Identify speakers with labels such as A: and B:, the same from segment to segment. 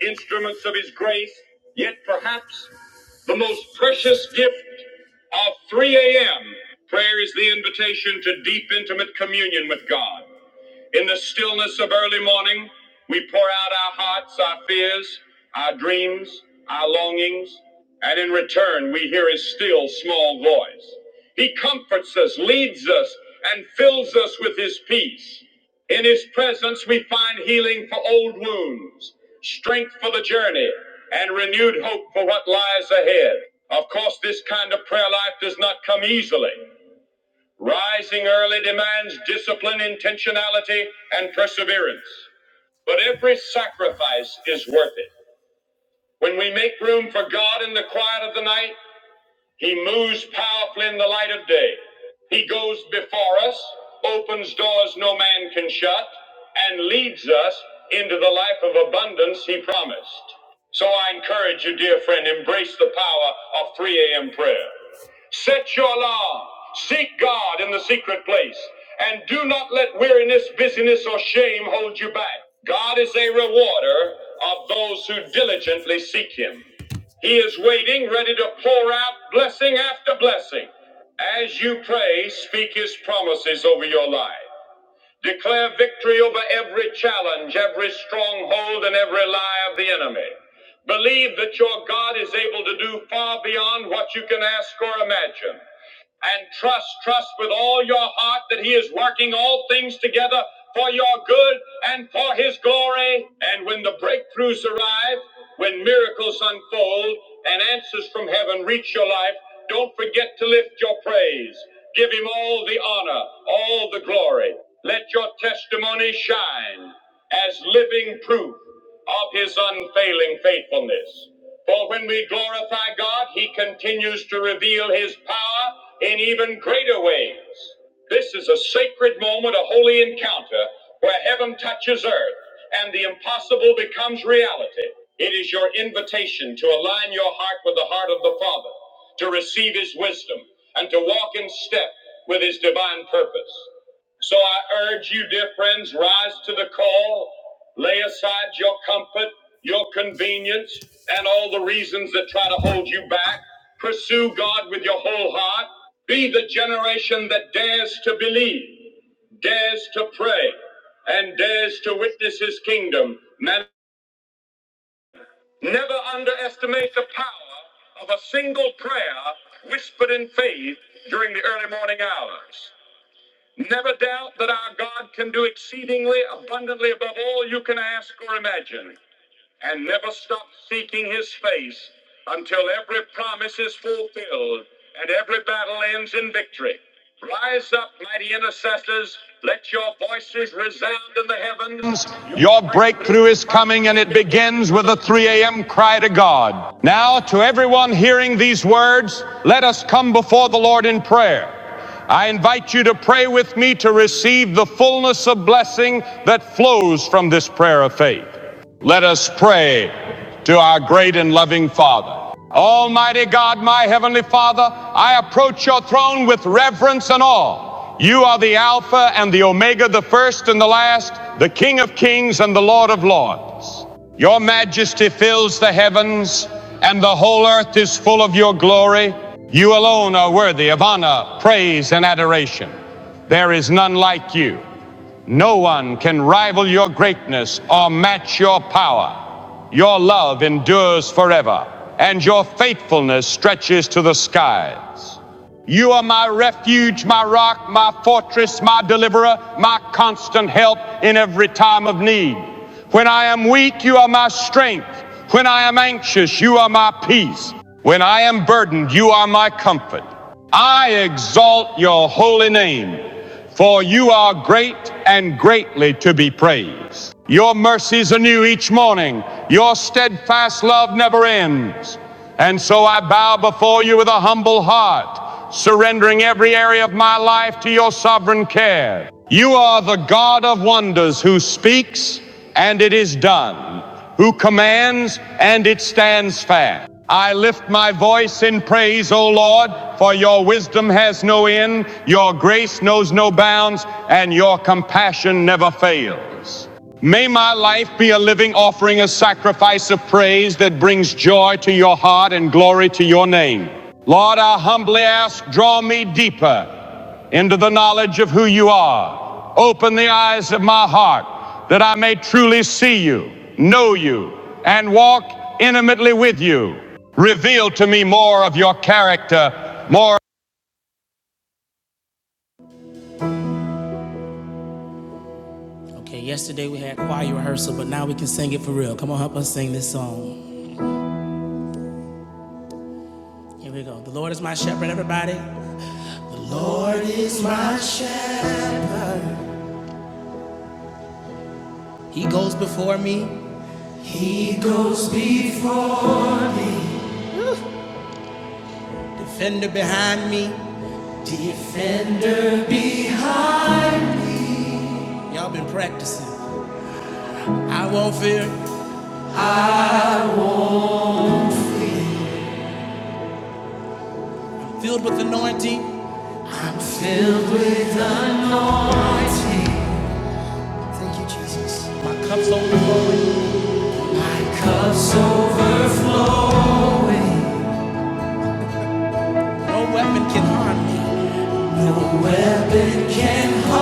A: instruments of his grace, yet perhaps the most precious gift of 3 a.m. Prayer is the invitation to deep, intimate communion with God. In the stillness of early morning, we pour out our hearts, our fears, our dreams, our longings, and in return, we hear his still small voice. He comforts us, leads us, and fills us with his peace. In his presence, we find healing for old wounds, strength for the journey, and renewed hope for what lies ahead. Of course, this kind of prayer life does not come easily. Rising early demands discipline, intentionality, and perseverance. But every sacrifice is worth it. When we make room for God in the quiet of the night, He moves powerfully in the light of day. He goes before us, opens doors no man can shut, and leads us into the life of abundance He promised. So I encourage you, dear friend, embrace the power of 3 a.m. prayer. Set your alarm. Seek God in the secret place. And do not let weariness, busyness, or shame hold you back. God is a rewarder of those who diligently seek Him. He is waiting, ready to pour out blessing after blessing. As you pray, speak His promises over your life. Declare victory over every challenge, every stronghold, and every lie of the enemy. Believe that your God is able to do far beyond what you can ask or imagine and trust, trust with all your heart that He is working all things together for your good and for His glory. And when the breakthroughs arrive, when miracles unfold and answers from heaven reach your life, don't forget to lift your praise. Give Him all the honor, all the glory. Let your testimony shine as living proof of his unfailing faithfulness. For when we glorify God, he continues to reveal his power in even greater ways. This is a sacred moment, a holy encounter where heaven touches earth and the impossible becomes reality. It is your invitation to align your heart with the heart of the Father, to receive his wisdom, and to walk in step with his divine purpose. So I urge you, dear friends, rise to the call, lay aside your comfort, your convenience, and all the reasons that try to hold you back. Pursue God with your whole heart. Be the generation that dares to believe, dares to pray, and dares to witness his kingdom. Man- Never underestimate the power of a single prayer whispered in faith during the early morning hours. Never doubt that our God can do exceedingly abundantly above all you can ask or imagine. And never stop seeking his face until every promise is fulfilled and every battle ends in victory. Rise up, mighty intercessors. Let your voices resound in the heavens. Your
B: Your
A: breakthrough
B: breakthrough
A: is
B: is
A: coming
B: coming
A: and
B: and
A: it
B: it
A: begins
B: begins
A: with
B: with a
A: a
B: 3
A: three.
B: a.m. cry to God. Now, to everyone hearing these words, let us come before the Lord in prayer. I invite you to pray with me to receive the fullness of blessing that flows from this prayer of faith. Let us pray to our great and loving Father. Almighty God, my Heavenly Father, I approach your throne with reverence and awe. You are the Alpha and the Omega, the first and the last, the King of kings and the Lord of lords. Your majesty fills the heavens, and the whole earth is full of your glory. You alone are worthy of honor, praise, and adoration. There is none like you. No one can rival your greatness or match your power. Your love endures forever, and your faithfulness stretches to the skies. You are my refuge, my rock, my fortress, my deliverer, my constant help in every time of need. When I am weak, you are my strength. When I am anxious, you are my peace. When I am burdened, you are my comfort. I exalt your holy name. For you are great and greatly to be praised. Your mercies are new each morning. Your steadfast love never ends. And so I bow before you with a humble heart, surrendering every area of my life to your sovereign care. You are the God of wonders who speaks, and it is done who commands and it stands fast. I lift my voice in praise, O Lord, for your wisdom has no end, your grace knows no bounds, and your compassion never fails. May my life be a living offering, a sacrifice of praise that brings joy to your heart and glory to your name. Lord, I humbly ask, draw me deeper into the knowledge of who you are. Open the eyes of my heart that I may truly see you, know you, and walk intimately with you. Reveal to me more of your character, more. Okay, yesterday we had choir rehearsal, but now we can sing it for real. Come on, help us sing this song. Here we go. The Lord is my shepherd, everybody. The Lord is my shepherd. He goes before me. He goes before me. Defender behind me. Defender behind. Y'all been practicing. I won't fear. Filled with anointing. I'm filled with anointing. Thank you, Jesus. My cup's overflowing. My cup's overflowing. No weapon can harm me. No weapon can harm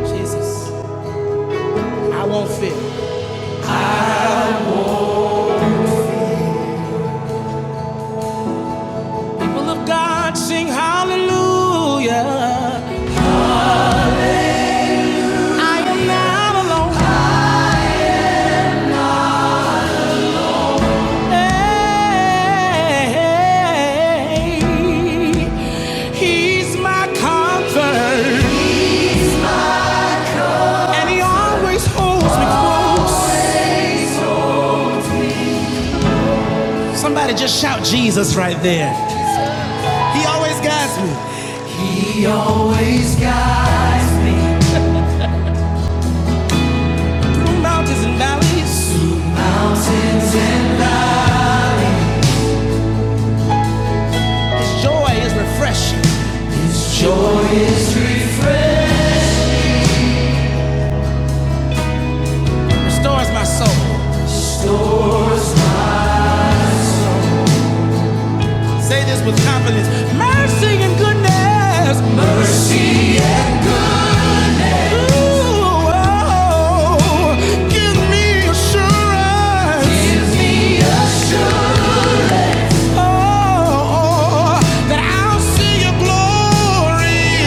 B: me. Jesus. I won't fear. People of God sing hallelujah. I am not alone. He's my comfort, and He always holds me close. Somebody just shout Jesus right there. He always guides me He always guides me. through mountains and valleys. His joy is refreshing. joy is refreshing, restores my soul. Say this with confidence. Mercy and goodness. Ooh, oh, give me assurance. Oh, oh, that I'll see your glory.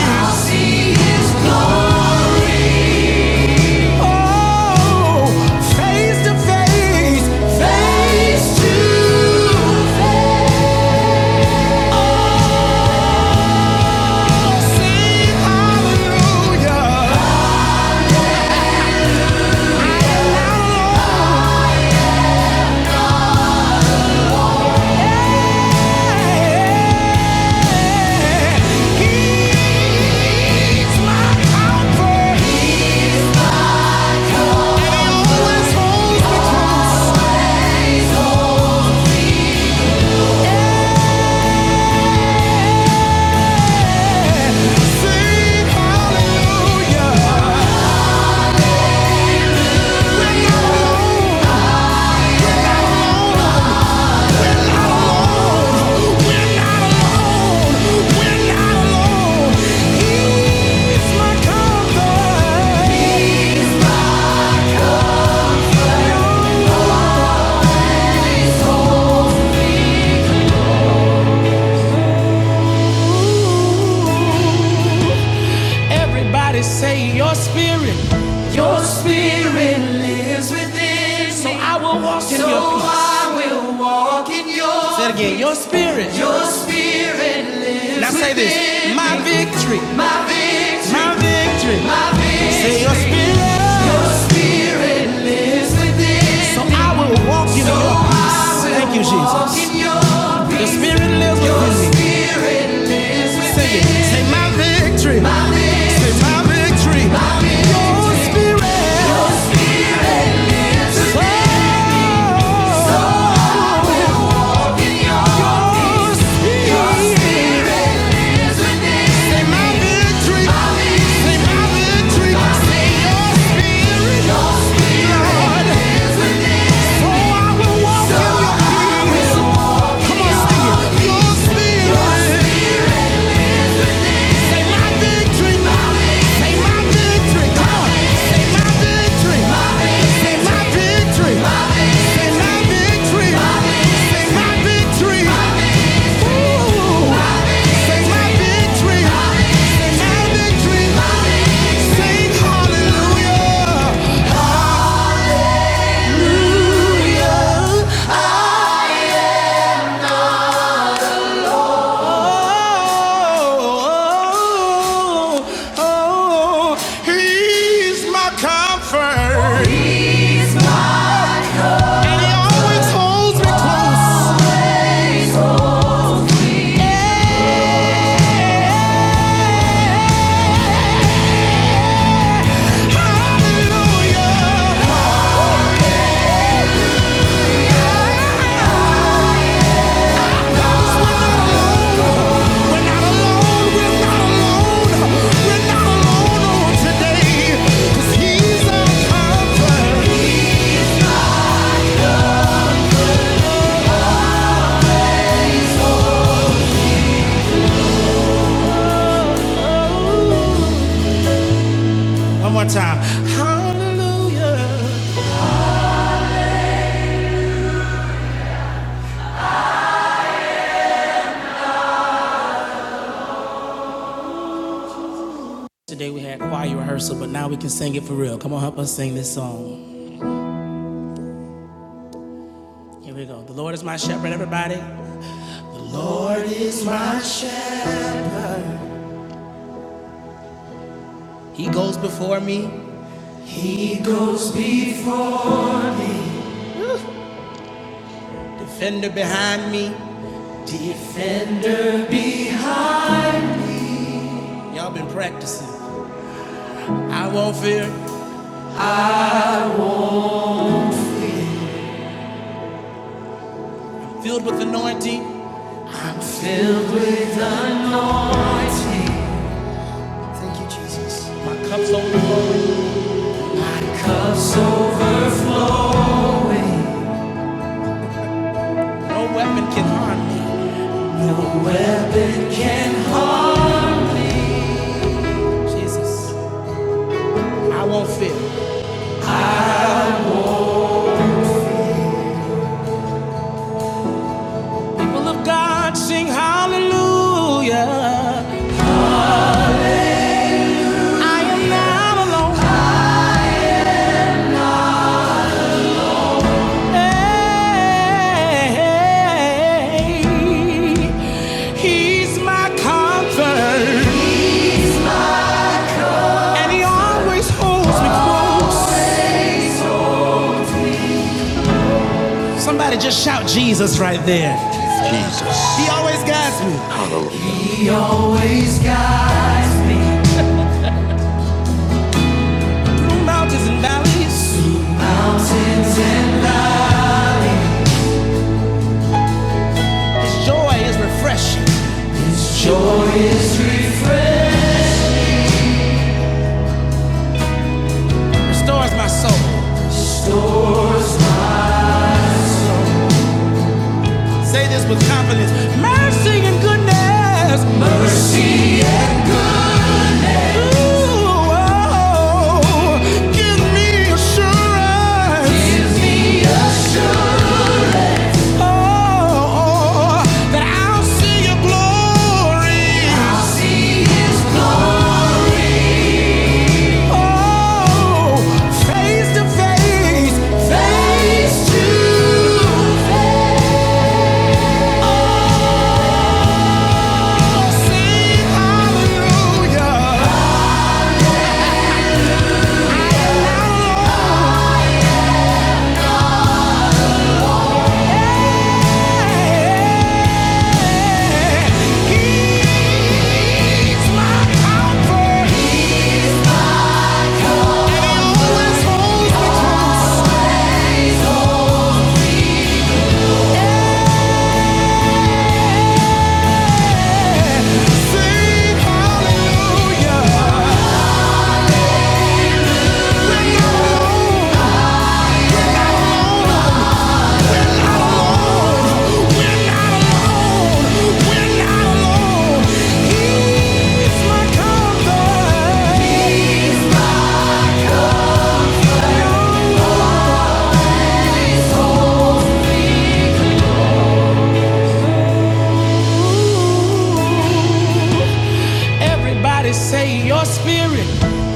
B: Oh, face to face, face to face. Hallelujah. Everybody say your spirit, your spirit lives within me. So I will walk in so your peace. So I will walk in your peace. Say it again, your spirit, your spirit lives Now within. Now say this, my victory, my victory, my victory. My victory. Say your victory. spirit. Your So I will walk in so your peace. Thank you, Jesus. The Spirit lives within me. Sing it. Say my victory. Say my victory. Your Spirit. Oh, Spirit. Say my victory. Say my victory. Say your Spirit, Lord. So I will walk in your peace. Come on, sing it. Your Spirit. He's my comfort, and he always holds me close. One more time. Hallelujah. Today we had choir rehearsal, but now we can sing it for real. Come on, help us sing this song. Here we go. The Lord is my shepherd, everybody. The Lord is my shepherd. He goes before me. He goes before me. Defender behind me. Defender behind. Y'all been practicing. I won't fear. Filled with anointing. I'm filled with anointing. Thank you, Jesus. My cup's overflowing. My cup's overflow. No weapon can harm me. No weapon can harm. Jesus, I won't fear. People of God, sing hallelujah. I am not alone. He's my comfort, and he always holds me close. Somebody just shout Jesus right there. He
C: Jesus.
B: always guides me.
C: Hallelujah.
B: He always guides me through mountains and valleys. Through mountains and valleys. His joy is refreshing. His joy is refreshing. Restores my soul. Restores my soul. Say this with confidence. Mercy and goodness. Ooh, oh, give me assurance. Give me assurance. Oh, oh, that I'll see your glory. I'll see his glory. Oh, face to face. Face to face. Oh, Sing hallelujah. I am now Lord. Ooh. Everybody say your spirit,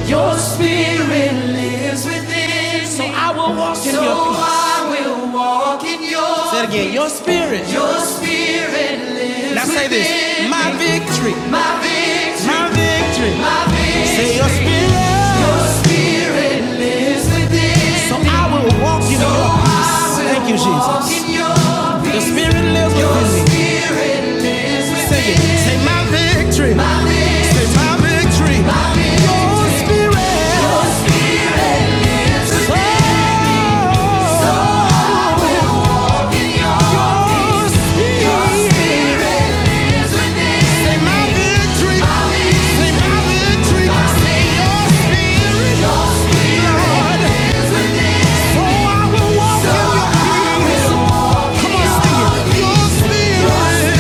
B: your spirit lives within so me. So I will walk in so your peace. So I will walk in your peace. Say it again, your spirit, your spirit. Now say this, my victory, my, victory. say your spirit, so I will walk in so your peace. Thank you, Jesus. Your spirit lives within me. spirit Say it, say my victory, say my victory. your spirit. Oh. Your spirit.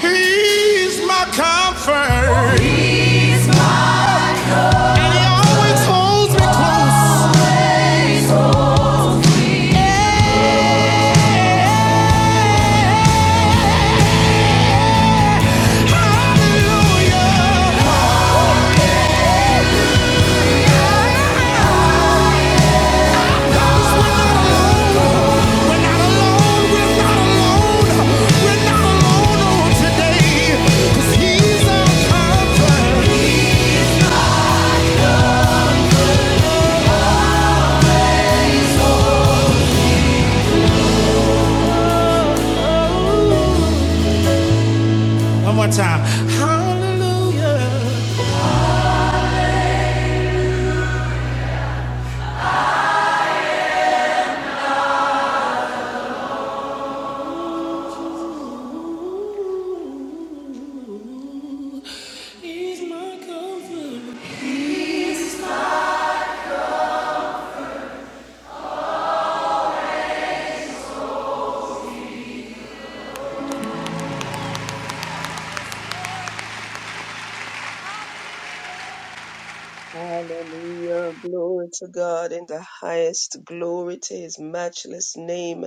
B: He's my comfort. One more time. Hallelujah. He's my comfort.
D: Hallelujah. Glory to God in the highest. Glory to his matchless name.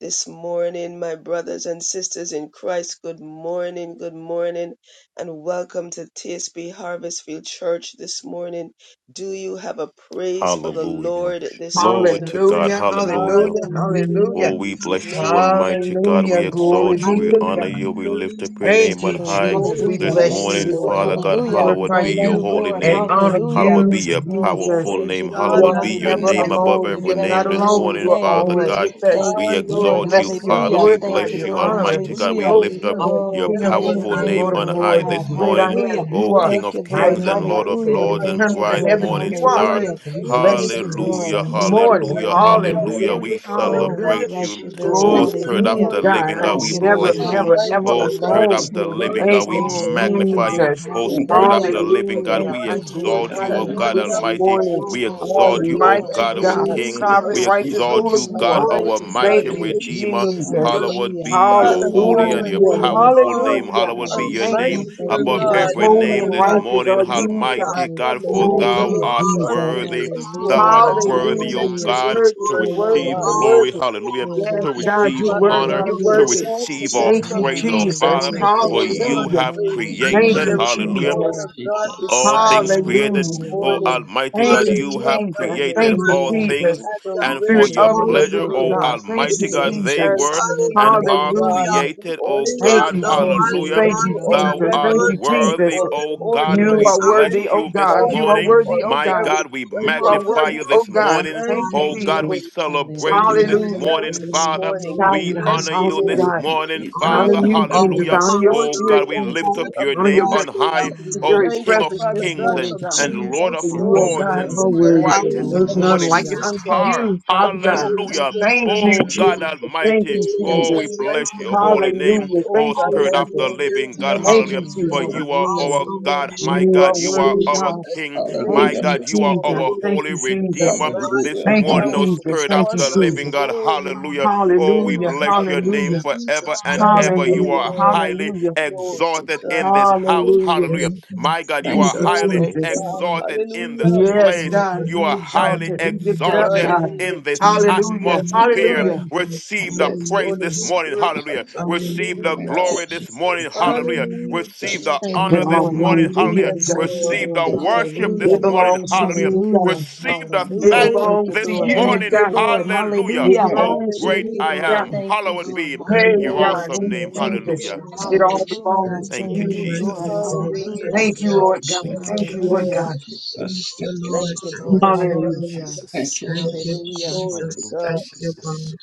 D: This morning, my brothers and sisters in Christ, good morning, good morning, and welcome to TSB Harvest Field Church this morning. Do you have a praise for the
C: Hallelujah.
D: Lord this
C: Glory to
D: morning?
C: God.
E: Hallelujah,
C: Hallelujah.
E: hallelujah,
D: Hallelujah
C: Oh,
E: hallelujah,
D: to
C: we
D: his
F: Hallelujah.
C: bless you,
D: name.
C: Almighty
D: He
C: God. We
E: hallelujah.
D: is
E: Glory
C: exalt you.
D: worthy
E: be
D: to
C: We
D: be
E: to
F: Hallelujah.
C: honor you.
E: God.
C: We lift
D: praised
C: up your
D: and to
E: Thank
C: name on
E: you,
D: be
C: high
E: Jesus. We
C: this
F: You
D: glorified
F: are
E: bless you
D: this
C: morning,
E: this
F: worthy
D: morning.
F: to
C: Father
F: be
E: morning.
C: God.
E: We
D: We
F: praised
C: Hallowed
E: Glorify
C: be
F: and
D: bless
C: your
E: you
F: honored,
D: the
C: holy
E: and
C: name.
D: name
F: God.
E: honor
D: of
C: Hallowed be
E: you,
D: Jesus.
C: your
D: We
E: Jesus.
C: powerful
D: give
C: name.
D: God
E: You
D: the
E: are
C: Hallowed be
F: Hallelujah.
C: your
E: never
D: highest
C: name above
E: alone. We
C: every
E: are
F: Hallelujah.
D: praise.
E: not
C: name this
F: Oh,
E: alone.
C: morning,
E: You are
C: Father
E: always
C: God.
E: with
F: Almighty
E: us.
F: God,
C: We
E: We
C: exalt
F: you
C: you,
E: bless
F: are
E: you,
D: Hallelujah.
C: Father. We
F: holy.
E: glorify
D: Thank
C: bless
E: you,
C: you,
D: you,
E: honor
F: praise.
E: and
C: Almighty God.
D: Jesus,
C: We
E: bestow
F: Oh
C: lift
D: for
C: up
E: you,
F: God,
D: the
F: we
C: your
E: King of
D: never
F: give you
D: alone.
E: kings
C: powerful
E: and
F: thanks
C: name
E: Lord of
C: on
F: this
C: high
E: lords,
D: You're
E: and
C: this
E: great I
C: morning,
F: morning
D: always
F: for
E: am.
F: the
C: O
E: You
D: with
E: are
F: Lord, for God.
C: King
D: us,
C: of
D: the
C: kings
E: mighty
C: and
E: and
C: Lord
F: your
D: mighty
C: of
E: matchless and
C: lords
D: God.
C: and
E: eternal
F: glorious
E: in
C: bright
E: the
D: Thank
F: name,
E: heavens.
C: morning
D: you,
E: You are.
C: star.
D: Lord.
F: glorious
E: And we
D: Thank
F: name,
E: bless
D: you,
E: you this
F: Almighty
C: Hallelujah,
D: Lord.
F: God,
E: morning.
C: hallelujah,
D: Almighty God.
C: hallelujah.
F: everlasting
E: Hallelujah,
C: We
D: Oh,
F: Father,
D: that
E: hallelujah.
C: celebrate
D: is
C: you.
D: Jesus.
E: Glory
D: When
C: Oh,
G: Thank
F: hallelujah.
G: you,
D: the
E: be
C: Spirit of
G: Lord.
E: to
C: the
D: world
E: God.
C: living
F: You
E: I
C: God,
F: are
G: Thank
C: we
D: gets
G: you,
E: never,
F: holy.
C: bless
G: Jesus.
C: you.
E: never, ever
G: Thank
D: Almighty
C: Oh,
G: you,
D: God,
C: Spirit of
G: Jesus.
E: alone.
F: Almighty
D: the
C: the
G: Thank
C: living
F: God,
G: you.
E: Thank
C: God,
D: burdens
C: we
D: that
E: you,
D: so
F: awesome
D: heavy
C: magnify
F: God,
C: you.
E: Jesus.
C: Oh,
D: we
G: Thank
D: thank
G: you,
C: Spirit
F: powerful
C: of
D: you
G: Jesus.
C: the
D: that we
F: God,
C: living
D: can
C: God,
G: Thank
E: Hallelujah.
C: we
F: we
G: you,
E: I
D: run to you,
F: lift
C: exalt
E: glorify
G: Jesus.
C: you,
F: you
C: oh
D: that
F: up
G: Thank
E: you
F: and
D: Lord
C: God
G: you,
E: this
D: God, we
F: worship
C: Almighty.
G: Jesus.
D: can be
E: morning.
F: God,
C: We
D: assured
C: exalt
F: give
C: you,
G: Thank
F: you
C: oh
G: you,
D: that
E: Almighty
C: God,
F: all
D: you
C: our
E: God,
G: Jesus.
C: King.
D: hold
G: Thank
F: glory.
E: sovereign,
G: you,
C: We
D: us
E: righteous
C: exalt
E: ruler
C: you,
D: close,
G: Jesus.
E: you
C: God,
E: are.
F: all the
C: our
D: Almighty
G: Thank
D: God,
C: mighty
G: you,
E: Thank you,
D: place
F: Christianity,
G: Jesus.
D: in
C: Redeemer.
D: your
F: this
G: Thank you,
E: Jesus.
D: bosom.
G: Jesus.
F: morning,
C: Hallowed
F: King of
C: be
G: Thank
C: your
D: Father
F: Kings,
D: God,
G: you,
C: holy and
D: where
G: Jesus.
C: your
E: Hallelujah.
D: no
F: and
C: powerful
F: Lord
C: name.
D: harm,
F: of the
E: Hallelujah.
C: Hallowed be
F: Lord.
C: your
F: the
E: Thank you,
C: name
G: Jesus.
D: Almighty
F: Temple,
G: Thank
F: the
C: above
G: you,
E: Jesus.
D: God,
G: Jesus.
F: Light
C: every
F: of the
E: Holy
C: name
E: and
D: Father
C: this
D: God,
F: Tribe
E: righteous
F: of
C: morning,
E: are
G: Thank you,
E: you,
D: nothing
F: Judah.
D: can
G: Jesus.
C: Almighty
E: God.
D: harm
C: God,
D: us,
C: for
G: Thank you,
E: Thank
F: Oh
D: where
C: thou
E: you,
D: no
C: art
F: God,
D: harm
E: Jesus.
D: can
C: worthy.
F: that
D: come
G: Jesus.
D: to
F: you
D: us,
C: Thou art
D: God.
F: are
D: We
C: worthy,
E: Hallelujah.
C: O
D: bless
E: You're
D: you
C: God,
D: this
E: worthy.
C: to
E: You're
D: morning,
F: worthy,
D: oh
E: worthy.
D: God.
C: receive
E: You're worthy.
F: God,
C: glory,
F: you
C: hallelujah,
F: are worthy,
E: Yes,
C: to
G: Thank you, Jesus. Thank
D: Oh,
E: God,
G: you,
C: receive
E: you're
D: Father
F: you
E: worthy.
C: honor,
D: God,
E: You're
G: Jesus.
F: are
D: we
C: to
G: Thank
E: worthy.
G: you,
F: worthy,
D: exalt the
C: receive all
G: Jesus.
D: name
E: Thank
D: of
E: you,
C: praise,
F: Jesus,
C: O
D: Jesus. We
F: you
E: Jesus.
C: Father,
G: Thank
D: give
F: are
D: you
G: you,
F: worthy.
C: for
D: the
G: Jesus.
D: highest
C: you
E: Hallelujah.
C: have
D: praise.
G: Thank you,
D: For
E: Thank
C: created,
G: Jesus.
E: you,
D: there is
F: Almighty
C: hallelujah
D: no
G: Thank
F: God,
E: Jesus.
D: other
G: you,
D: God
G: Jesus.
C: all
D: besides
C: things
D: you
C: created.
D: this
E: Hallelujah.
C: O
F: Jesus.
D: morning.
C: Almighty
G: Jesus.
D: We
E: Thank
C: God,
D: just
E: you,
C: you
D: bow
C: have
D: down
E: Jesus.
F: Hallelujah.
C: created
E: Thank
G: Thank
E: you,
D: humbly
C: all
G: you,
D: in
C: things,
G: Jesus.
E: Jesus.
G: Thank
C: and
G: you.
C: for
E: Spirit
C: your
D: adoration
E: of
D: and
E: the
C: pleasure,
D: praise
E: living
C: O
F: Hallelujah.
E: God. Thank
C: Almighty
E: you,
D: giving
G: Thank
D: you
C: God,
G: you,
C: they
E: Jesus.
F: Jesus.
G: Jesus.
D: thanks
C: were
D: for being
C: and
G: Thank
D: our
G: you,
C: are
G: Jesus.
D: God,
F: Hallelujah.
E: Hallelujah.
D: for being
C: created,
D: our
C: O
F: Lily
E: Thank
D: strong
F: of
C: God.
E: you,
F: the
G: Thank
D: power,
G: you,
F: valley,
E: Jesus.
G: Jesus.
C: Hallelujah.
D: for
E: Thank you,
D: being our
F: bright
C: Thou
E: Jesus.
F: and
C: art
E: Thank
D: refuge
E: you,
F: morning
D: and
F: star,
E: Jesus.
C: worthy,
D: our
C: O
G: Thank you,
C: God, and
E: You
G: Jesus.
C: we
F: praise
E: are
D: fortress,
F: of
C: bless
E: worthy,
F: the
E: oh
D: mighty
C: you this
E: God.
D: God,
E: You
G: Thank
E: are
F: children.
C: morning.
G: you,
D: our
E: worthy,
G: Jesus.
E: oh
C: My
E: God.
D: very
F: It's
C: God, we
F: the
G: Thank you,
E: You are
G: Jesus.
D: present
F: Lord
C: magnify
D: help
C: you
E: worthy, oh
D: in
F: God,
C: this
D: the
E: God.
F: the
C: morning.
E: Thank
D: time
G: Thank
E: you,
G: you, Jesus. Thank
D: of
C: O
F: time
G: you,
F: we
C: God,
E: Jesus.
C: we
D: trouble.
F: can
G: Jesus.
D: So we
C: celebrate you
D: give you
F: cry
C: this
F: of
E: Hallelujah.
C: morning,
D: thanks this
F: glory,
C: Father.
D: morning.
F: Lord,
D: We
C: We
E: Sound
F: your
D: bless
C: honor
E: God.
D: your
C: you
E: Awesome
D: name.
F: glory,
G: Thank
C: this
E: God.
G: you, Jesus. Thank you, Jesus. Thank you,
F: God,
C: morning,
D: We
G: Jesus.
F: honor,
D: honor
C: Father.
E: Honor
G: Thank
D: you
E: you,
G: you,
D: and
F: all
E: Jesus.
D: we
C: Hallelujah.
E: Honor your
F: power
D: exalt
F: and
C: Oh
D: you,
F: all
E: spirit,
C: God,
G: Jesus.
C: we
D: O
C: lift
E: Jesus.
D: King
C: up
D: of
F: authority,
C: your
E: Honor
C: name
E: your
F: God,
D: Kings.
C: on
E: very,
C: high
D: And
G: Thank
F: belongs
D: we
E: your
F: to
G: you, Jesus. Thank you, Jesus. Thank you,
C: oh
E: very
F: you.
D: thank
C: King
D: you,
C: of
E: presence
G: Jesus.
D: Father
E: this
C: Kings
D: God,
G: Thank
C: and,
E: morning,
D: for
E: God.
C: and
D: being with
C: Lord
D: us,
E: For
C: of
F: Jesus,
E: you,
D: Lord,
E: oh
C: Lords
E: God,
F: Jesus.
C: and
E: are
D: in the
E: worthy.
D: name
C: brightest
E: There's
D: of
F: Hallelujah
E: none
C: morning
F: to
E: like it
F: your
D: Jesus
E: unto
D: Christ.
F: name.
C: star.
E: you,
D: Let
E: Father
D: the
E: God.
D: Holy
C: Hallelujah.
D: Spirit
F: Hallelujah to
E: Thank
D: fill
F: your
E: you,
D: this
C: Oh God
D: place,
F: name.
E: Jesus.
D: fill
E: Thank
C: Almighty.
D: this
E: you,
D: place,
C: Oh, we
E: Jesus.
F: Hallelujah to
C: bless
F: your
D: Almighty
C: your
D: God.
C: holy name.
F: name.
E: Hallelujah.
D: Oh
C: Oh
E: Thank
D: God,
E: you,
D: and
C: Spirit
D: have
C: of the
D: your
E: Jesus.
F: Hallelujah
D: way
C: Living
F: to
D: with
C: God.
G: you,
F: your
D: us,
E: Thank
D: we
C: Hallelujah.
E: you,
G: Jesus.
F: name.
C: For
D: pray,
E: Jesus.
F: Your
G: Thank
C: you
G: you,
C: are
D: as
G: Jesus.
D: we
C: our
F: awesome
C: God,
D: worship
C: my
F: name.
E: You
D: and
E: are
C: God. You
F: Your
C: are
E: worthy,
D: exalt
C: our
D: you
E: God.
F: wonderful
D: and
C: King,
D: honor
E: Thank
C: my
G: Hallelujah,
D: you
E: you,
C: God.
D: this
C: You are
G: hallelujah,
E: Jesus.
D: morning
C: our
E: Thank
C: holy
E: you,
D: in the
E: Jesus.
F: name.
C: Redeemer.
D: mighty,
G: hallelujah,
C: This
G: hallelujah,
E: Thank you,
C: morning, oh
D: powerful,
E: Jesus.
C: Spirit of
E: Thank you,
C: the
F: Jesus.
E: Jesus.
D: awesome,
C: Living
G: hallelujah.
C: God.
D: worthy
F: Hallelujah.
C: Hallelujah. Oh, we
D: name
E: Hallelujah.
F: Thank
D: of
F: you,
C: bless your
F: God.
C: name
E: Hallelujah.
C: forever
D: Jesus
C: and
D: Christ,
C: ever.
G: Hallelujah!
C: You
D: our
F: Hallelujah.
E: Hallelujah.
C: are
D: Lord.
F: Hallelujah.
C: highly
E: Hallelujah.
D: Glory to
G: you,
C: exalted
D: God.
G: Jesus.
C: in this house.
D: Thank you,
E: Hallelujah.
C: Hallelujah.
F: Thank you,
D: Jesus.
C: My God, you
G: Thank
E: Thank
C: are
G: you,
E: you,
F: Jesus.
D: Glory
C: highly
G: Jesus.
F: Thank
D: to
F: you,
E: Jesus.
G: Thank
D: God.
G: you,
F: Lord.
C: exalted in this
G: Jesus.
D: Hallelujah.
F: Thank you,
E: Yes,
C: place.
F: Lord.
E: God,
G: Thank
F: Thank
C: You are
E: be
G: you,
F: you,
G: Jesus.
C: highly
F: God.
E: exalted, be lifted up,
F: Hallelujah.
C: exalted
E: God.
G: Thank
D: Hallelujah,
C: in this
D: Jesus.
E: Hallelujah,
D: Yes,
F: Hallelujah,
G: you,
C: atmosphere.
D: Lord.
E: hallelujah.
G: Jesus.
F: Jesus.
G: Thank
C: Receive the
G: you,
D: Yes,
G: Jesus.
C: praise
D: Holy
C: this
F: Hallelujah.
C: morning.
D: Spirit of
C: Hallelujah.
D: the
C: Receive the
D: living
F: Hallelujah,
G: Thank you, Jesus. Thank you, Jesus. Thank you,
D: God.
C: glory this
G: Jesus. Thank
F: Jesus.
C: morning. Hallelujah.
G: you,
F: Hallelujah.
D: Hallelujah,
C: Receive the
D: Jesus.
E: It
C: honor
E: all
C: this morning.
E: belongs to
F: Hallelujah.
E: you,
C: Hallelujah.
D: Yes,
G: Jesus.
E: God.
D: Lord.
G: Thank
C: Receive
F: Hallelujah.
C: the
G: you, Jesus.
C: worship
F: Thank
C: this
E: It
F: you,
D: Hallelujah,
C: morning.
E: belongs to
D: Jesus.
C: Hallelujah.
F: Jesus.
G: Thank
E: you,
G: you,
F: Thank
E: God.
F: you,
G: Jesus.
C: Receive the
G: Thank you,
E: It
G: Jesus. Thank you,
F: Jesus.
C: thanks
D: Glory to
E: belongs to
C: this
E: you,
D: God
F: Thank you,
D: in
C: morning.
D: your
E: God.
D: head.
C: Hallelujah.
F: Jesus.
E: It
C: Oh,
F: Thank
E: belongs to
F: you,
C: great
E: you,
D: Hallelujah,
C: I am.
F: Jesus.
D: Jesus.
E: God.
C: Hallowed
G: Jesus. Thank you, Jesus. Thank
C: be
E: Hey,
F: Thank
C: your
F: you,
D: Glory
E: God,
D: to
C: awesome
E: thank
D: your
C: name.
F: Jesus.
E: you,
D: name,
E: Jesus.
C: Hallelujah.
F: Thank you.
G: you,
E: It
G: Jesus. Thank you,
D: Jesus.
E: all belongs
G: Jesus.
F: Thank
E: to
F: you,
C: Thank you,
E: you,
F: Almighty
E: Jesus.
C: Jesus.
F: God.
G: Thank
D: Hallelujah
G: you,
F: Thank
D: to
E: Thank
F: you,
E: you,
F: Lord
D: God.
E: Lord God.
C: Thank you,
D: Thank
E: Thank
F: Jesus.
D: you,
E: you, Lord
C: Jesus.
D: Lord.
E: God.
F: Thank
G: Jesus.
F: you,
G: Thank you,
F: Lord.
D: Blessed
G: Jesus.
D: be
F: Thank
C: Glory
D: the
F: you,
C: to you,
D: name of
E: Hallelujah.
F: Lord.
D: the Lord
G: Thank
D: this
C: Jesus.
G: you,
F: Thank
D: morning.
F: you,
G: Jesus.
D: Glory to
F: Jesus.
C: Hallelujah,
D: God.
F: Thank you, God.
C: Jesus.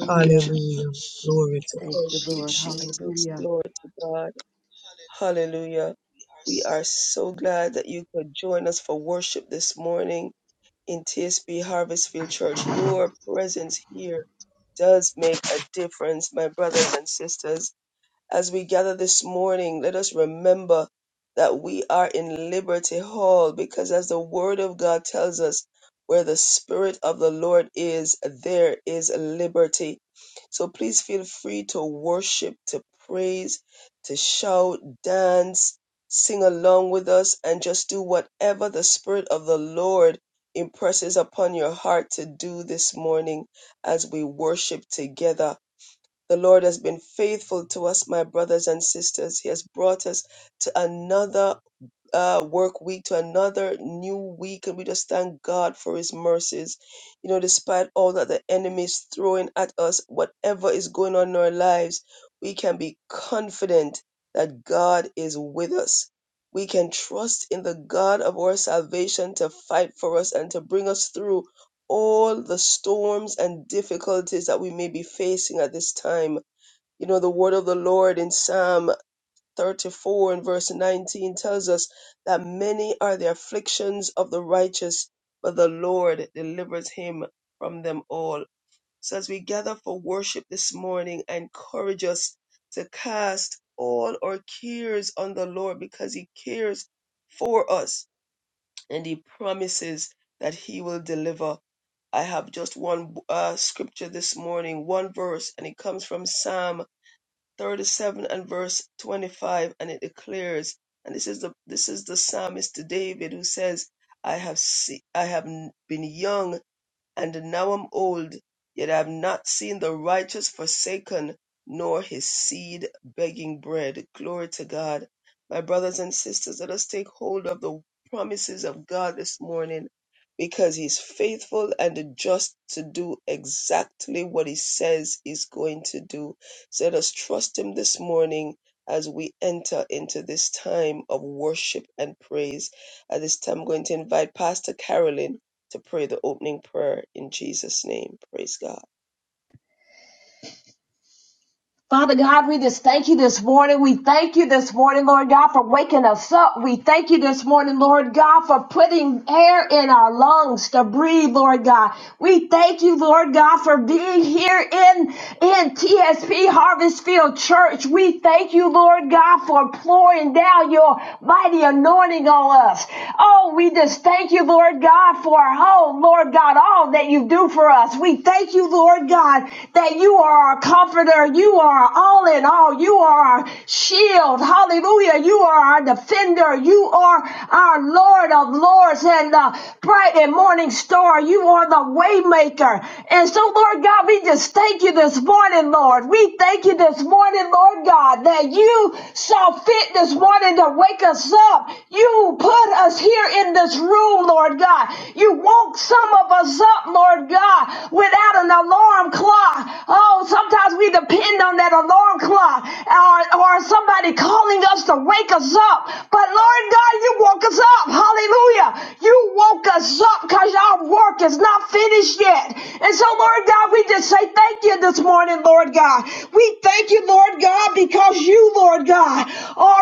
G: Thank you,
F: Hallelujah.
G: Jesus.
F: Glory to
D: Thank you,
C: Jesus.
D: Jesus. Glory to God. Hallelujah. We are so glad that you could join us for worship this morning in TSB Harvestfield Church. Your presence here does make a difference, my brothers and sisters. As we gather this morning, let us remember that we are in Liberty Hall because, as the Word of God tells us, where the Spirit of the Lord is, there is liberty. So please feel free to worship, to praise, to shout, dance, sing along with us, and just do whatever the Spirit of the Lord impresses upon your heart to do this morning as we worship together. The Lord has been faithful to us, my brothers and sisters. He has brought us to another uh, work week, to another new week, and we just thank God for His mercies. You know, despite all that the enemy is throwing at us, whatever is going on in our lives, we can be confident that God is with us. We can trust in the God of our salvation to fight for us and to bring us through all the storms and difficulties that we may be facing at this time. You know, the word of the Lord in Psalm 34 and verse 19 tells us that many are the afflictions of the righteous, but the Lord delivers him from them all. So as we gather for worship this morning, I encourage us to cast all our cares on the Lord because he cares for us and he promises that he will deliver. I have just one uh, scripture this morning, one verse, and it comes from Psalm 37 and verse 25 and it declares and this is the this is the psalmist David who says I have se- I have been young and now I'm old, yet I have not seen the righteous forsaken, nor his seed begging bread. Glory to God. My brothers and sisters, let us take hold of the promises of God this morning because he's faithful and just to do exactly what he says he's going to do. So let us trust him this morning as we enter into this time of worship and praise. At this time, I'm going to invite Pastor Carolyn to pray the opening prayer in Jesus' name. Praise God.
H: Lord God, you woke us up. Hallelujah. You woke us up because our work is not finished yet. And so, Lord God, God, we on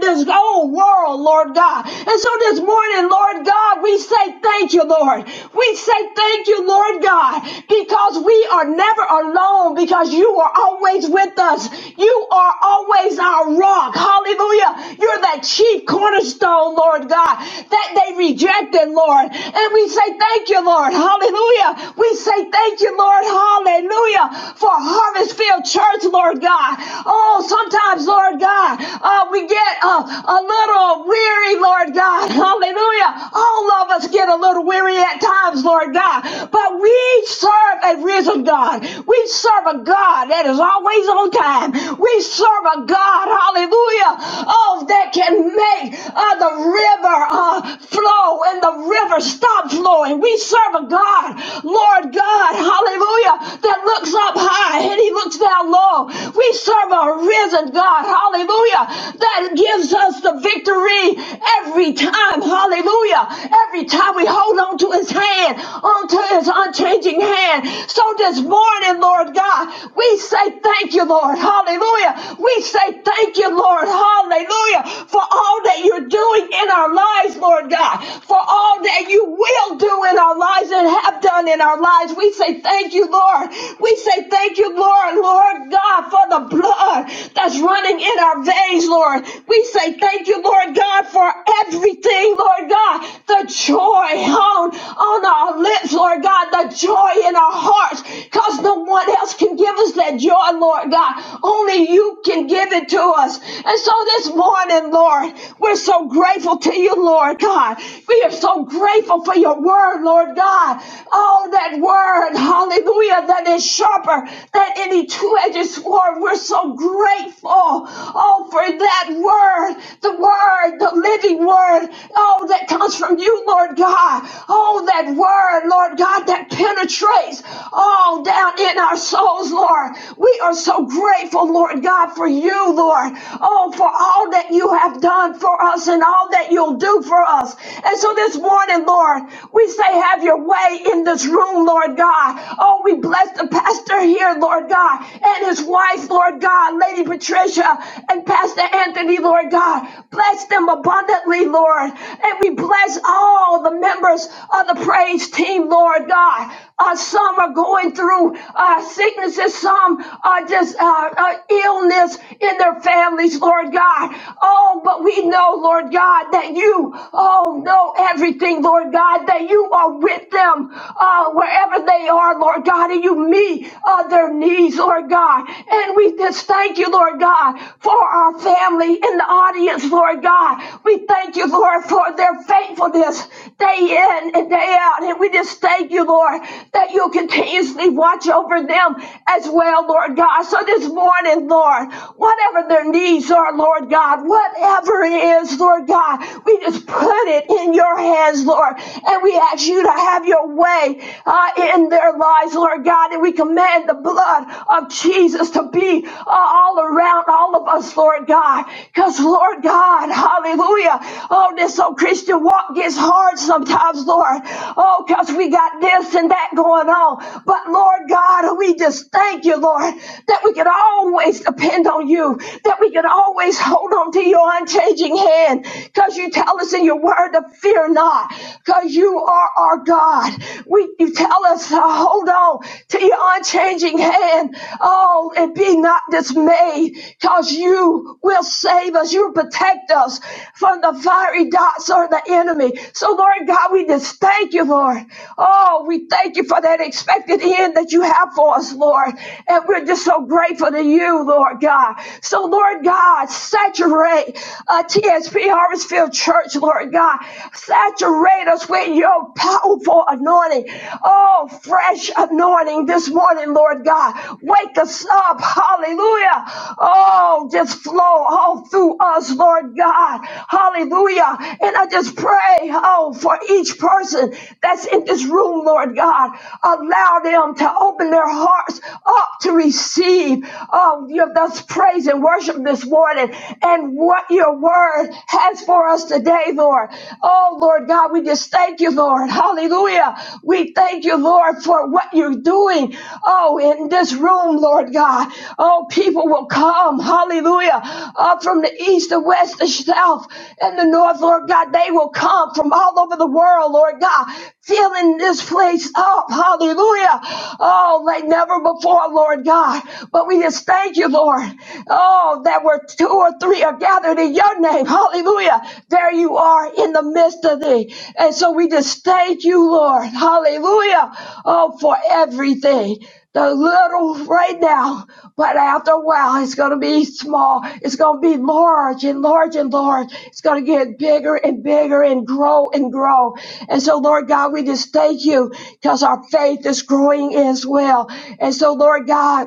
H: this old world, Lord God. And so this morning, Lord God, we say thank you, Lord. We say say thank you, Lord God, because we are never alone, because you are always with us. You are always our rock. Hallelujah. You're that chief cornerstone, Lord God, that they rejected, Lord. And we say thank you, Lord. Hallelujah. We say thank you, Lord. Hallelujah. For Harvest Field Church, Lord God. Oh, sometimes, Lord God, uh, we get uh, a little weary, Lord God. Hallelujah. All of us of us get a little weary at times, Lord God. But we serve a risen God. We serve a God that is always on time. We serve a God, hallelujah, oh, that can make uh, the river uh, flow and the river stop flowing. We serve a God, Lord God, hallelujah, that looks up high and he looks down low. We serve a risen God, hallelujah, that gives us the victory Every time, hallelujah, every time we hold on to his hand, onto his unchanging hand. So this morning, Lord God, we say thank you, Lord, hallelujah. We say thank you, Lord, hallelujah, for all that you're doing in our lives, Lord God, for all that you will do in our lives and have done in our lives. We say thank you, Lord. We say thank you, Lord, Lord God, for the blood that's running in our veins, Lord. We say thank you, Lord God, for everything, Lord God. The joy on, on our lips, Lord God, the joy in our hearts, because no one else can give us that joy, Lord God. Only you can give it to us. And so this morning, Lord, we're so grateful to you, Lord God. We are so grateful for your word, Lord God. Oh, that word, hallelujah, that is sharper than any two-edged sword. We're so grateful grateful, oh, for that word, the word, the living word, oh, that comes from you, Lord God. Oh, that word, Lord God, that penetrates all down in our souls, Lord. We are so grateful, Lord God, for you, Lord. Oh, for all that you have done for us and all that you'll do for us. And so this morning, Lord, we say, have your way in this room, Lord God. Oh, we bless the pastor here, Lord God. God, and his wife, Lord God, Lady Patricia and Pastor Anthony, Lord God. Bless them abundantly, Lord. And we bless all the members of the praise team, Lord God. Uh, some are going through uh, sicknesses, some are just uh, uh, illness in their families, Lord God. Oh, but we know, Lord God, that you, oh, know everything, Lord God, that you are with them uh, wherever they are, Lord God. God, and you meet uh, their needs, Lord God. And we just thank you, Lord God, for our family in the audience, Lord God. We thank you, Lord, for their faithfulness day in and day out. And we just thank you, Lord, that you'll continuously watch over them as well, Lord God. So this morning, Lord, whatever their needs are, Lord God, whatever it is, Lord God, we just put it in your hands, Lord. And we ask you to have your way way uh, in their lives, Lord God. And we command the blood of Jesus to be uh, all around all of us, Lord God. Because, Lord God, hallelujah. Oh, this old Christian walk gets hard sometimes, Lord. Oh, because we got this and that going on. But, Lord God, we just thank you, Lord, that we can always depend on you, that we can always hold on to your unchanging hand. Because you tell us in your word to fear not because you are our God. We, you tell us to hold on to your unchanging hand. Oh, and be not dismayed because you will save us. You protect us from the fiery darts of the enemy. So, Lord God, we just thank you, Lord. Oh, we thank you for that expected end that you have for us, Lord. And we're just so grateful to you, Lord God. So, Lord God, saturate uh, TSP Harvest Field church, Lord God. Saturate us with your powerful anointing. Oh, fresh anointing this morning, Lord God. Wake us up. Hallelujah. Oh, just flow all through us, Lord God. Hallelujah. And I just pray, oh, for each person that's in this room, Lord God. Allow them to open their hearts up to receive. Oh, you have thus praise and worship this morning and what your word has for us today, Lord. Oh, Lord God, we just thank you, Lord. Hallelujah. We thank you, Lord, for what you're doing. Oh, in this room, Lord God. Oh, people will come. Hallelujah. Up from the east, the west, the south, and the north, Lord God. They will come from all over the world, Lord God filling this place up. Hallelujah. Oh, like never before, Lord God. But we just thank you, Lord. Oh, that where two or three are gathered in your name. Hallelujah. There you are in the midst of thee. And so we just thank you, Lord. Hallelujah. Oh, for everything. The little right now, but after a while, it's going to be small. It's going to be large and large and large. It's going to get bigger and bigger and grow and grow. And so, Lord God, we just thank you because our faith is growing as well. And so, Lord God,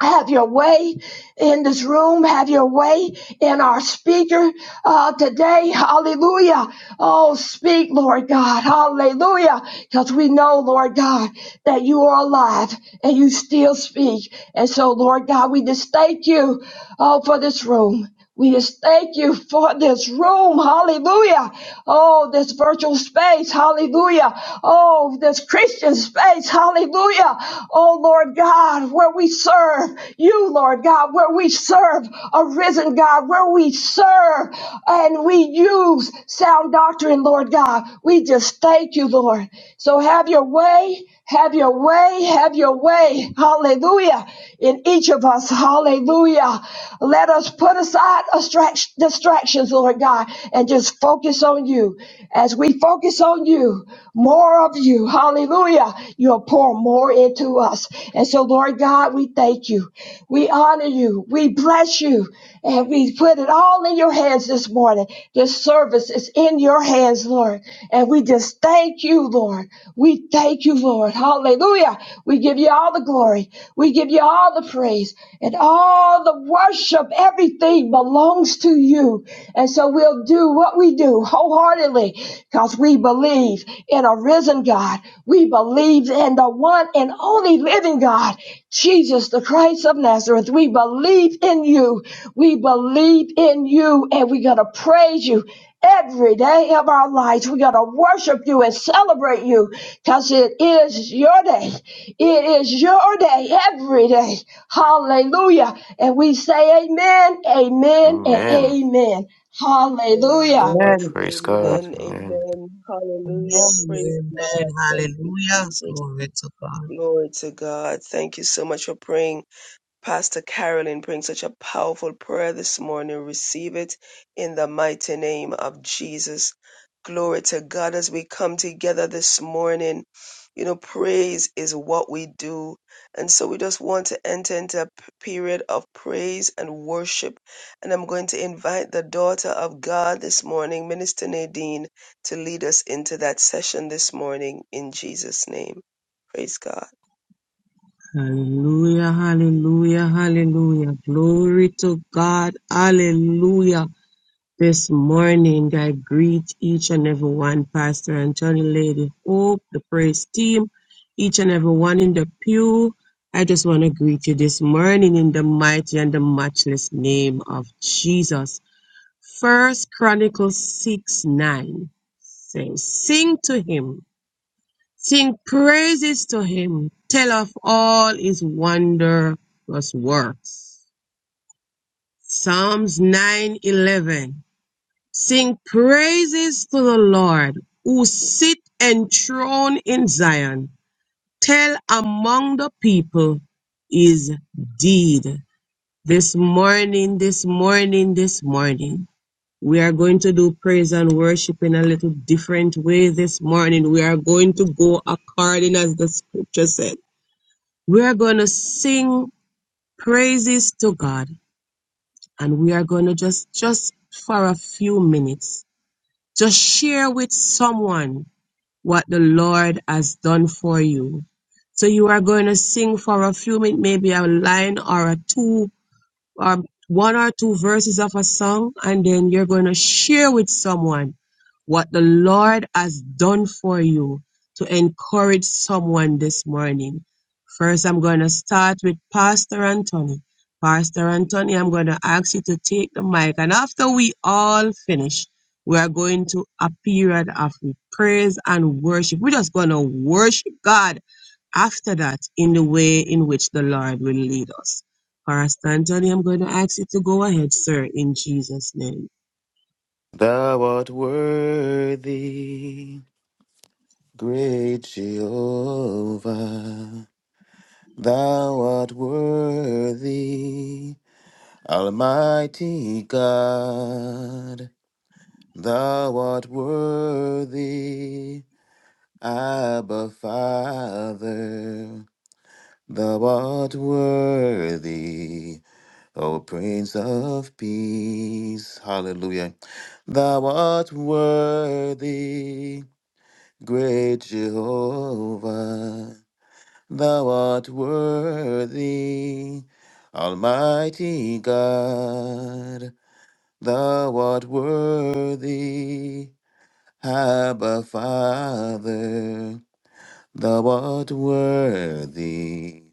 H: have your way in this room. Have your way in our speaker uh, today. Hallelujah. Oh, speak, Lord God. Hallelujah. Because we know, Lord God, that you are alive and you still speak. And so, Lord God, we just thank you oh, for this room. We just thank you for this room. Hallelujah. Oh, this virtual space. Hallelujah. Oh, this Christian space. Hallelujah. Oh, Lord God, where we serve you, Lord God, where we serve a risen God, where we serve and we use sound doctrine, Lord God. We just thank you, Lord. So have your way. Have your way, have your way. Hallelujah. In each of us. Hallelujah. Let us put aside distract- distractions, Lord God, and just focus on you. As we focus on you, more of you. Hallelujah. You'll pour more into us. And so, Lord God, we thank you. We honor you. We bless you. And we put it all in your hands this morning. This service is in your hands, Lord. And we just thank you, Lord. We thank you, Lord. Hallelujah. We give you all the glory. We give you all the praise and all the worship. Everything belongs to you. And so we'll do what we do wholeheartedly because we believe in a risen God. We believe in the one and only living God. Jesus, the Christ of Nazareth, we believe in you. We believe in you, and we're going to praise you every day of our lives. We're going to worship you and celebrate you because it is your day. It is your day every day. Hallelujah. And we say amen, amen, and
C: Amen.
H: amen. Hallelujah.
C: And
D: Amen.
E: Amen.
C: praise God.
D: Amen.
C: Amen.
D: Amen. Hallelujah. Praise
F: Amen.
D: God.
F: Amen.
D: Thank you,
F: Hallelujah.
D: Jesus.
F: Glory to God.
D: Glory to God. Thank you so much for praying. Pastor Carolyn brings such a powerful prayer this morning. Receive it in the mighty name of Jesus. Glory to God as we come together this morning. You know, praise is what we do. And so we just want to enter into a p- period of praise and worship. And I'm going to invite the daughter of God this morning, Minister Nadine, to lead us into that session this morning in Jesus' name. Praise God.
F: Hallelujah, hallelujah, hallelujah. Glory to God. Hallelujah. This morning, I greet each and every one, Pastor Anthony, Lady Hope, the praise team, each and every one in the pew. I just want to greet you this morning in the mighty and the matchless name of Jesus. First Chronicles 6 9 says, Sing to him Sing praises to him. Tell of all his wondrous works. Psalms 9:11. Sing praises to the Lord who sit enthroned in Zion. Tell among the people his deed. This morning, this morning, this morning. We are going to do praise and worship in a little different way this morning. We are going to go according as the scripture said. we are going to sing praises to God and we are going to just just for a few minutes just share with someone what the Lord has done for you. So you are going to sing for a few minutes, maybe a line or a two um, one or two verses of a song, and then you're going to share with someone what the Lord has done for you to encourage someone this morning. First, I'm going to start with Pastor Anthony. Pastor Anthony, I'm going to ask you to take the mic, and after we all finish, we are going to a period of praise and worship. We're just going to worship God after that in the way in which the Lord will lead us. Pastor Anthony, I'm going to ask you to go ahead, sir, in Jesus' name.
C: Thou art worthy, great Jehovah. Thou art worthy, Almighty God. Thou art worthy, Abba Father. Thou art worthy. O Prince of Peace, hallelujah. Thou art worthy, great Jehovah. Thou art worthy, Almighty God. Thou art worthy, Abba Father. Thou art worthy,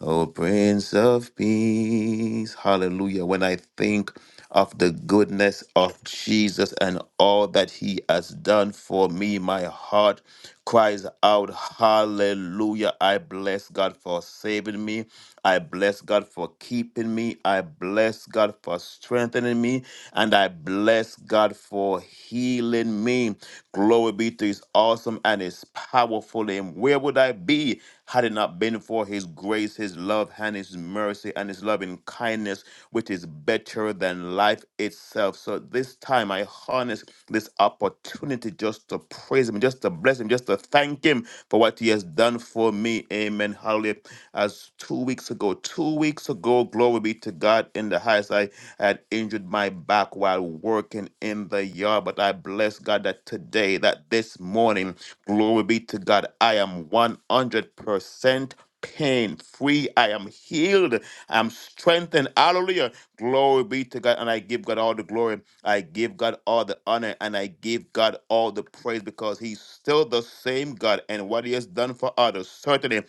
C: O Prince of Peace. Hallelujah. When I think of the goodness of Jesus and all that he has done for me. My heart cries out, Hallelujah. I bless God for saving me. I bless God for keeping me. I bless God for strengthening me. And I bless God for healing me. Glory be to his awesome and his powerful name. Where would I be had it not been for his grace, his love, and his mercy, and his loving kindness? which is better than life itself. So this time I harness this opportunity just to praise him, just to bless him, just to thank him for what he has done for me. Amen. Hallelujah. As two weeks ago, two weeks ago, glory be to God in the highest. I had injured my back while working in the yard, but I bless God that today, that this morning, glory be to God, I am 100% pain free. I am healed. I'm strengthened. Hallelujah. Glory be to God. And I give God all the glory. I give God all the honor. And I give God all the praise because He's still the same God. And what He has done for others, certainly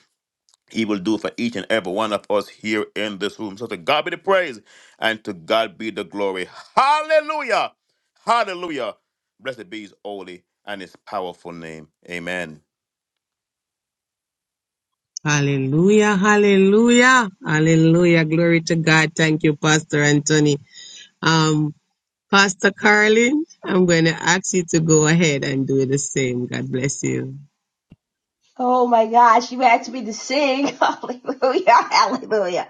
C: He will do for each and every one of us here in this room. So to God be the praise and to God be the glory. Hallelujah. Hallelujah. Blessed be His holy and His powerful name. Amen.
F: Hallelujah, hallelujah, hallelujah. Glory to God. Thank you, Pastor Anthony. Um, Pastor Carlin, I'm going to ask you to go ahead and do the same. God bless you.
H: Oh my gosh, you asked me to sing. Hallelujah, hallelujah.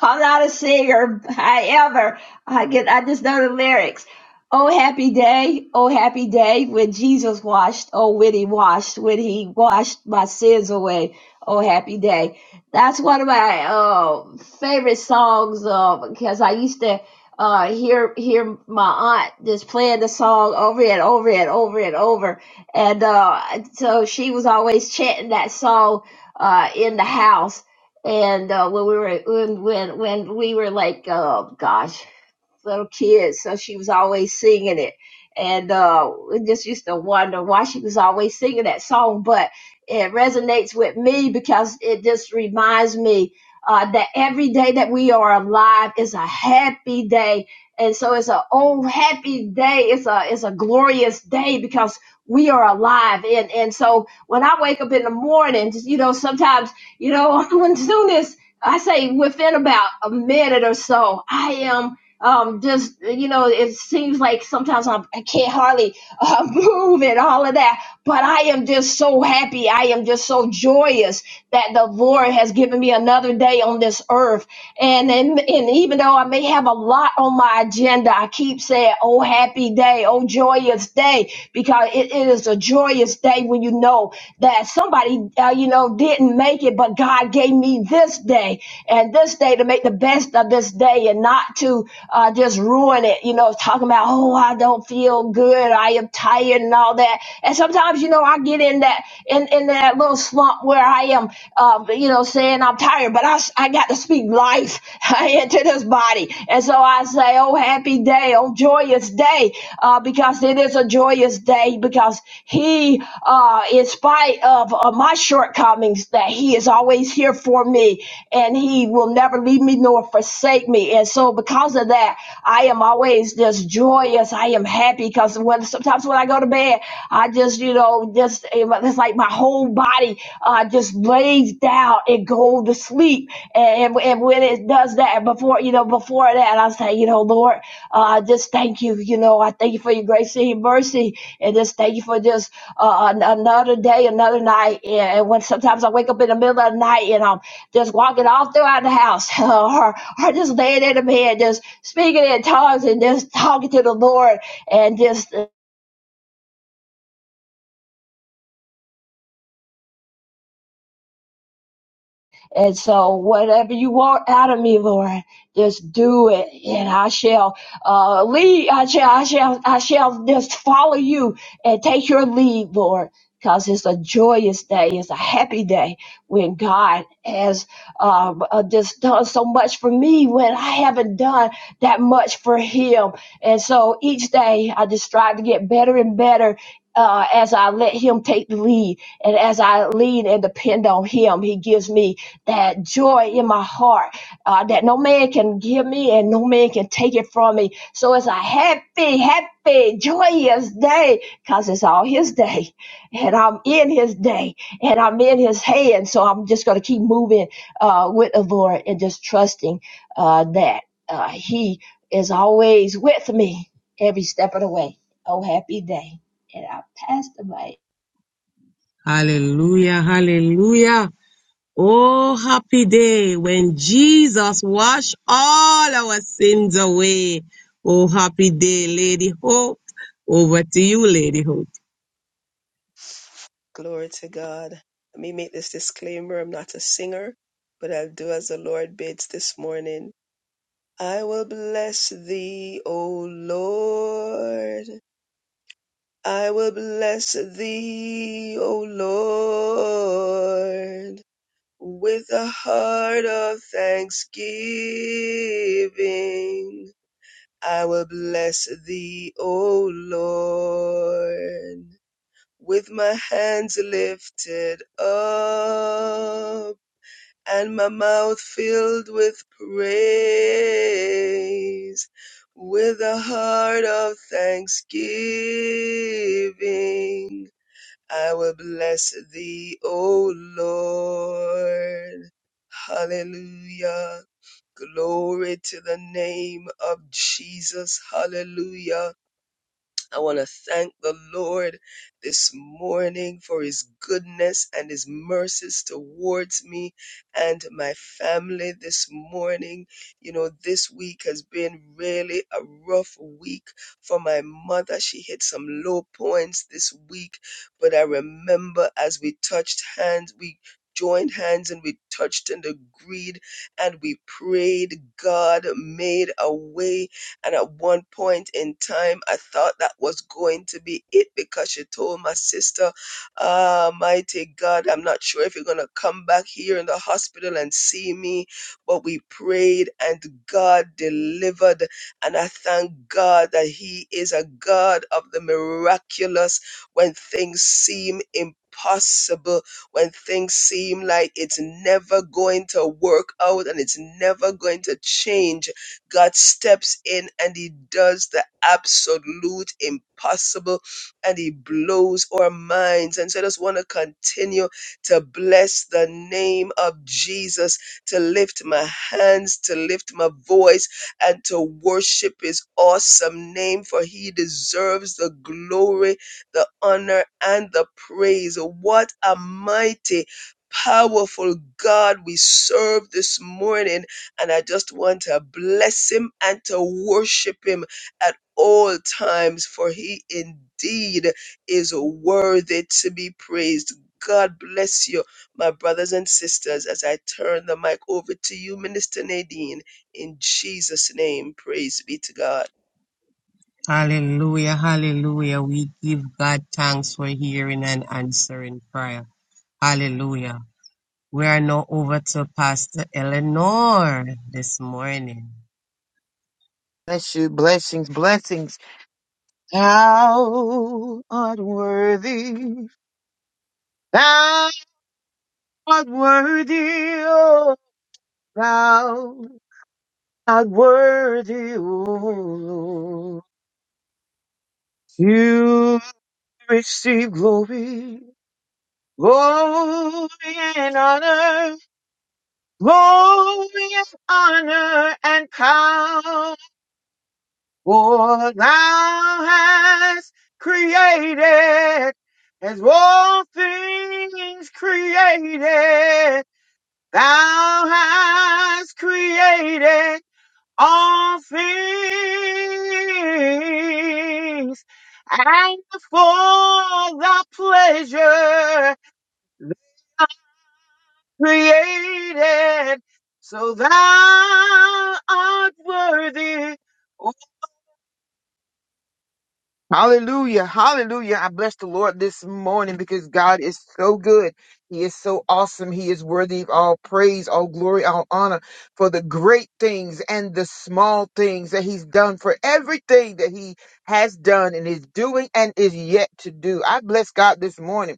H: I'm not a singer, however, I get I just know the lyrics. Oh happy day, oh happy day when Jesus washed, oh when he washed, when he washed my sins away. Oh happy day. That's one of my uh, favorite songs uh, because I used to uh, hear hear my aunt just playing the song over and over and over and over and uh, so she was always chanting that song uh, in the house. And uh, when we were when when when we were like, oh gosh, little kids, so she was always singing it. And uh, we just used to wonder why she was always singing that song, but it resonates with me because it just reminds me uh, that every day that we are alive is a happy day, and so it's a oh happy day. It's a it's a glorious day because we are alive, and and so when I wake up in the morning, just, you know, sometimes you know when soon as I say within about a minute or so, I am um just you know it seems like sometimes I'm, i can't hardly uh, move and all of that but i am just so happy i am just so joyous that the lord has given me another day on this earth and and, and even though i may have a lot on my agenda i keep saying oh happy day oh joyous day because it it is a joyous day when you know that somebody uh, you know didn't make it but god gave me this day and this day to make the best of this day and not to uh, just ruin it, you know, talking about, oh, I don't feel good, I am tired and all that. And sometimes, you know, I get in that in, in that little slump where I am, um, you know, saying I'm tired, but I, s- I got to speak life into this body. And so I say, oh, happy day, oh, joyous day, uh, because it is a joyous day because he, uh, in spite of uh, my shortcomings, that he is always here for me and he will never leave me nor forsake me. And so, because of that, I am always just joyous. I am happy because when sometimes when I go to bed, I just, you know, just eh, well, it's like my whole body uh, just lays down and go to sleep. And, and, when it does that, before, you know, before that, I say, you know, Lord, uh, just thank you. You know, I thank you for your grace and your mercy. And just thank you for just uh, an- another day, another night. And when sometimes I wake up in the middle of the night and I'm just walking all throughout the house or, or just laying in the bed, just speaking in tongues and just talking to the Lord and just And so, whatever you want out of me, Lord, just do it, and I shall uh, lead. I shall, I shall, I shall just follow you and take your lead, Lord, because it's a joyous day. It's a happy day when God has um, uh, just done so much for me when I haven't done that much for Him. And so, each day, I just strive to get better and better. Uh, as I let him take the lead and as I lean and depend on him, he gives me that joy in my heart uh, that no man can give me and no man can take it from me. So it's a happy, happy, joyous day because it's all His day. And I'm in His day and I'm in His hand. So I'm just going to keep moving uh, with the Lord and just trusting uh, that uh, He is always with me every step of the way. Oh, happy day. And I passed away.
F: Hallelujah, hallelujah. Oh, happy day when Jesus washed all our sins away. Oh, happy day, Lady Hope. Over to you, Lady Hope.
D: Glory to God. Let me make this disclaimer I'm not a singer, but I'll do as the Lord bids this morning. I will bless thee, O Lord. I will bless thee, O Lord, with a heart of thanksgiving. I will bless thee, O Lord with my hands lifted up and my mouth filled with praise, with a heart of thanksgiving. I will bless thee, O Lord. Hallelujah. Glory to the name of Jesus. Hallelujah. I want to thank the Lord this morning for his goodness and his mercies towards me and my family this morning. You know, this week has been really a rough week for my mother. She hit some low points this week, but I remember as we touched hands, we joined hands and we touched and agreed and we prayed. God made a way and at one point in time, I thought that was going to be it because she told my sister, Ah, mighty God, I'm not sure if you're going to come back here in the hospital and see me. But we prayed and God delivered. And I thank God that He is a God of the miraculous when things seem impossible, when things seem like it's never going to work out and it's never going to change God steps in and He does the absolute impossible and He blows our minds. And so I just want to continue to bless the name of Jesus, to lift my hands, to lift my voice, and to worship His awesome name, for He deserves the glory, the honor, and the praise. What a mighty Powerful God, we serve this morning and I just want to bless him and to worship him at all times, for he indeed is worthy to be praised. God bless you, my brothers and sisters, as I turn the mic over to you, Minister Nadine, in Jesus' name. Praise be to God.
F: Hallelujah, hallelujah. We give God thanks for hearing and answering prayer. Hallelujah. We are now over to Pastor Eleanor this morning.
E: Bless you. Blessings, blessings. How unworthy. Thou art worthy, O thou art worthy, O Lord. You receive glory, glory and honor, glory and honor and power. For thou hast created, as all things created, thou hast created all things and for the pleasure created so thou art worthy Hallelujah. Hallelujah. I bless the Lord this morning because God is so good. He is so awesome. He is worthy of all praise, all glory, all honor for the great things and the small things that he's done for everything that he has done and is doing and is yet to do. I bless God this morning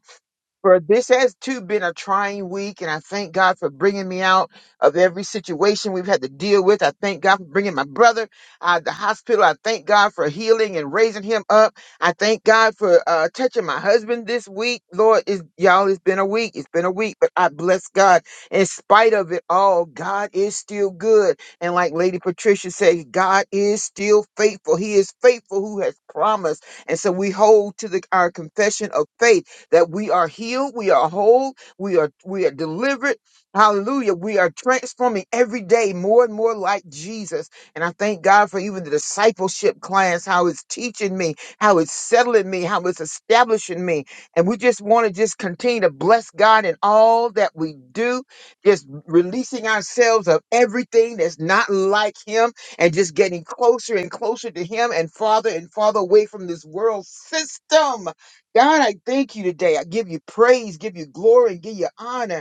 E: for this has too been a trying week, and I thank God for bringing me out of every situation we've had to deal with. I thank God for bringing my brother out of the hospital. I thank God for healing and raising him up. I thank God for uh, touching my husband this week. Lord, is y'all, it's been a week. It's been a week, but I bless God. In spite of it all, God is still good. And like Lady Patricia says, God is still faithful. He is faithful who has promised. And so we hold to the, our confession of faith that we are healed, we are whole, we are we are delivered. Hallelujah. We are transforming every day more and more like Jesus. And I thank God for even the discipleship class, how it's teaching me, how it's settling me, how it's establishing me. And we just want to just continue to bless God in all that we do, just releasing ourselves of everything that's not like Him and just getting closer and closer to Him and farther and farther away from this world system God, I thank you today. I give you praise, give you glory, give you honor.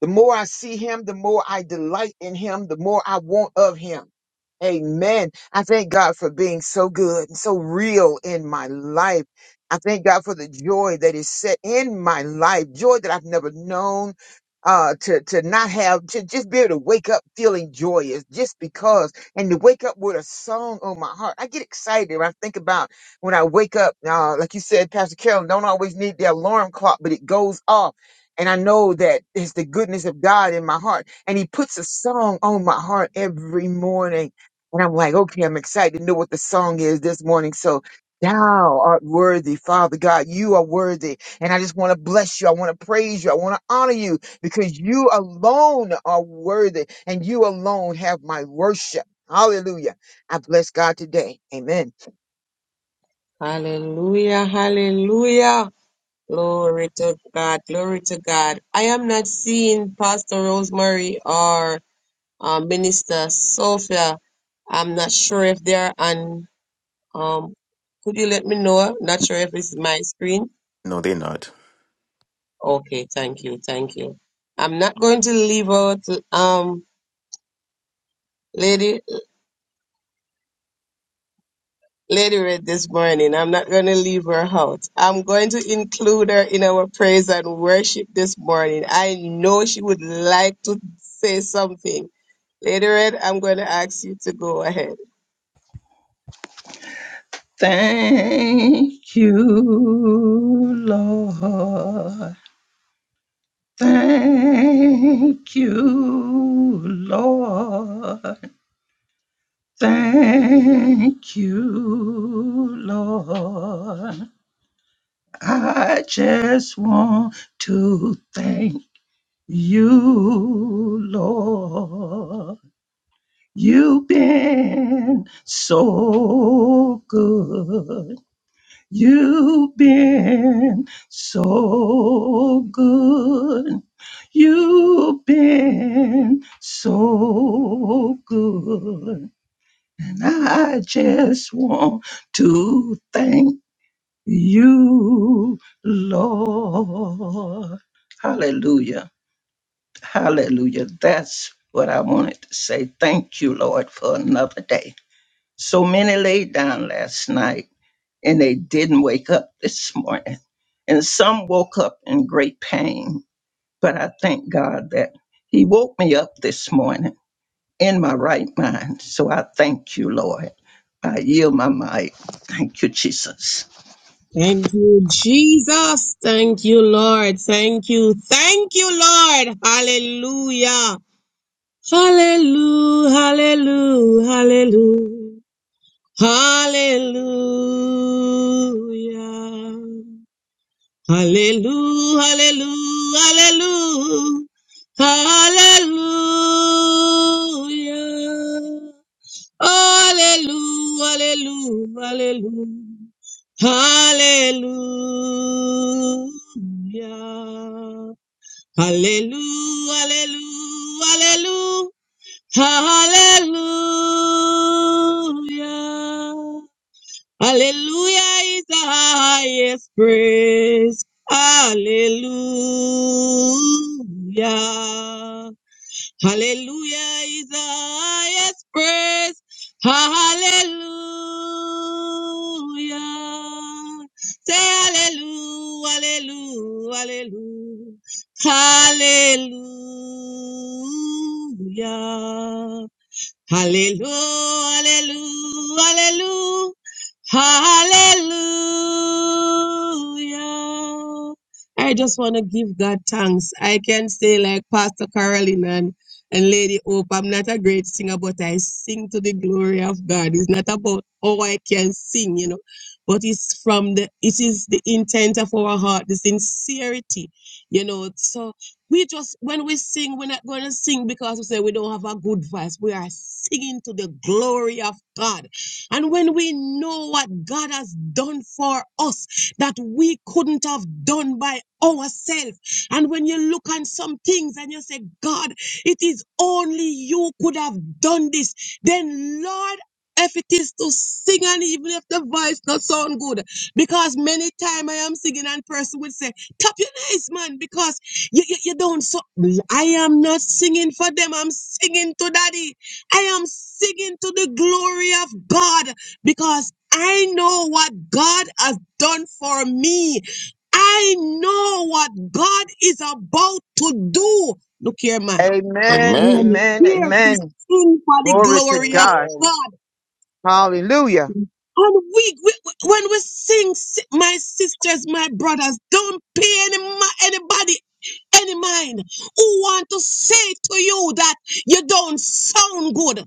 E: The more I see him, the more I delight in him, the more I want of him. Amen. I thank God for being so good and so real in my life. I thank God for the joy that is set in my life, joy that I've never known. Uh, to, to not have, to just be able to wake up feeling joyous just because, and to wake up with a song on my heart. I get excited when I think about when I wake up. Uh, like you said, Pastor Carolyn, don't always need the alarm clock, but it goes off and I know that it's the goodness of God in my heart. And He puts a song on my heart every morning. And I'm like, okay, I'm excited to know what the song is this morning. So, thou art worthy, Father God. You are worthy. And I just want to bless you. I want to praise you. I want to honor you because you alone are worthy and you alone have my worship. Hallelujah. I bless God today. Amen.
F: Hallelujah, hallelujah. Glory to God. Glory to God. I am not seeing Pastor Rosemary or uh, Minister Sophia. I'm not sure if they're on. Um, could you let me know? Not sure if it's my screen.
C: No, they're not.
F: Okay, thank you, thank you. I'm not going to leave out um, Lady Lady Red this morning. I'm not going to leave her out. I'm going to include her in our praise and worship this morning. I know she would like to say something. Lady Red, I'm going to ask you to go ahead.
G: Thank you, Lord. Thank you, Lord. Thank you, Lord. I just want to thank you, Lord. You've been so good. You've been so good. You've been so good. And I just want to thank you, Lord. Hallelujah. Hallelujah. That's what I wanted to say. Thank you, Lord, for another day. So many laid down last night and they didn't wake up this morning. And some woke up in great pain. But I thank God that He woke me up this morning in my right mind. So I thank you, Lord. I yield my might. Thank you, Jesus.
F: Thank you, Jesus. Thank you, Lord. Thank you. Thank you, Lord. Hallelujah. Hallelujah. Hallelujah. Hallelujah. Hallelujah. Hallelujah, hallelujah, hallelujah, hallelujah, hallelujah, hallelujah, hallelujah, hallelujah, hallelujah, hallelujah. hallelujah. Hallelujah is the highest praise. Hallelujah. Hallelujah is the highest praise. Hallelujah. Say hallelujah, hallelujah, hallelujah. Hallelujah. Hallelujah, hallelujah, hallelujah. Hallelujah! I just want to give God thanks. I can say, like Pastor Carolyn and, and Lady Hope, I'm not a great singer, but I sing to the glory of God. It's not about how I can sing, you know, but it's from the, it is the intent of our heart, the sincerity, you know. So we just, when we sing, we're not going to sing because we say we don't have a good voice. We are singing to the glory of God. And when we know what God has done for us that we couldn't have done by ourselves, and when you look on some things and you say, God, it is only you could have done this, then Lord, if it is to sing and even if the voice not sound good, because many time I am singing and person would say, tap your nice man because you, you, you don't so I am not singing for them. I'm singing to Daddy. I am singing to the glory of God because I know what God has done for me. I know what God is about to do. Look here, man. I
E: Amen.
C: Amen.
F: am
E: Amen.
F: here to
E: Amen.
F: sing for the
E: Glory to
F: glory of
E: God.
D: Amen.
F: God.
E: Hallelujah.
F: And we, we when we sing, si- my sisters, my brothers, don't pay any mi- anybody any mind who want to say to you that you don't sound good.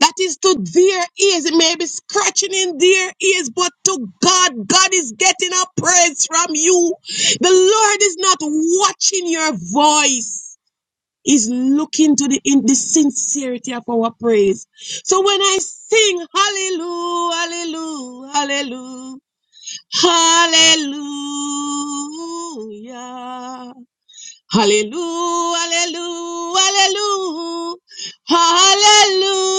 F: That is to their ears. It may be scratching in their ears, but to God, God is getting a praise from you. The Lord is not watching your voice is looking to the in the sincerity of our praise. So when I sing hallelujah, hallelujah, hallelujah, hallelujah. Hallelujah, hallelujah, hallelujah, hallelujah.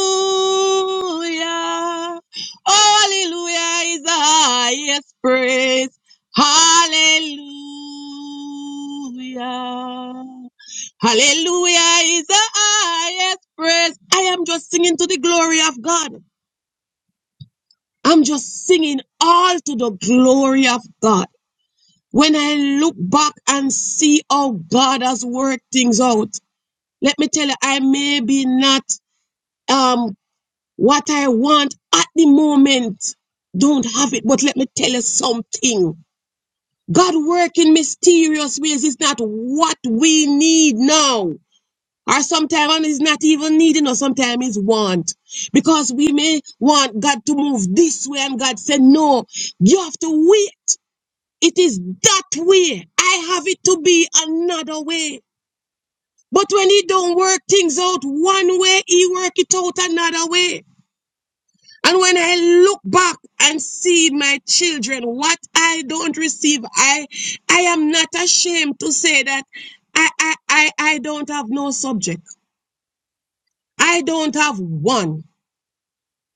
F: Oh, hallelujah is the highest praise. Hallelujah. Hallelujah is the highest praise. I am just singing to the glory of God. I'm just singing all to the glory of God. When I look back and see how God has worked things out, let me tell you, I may be not um what I want at the moment. Don't have it, but let me tell you something. God work in mysterious ways It's not what we need now. Or sometimes it's not even needing, or sometimes it's want. Because we may want God to move this way, and God said, No, you have to wait. It is that way. I have it to be another way. But when he don't work things out one way, he work it out another way. And when I look back and see my children, what I don't receive, I I am not ashamed to say that I I I, I don't have no subject. I don't have one.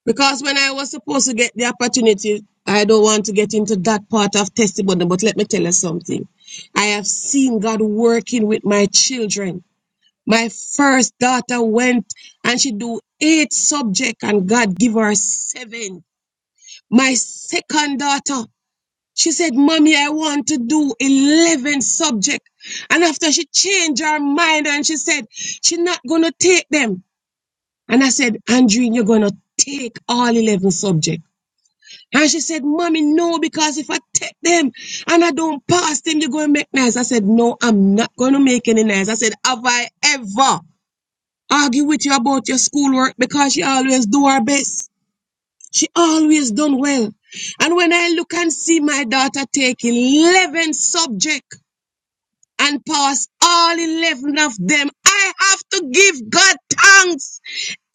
F: Because when I was supposed to get the opportunity, I don't want to get into that part of testimony, but let me tell you something. I have seen God working with my children My first daughter went and she do eight subject and God give her seven. My second daughter, she said, Mommy, I want to do 11 subject. And after she changed her mind and she said, she not going to take them. And I said, Andrine, you're going to take all 11 subject. And she said, Mommy, no, because if I take them and I don't pass them, you're going to make nice. I said, No, I'm not going to make any nice. I said, Have I ever? argue with you about your schoolwork because she always do her best. She always done well. And when I look and see my daughter take 11 subject and pass all 11 of them, I have to give God thanks.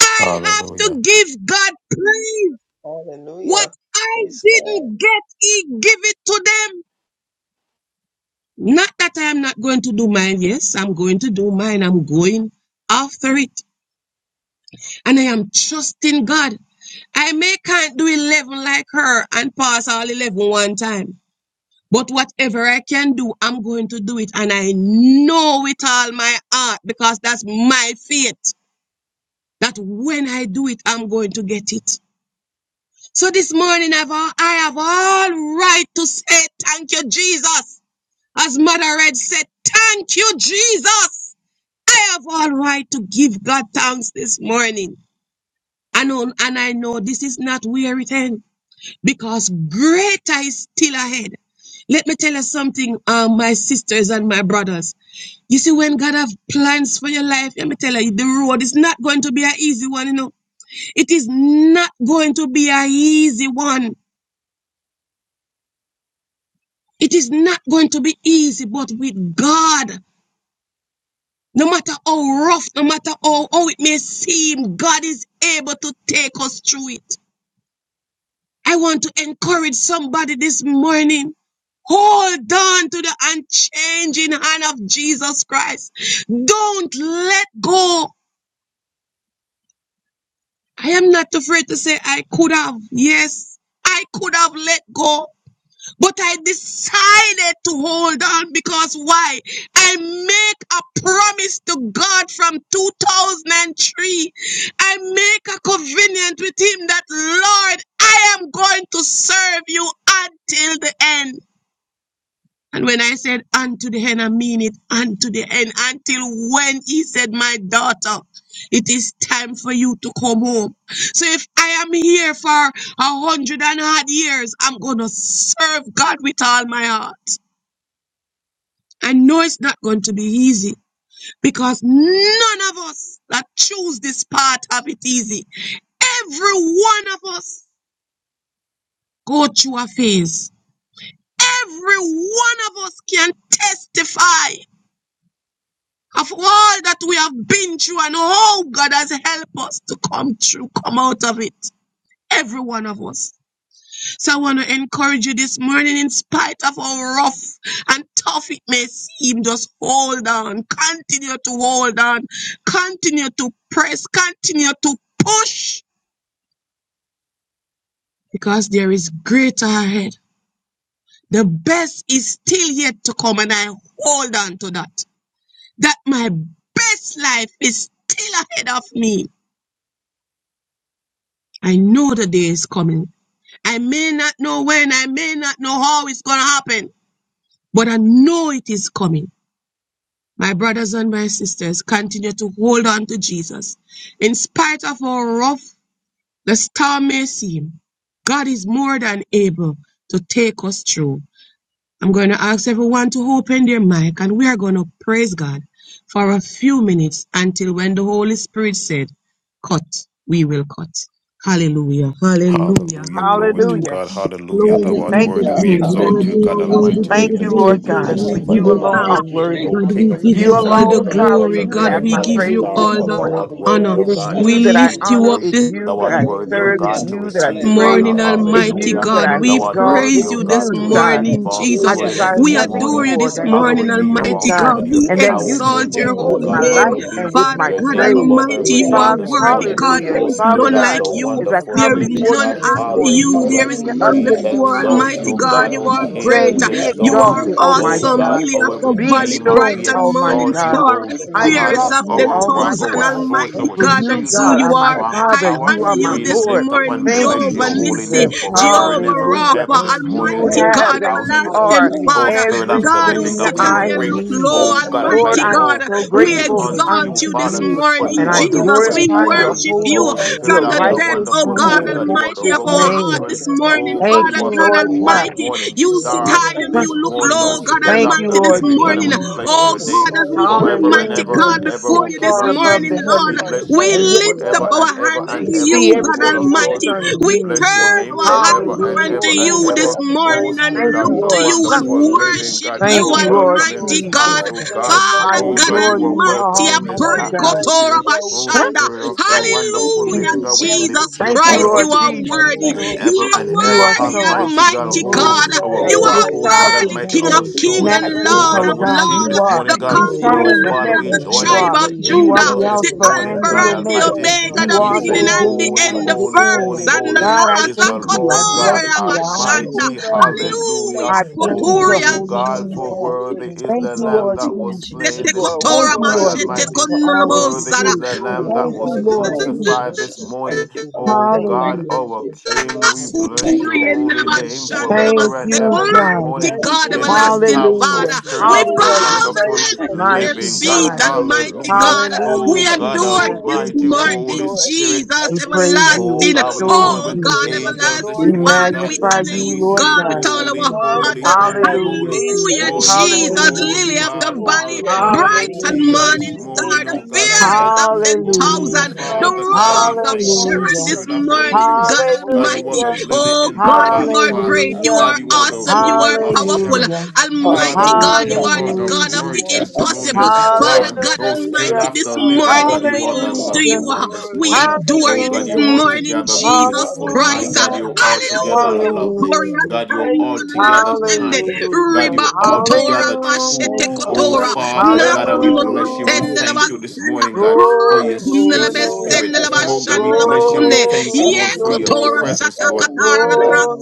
F: I have
C: Hallelujah.
F: to give God praise. What
D: Hallelujah.
F: I
D: Praise God.
F: didn't get, He give it to them. Not that I am not going to do mine. Yes, I'm going to do mine. I'm going after it. and I am trusting God. I may can't do 11 like her and pass all eleven one time. But whatever I can do, I'm going to do it. And I know with all my heart because that's my faith that when I do it, I'm going to get it. So this morning, I've all, I have all right to say thank you, Jesus. As Mother Red said, thank you, Jesus. I have all right to give God thanks this morning. I know, and I know this is not where it ends because greater is still ahead. Let me tell you something, um, my sisters and my brothers. You see, when God have plans for your life, let me tell you, the road is not going to be an easy one. You know, it is not going to be an easy one. It is not going to be easy, but with God, no matter how rough, no matter how, how it may seem, God is able to take us through it. I want to encourage somebody this morning. Hold on to the unchanging hand of Jesus Christ. Don't let go. I am not afraid to say I could have. Yes, I could have let go. But I decided to hold on because why? I make a promise to God from 2003. I make a covenant with Him that, Lord, I am going to serve you until the end. And when I said unto the end, I mean it unto the end. Until when he said, My daughter, it is time for you to come home. So if I am here for a hundred and odd years, I'm going to serve God with all my heart. I know it's not going to be easy because none of us that choose this path have it easy. Every one of us go through a phase. Every one of us can testify of all that we have been through and how God has helped us to come through, come out of it. Every one of us. So I want to encourage you this morning, in spite of how rough and tough it may seem, just hold on. Continue to hold on. Continue to press. Continue to push because there is greater ahead. The best is still yet to come and I hold on to that. That my best life is still ahead of me I know the day is coming. I may not know when, I may not know how it's going to happen, but I know it is coming. My brothers and my sisters, continue to hold on to Jesus. In spite of how rough the storm may seem, God is more than able to take us through. I'm going to ask everyone to open their mic and we are going to praise God for a few minutes until when the Holy Spirit said, cut, we will cut. Hallelujah, hallelujah,
C: Hallelujah. Glory
F: hallelujah.
C: to
E: Hallelujah.
C: God. Hallelujah. Thou
F: Glory
C: art
F: be
E: Thank
F: to
C: worthy.
E: you,
C: We
D: Hallelujah.
F: God.
E: Jesus.
D: Thank
F: Lord,
C: exalt you,
D: you,
F: you
C: God
F: are
D: Lord.
F: worthy
C: Almighty.
F: to
C: We
E: Thank
F: be
E: you,
C: lift you
F: praised.
E: Lord
C: up. We
F: God,
E: God,
C: bless
D: Thank
F: we
E: for
C: you
D: you,
F: give
E: you
F: you
D: Holy
E: alone
C: forevermore.
E: are
F: thanks.
D: Spirit.
E: worthy.
C: O
F: God,
C: King
D: Thank
F: we
C: of
F: give
D: you,
E: You
F: you
C: kings and
D: Lord
F: all the
C: Lord
E: alone,
C: of
D: God.
E: Father,
C: lords
F: glory.
C: and
E: you
F: God,
E: have
C: bright
F: we
E: my
D: Hallelujah.
C: morning
F: give you
E: praise this
C: star,
F: all
C: for
F: the
C: thou
E: morning.
C: art
D: Oh
C: worthy,
D: God,
F: honor.
C: O
E: It
D: we
E: is
C: God, to
E: you
D: worship
E: that
F: We
D: you,
E: I
C: receive
F: lift
D: we
F: you
E: honor.
F: up
C: glory.
E: It's
F: this
D: praise
E: you
C: Thou
D: you,
E: that
D: we
C: art
E: I
C: worthy, O
D: thank
E: serve. It's
C: God,
D: you,
C: to
E: you that I
C: receive
D: we
E: praise.
C: honor.
F: morning,
E: It's
D: magnify
E: you
F: Almighty
D: your
C: Hallelujah.
E: that
F: God.
E: I
D: name,
F: We
C: Thou
D: oh
C: art
D: God,
E: exalt.
C: worthy,
F: praise
E: It's
C: O
F: you this
C: God, to
D: We
E: you,
D: your
E: God.
D: grace
C: receive
F: morning,
D: and
C: all
D: good
E: I
F: Jesus.
C: praise
D: work.
E: desire
F: We
C: this
D: And
E: nothing
F: adore
D: life,
C: morning.
F: you
D: oh
E: more
F: this
E: than to
D: God,
F: morning,
C: Hallowed be
E: please
C: your
E: you,
F: Almighty
D: we
E: God,
C: awesome
F: God.
C: and
D: gotta
C: your
F: We
E: and
D: do
E: that you be
D: listen
C: powerful
D: to
F: exalt
D: the
F: your
C: name,
E: pleased
C: oh
E: with
F: holy
E: my
C: God.
D: testimonies
F: name.
E: life
C: Hallowed
D: and the
E: and
C: be
E: with
F: Father
E: my
C: your
F: God
C: name
E: praise.
D: words
C: above
F: Almighty,
D: of
C: every
F: you
D: life
F: are
C: name
E: Father,
C: this
D: together
F: worthy,
D: with
C: morning.
D: the
F: God.
E: hallelujah.
F: There
C: Oh
F: is
D: words
E: Father
C: Spirit
F: none
C: of
E: God,
F: like
C: the
D: that have
F: you.
E: as
D: been
E: I
C: wonderful
F: There
D: said
E: come
F: is
D: and
C: living
E: before
F: none
E: you
C: God.
E: this
F: after
D: spoken with
E: morning,
D: the
F: you. There
C: Hallelujah.
F: is
E: lifting
D: testimonies,
E: up
F: none
D: oh
E: the
C: We
D: God,
F: before
D: just
E: name of
D: for
C: exalt you,
D: now
F: Almighty
C: O
D: we
F: God.
E: Jesus,
C: God,
F: You
D: thank
C: O
F: are
D: you.
C: King.
F: great.
E: saying,
C: We
E: Be
D: God,
F: You
C: exalt
D: for
F: are
C: you,
D: your
E: exalted,
D: grace
C: O
E: Almighty
D: and
F: awesome.
D: good
E: God.
C: God,
F: Lily of
C: our
D: work,
F: the
E: Be
D: and life,
F: valley,
C: Redeemer.
D: God, we
F: bright
C: We
D: do
E: extolled,
F: and
D: not to do
E: Almighty
F: morning
C: exalt you,
E: God.
F: star.
C: O
D: anything but
E: I
D: to do.
C: God,
F: Fearless
E: exalt
F: of
E: you,
C: our
D: So
C: rock,
E: Almighty
F: 10,000.
C: our
E: God.
D: God,
C: source,
F: Almighty
C: our
E: For
D: I
F: God,
E: you,
F: that's
C: shield,
F: who
E: God,
D: thank
C: our
F: you
E: are my
F: are.
D: you,
C: strong
E: Father.
F: I
C: tower.
E: You
D: for
F: honor
E: are
D: we
E: my
F: you
D: are
C: We
F: this
D: so
E: Lord.
C: lift up
F: morning,
C: and
D: grateful
E: Thank
D: to
E: you,
C: bless
F: Jehovah
C: your
D: you,
C: holy
F: Nissi,
E: Jesus.
C: name
D: my
C: forever and
F: Jehovah
C: ever
D: God.
C: and
E: Hallelujah.
F: Rapha,
C: ever this
D: Hallelujah.
C: morning
E: You
F: Almighty
C: in this
E: have
F: God,
E: and
C: house.
D: I
E: you
D: God, I
F: Everlasting
E: are
D: thank you that
C: Oh,
D: we
F: Father,
D: can
C: Spirit of the
F: God
D: trust
F: who
C: living
E: everything
D: in
C: God,
F: sit
D: the
C: we
H: Hallelujah.
F: high
E: I
F: and
D: Lord.
H: Thank
C: bring,
F: look
H: you,
E: need.
F: low,
H: Lord.
C: oh
D: And
C: God
D: we know
E: Lord,
F: Almighty
D: that
C: Almighty,
D: when
E: I'm
H: Hallelujah.
D: we
C: oh
F: God,
E: so
D: trust
F: we
H: Thank
D: you,
C: praises
D: we
H: you,
E: grateful
D: come
C: unto
H: Lord.
F: exalt
D: to
C: you,
D: you.
E: unto
F: you this
C: Father,
H: Hallelujah.
E: you
F: morning,
C: for
E: and
C: you
D: My
E: I
H: And
C: are the
H: we
D: God, we
F: Jesus.
D: are so
C: great
F: We
H: praise
C: I
H: you,
E: glorify your
H: Lord.
C: am.
F: worship
D: grateful,
E: holy,
F: you
C: Oh,
H: Hallelujah.
D: Almighty
C: Spirit
F: from
E: your
H: Thank
F: the
C: of
H: you,
C: the
D: God,
F: depth,
H: Lord.
E: righteous,
F: oh
C: wonderful
E: and
D: that
F: God
E: your
D: we
C: living
D: are
H: Hallelujah.
C: God,
D: your
C: you are the
F: Almighty, of
E: matchless
C: rose
D: children,
F: our
H: We
C: of
D: O
H: have
F: heart
H: you,
E: name.
D: God,
C: Sharon.
F: this
H: Lord.
D: all
H: in
F: morning,
C: Oh
D: that,
C: God,
E: Thank
C: you
F: Father
E: you,
C: are
H: Jesus
C: the
F: God
D: all
E: Lord
D: the
H: Christ.
C: bright
E: God.
F: Almighty.
D: praise to
C: morning
F: You
D: the
F: sit
C: star
F: high
H: Hallelujah.
D: praises
F: and you
H: Thank
C: this
F: look
H: you,
C: morning,
H: Lord.
C: oh
F: low,
D: unto
F: God
C: Spirit
D: the
E: Thank
C: of
E: you,
H: Hallelujah.
F: Almighty,
C: the
D: name
F: this
E: Lord
H: Thank
D: of
C: living
H: you,
C: God,
D: the
C: and
F: morning.
H: Lord.
C: we
D: Lord,
C: bless
E: Jesus.
F: Oh
C: your name
F: God, as
D: exalt
F: we
D: the
H: Hallelujah.
F: come,
H: Thank
D: name
C: forever
D: of
C: and
H: you,
D: the
F: mighty
C: ever
H: Lord.
E: Hallelujah.
F: God,
C: and
E: You
D: Lord,
C: ever,
E: sit
F: before
C: oh
F: you
H: Hallelujah. Hallelujah.
C: King
F: this
E: far
C: of
D: most
E: above
F: morning,
E: the
C: kings.
D: high,
F: Lord.
C: We
E: heavens
H: Hallelujah.
C: bless your
F: We
E: and
C: name
E: yet
D: Almighty
F: lift
H: Hallelujah.
F: up
C: forever
D: God,
C: and
F: our
D: we
C: ever
F: hands
C: and
E: you
F: to
D: praise
C: ever,
E: see
F: you,
D: you
C: oh
F: God
D: this
C: Lord of
E: everything
C: lords.
D: morning.
F: Almighty.
E: concerning
C: We
F: We
E: me.
C: bless your
H: Hallelujah.
F: turn
D: Oh,
C: name
F: our
D: blessed
F: eyes
C: forever and
F: up
H: Hallelujah.
E: Hallelujah,
F: unto
C: ever
D: Jehovah,
C: and
F: you
D: what
H: Hallelujah.
F: this
C: ever,
E: Jesus.
D: a
C: oh
F: morning and
D: mighty
C: Spirit
E: Thank
C: of
E: you,
F: look
D: God
C: the
F: to
D: we
E: Lord.
F: you and
C: wonderful
D: serve.
C: living
F: worship
C: God.
F: you,
C: You
D: Father
E: Thank
C: are
E: you,
D: God,
E: Lord
D: we
C: welcome in
D: know
F: Almighty
C: this
D: that
F: God.
E: Jesus.
C: house,
D: Lord
C: oh
D: God
C: God.
D: Almighty,
E: I
F: Father
D: we
C: Oh
F: God
C: God,
D: don't
E: adore
C: you are
D: have
E: you,
D: to.
C: welcome
F: Almighty, I
C: in this
E: Almighty
F: pray,
E: God.
D: Almighty
F: Kotora
C: atmosphere,
D: God,
C: oh
D: worry,
F: Bashanda.
C: Spirit of
D: oh
C: the
D: God, if you
C: wonderful
F: Hallelujah,
C: living
D: pray,
C: God. We
D: God, if I
C: lift
F: Jesus
D: can
C: you up
E: Thank you,
F: Christ,
C: forever
E: Lord
F: you
D: trust
F: are
D: in
E: Jesus.
D: you,
F: worthy.
C: and
D: Lord.
C: ever
F: You are
C: and
E: You
C: ever,
E: are so
F: worthy,
C: Almighty
E: awesome.
C: God,
E: You're
F: Almighty
C: who
D: Oh
F: God.
E: mighty.
D: God
C: our
F: You
E: You're
C: rock,
F: are
C: oh
D: Almighty,
C: God
D: as
F: worthy,
E: sovereign,
D: we
C: Almighty,
F: King
E: God.
F: of
C: our
D: come into the
F: King
C: source,
F: and
C: oh
E: Matchless,
D: presence
F: Lord
C: God,
E: oh
F: of
D: of
C: our
D: the
E: God,
C: shield
F: Lord,
E: you
C: this
D: Lord,
E: are.
C: morning,
F: the
C: God.
D: with
F: conquering
E: Eternal
C: Oh
E: in
D: God
E: the
C: Father,
F: lion of
C: we
F: the
E: heavens,
D: Himself,
C: join
E: you
C: in
D: and
F: tribe
C: with
E: are.
F: of
D: His
C: the
D: name
E: You are
F: Judah
E: the
D: with
C: angels
D: us,
C: this
F: the
D: with
E: Alpha
D: God
C: morning,
E: and
F: Alpha
E: the
C: God
F: and the
E: Omega.
D: Himself,
C: Almighty,
F: Omega,
E: You
C: and
F: the
C: we
E: are the
F: beginning
C: say,
D: pour
F: and
D: out
F: the
E: beginning
C: Holy,
D: upon
F: end, the
E: and
D: us
E: the
C: holy,
D: in
E: end.
C: holy,
D: the
F: first and the
C: holy
D: name
E: God,
D: of
E: I
F: last.
C: is the
E: thank you.
D: Jesus
E: I
C: Lord
D: Christ.
C: God
E: bless
F: Akotoria
E: you. I honor
D: Oh
F: Bashanda.
E: you,
C: Almighty.
D: God, we
E: Jesus.
C: Hallelujah.
F: Hallelujah.
E: I
D: bless your
E: praise your
D: name
F: Kotoria.
C: Oh
E: holy
D: this
C: God,
E: name,
C: for
E: God.
D: morning. We
C: worthy is
E: Thank
C: the
E: you,
D: exalt
C: Lamb
E: Lord
C: that
D: you,
C: was
E: Jesus.
D: for
F: Sete
C: slain
D: you
C: this
D: are
E: Thank
F: Kotora
C: morning,
E: you,
C: God
E: Lord
D: worthy
F: Bashete
D: to
E: God,
C: Almighty.
D: be
E: for all that
D: praised.
E: you
C: Worthy
F: Konulobosara.
D: Oh,
C: is
E: do.
C: the
D: glory
C: Lamb
D: to
C: that
E: Thank
C: was
E: you,
D: God.
E: Lord
D: Thank you,
C: crucified
E: Jesus.
C: this
D: Jesus.
C: morning.
D: We
C: O
D: thank you for
C: God,
D: your
E: Hallelujah.
C: our King, we
D: faithfulness.
C: bless
D: We
C: your
F: Kuturi
D: thank
F: and
D: you
C: holy
D: for your
C: name
F: Nalabashan,
D: goodness,
E: Thank
C: forever and
F: Nalabase.
E: you,
D: God.
C: ever
D: We
C: this
E: God.
F: Mighty
C: morning
D: thank
F: God,
D: you,
C: in
D: Lord.
C: this
F: everlasting
C: house, O
D: Oh,
F: Father,
E: Hallelujah.
C: Spirit
F: we
C: of the
D: God
E: Hallelujah.
F: bow down
C: wonderful
D: Almighty, for
F: at your
D: being
E: Mighty
C: living God.
F: feet,
D: so
E: God.
D: good to us,
F: Almighty
C: Hallelujah.
D: to
F: God.
D: have
E: Hallelujah,
F: We
C: O God
F: adore
D: your
E: Jesus.
F: you this
D: way
E: Thank
C: Almighty,
E: you,
D: with us,
C: Holy
F: morning,
E: Jesus.
D: Lord,
C: Spirit.
F: Jesus,
D: as
E: We
D: we
E: praise
D: seek
E: you.
D: to
C: Oh
E: We
F: everlasting.
C: God, we
E: extol
D: exalt
C: join
E: you,
F: Oh
D: the
C: with the
F: God,
E: Jesus.
D: name of the
C: angels
E: We
F: everlasting
C: this
D: Lord, to
C: morning,
D: give
F: Father, we
C: God,
E: magnify
F: honor
D: praises
C: and
E: you,
C: we
F: you,
E: Lord
C: say,
F: God,
E: God.
F: with
D: unto the
F: all
C: Holy,
F: our
D: God
F: heart.
D: of
C: holy,
D: our
C: holy,
E: Hallelujah,
C: holy.
D: salvation
F: Hallelujah,
E: Jesus.
C: Oh,
D: this
C: you
F: Jesus,
D: morning.
E: Hallelujah,
C: Lord
F: lily of
E: Jesus.
F: the
C: God
D: Oh,
F: valley,
D: blessed be
F: bright
D: your
F: and
C: Almighty,
E: Hallelujah.
C: this
F: morning
D: mighty
F: star,
C: morning,
D: name.
F: the
C: oh God
D: Blessed
F: fairest of
C: Almighty.
D: be
F: ten
D: the
C: Oh
E: Hallelujah.
F: thousand, the
C: Father
D: mighty
C: God,
D: and
C: we
D: the
F: rose of
C: thank you, oh
F: Sharon
E: Hallelujah.
F: this
C: Spirit
D: awesome
C: of the
D: name
C: Living
F: morning,
C: God.
D: this
F: God
C: God, you are
F: Almighty.
D: morning.
E: Hallelujah.
C: the lily
D: So
F: Oh
C: in the
D: God,
F: God,
D: we
F: you
C: valley,
F: are
D: thank
C: Father.
D: you,
F: great.
D: we
F: You
E: Hallelujah,
F: are
C: God, you are
D: praise
C: the
D: you,
F: awesome.
D: we
F: You
C: rose
F: are
D: bless
C: of
D: you
F: powerful.
C: Sharon.
E: hallelujah,
D: for being so
F: Almighty
C: Father,
F: God,
D: good
F: you
C: you
D: to
F: are
C: are
F: the
D: us
C: the
F: God
D: this
F: of
E: hallelujah,
F: the
C: brightest
D: morning
F: impossible.
C: morning
D: in the
F: Father
C: star.
F: God
C: Oh, Spirit
D: mighty,
E: hallelujah,
F: Almighty,
C: of
F: this
C: the living
D: powerful,
C: God,
F: morning
C: you
F: we
C: are the
F: look
E: hallelujah,
F: to
D: awesome,
C: lovely
E: hallelujah,
F: you. uh,
C: one this
F: We
D: worthy,
C: morning.
F: adore
C: Oh,
F: you
C: God,
F: this
C: you're
E: hallelujah,
D: blessed
F: morning,
C: altogether
D: name of
F: Jesus
C: beautiful. My
F: Christ. uh,
C: God,
E: hallelujah,
C: you're
D: Jesus Christ,
C: altogether
D: our
F: Hallelujah.
C: lovely.
D: Lord.
F: Glorious
E: hallelujah,
C: God, you're
D: Thank
F: and
D: you, Jesus.
C: altogether
F: unashamed.
C: kind. God,
E: hallelujah,
F: Riba
C: you're
F: kotora,
C: altogether
F: bashete
C: true.
D: Thank you,
C: Oh,
F: kotora.
D: mighty
C: Father, God, and
D: God.
C: we
F: Nakundo
C: bless you. We
D: Hallelujah.
E: hallelujah.
F: Tendela,
C: thank you this morning, God, for your
E: Glory to
D: Oh,
C: sweet
E: your
D: glory
E: name,
D: to
C: spirit.
D: God.
C: Oh, God, we
D: Thank
C: bless
D: you,
C: you and we
F: Kundelebesendelebasandelebaskunde.
D: Holy
C: thank
E: glory
C: you,
F: Ye
E: to
C: Lord,
D: Spirit.
C: for
E: your
C: your
F: kotora
E: name,
C: presence,
F: shata
C: Lord.
D: Thank you,
F: katara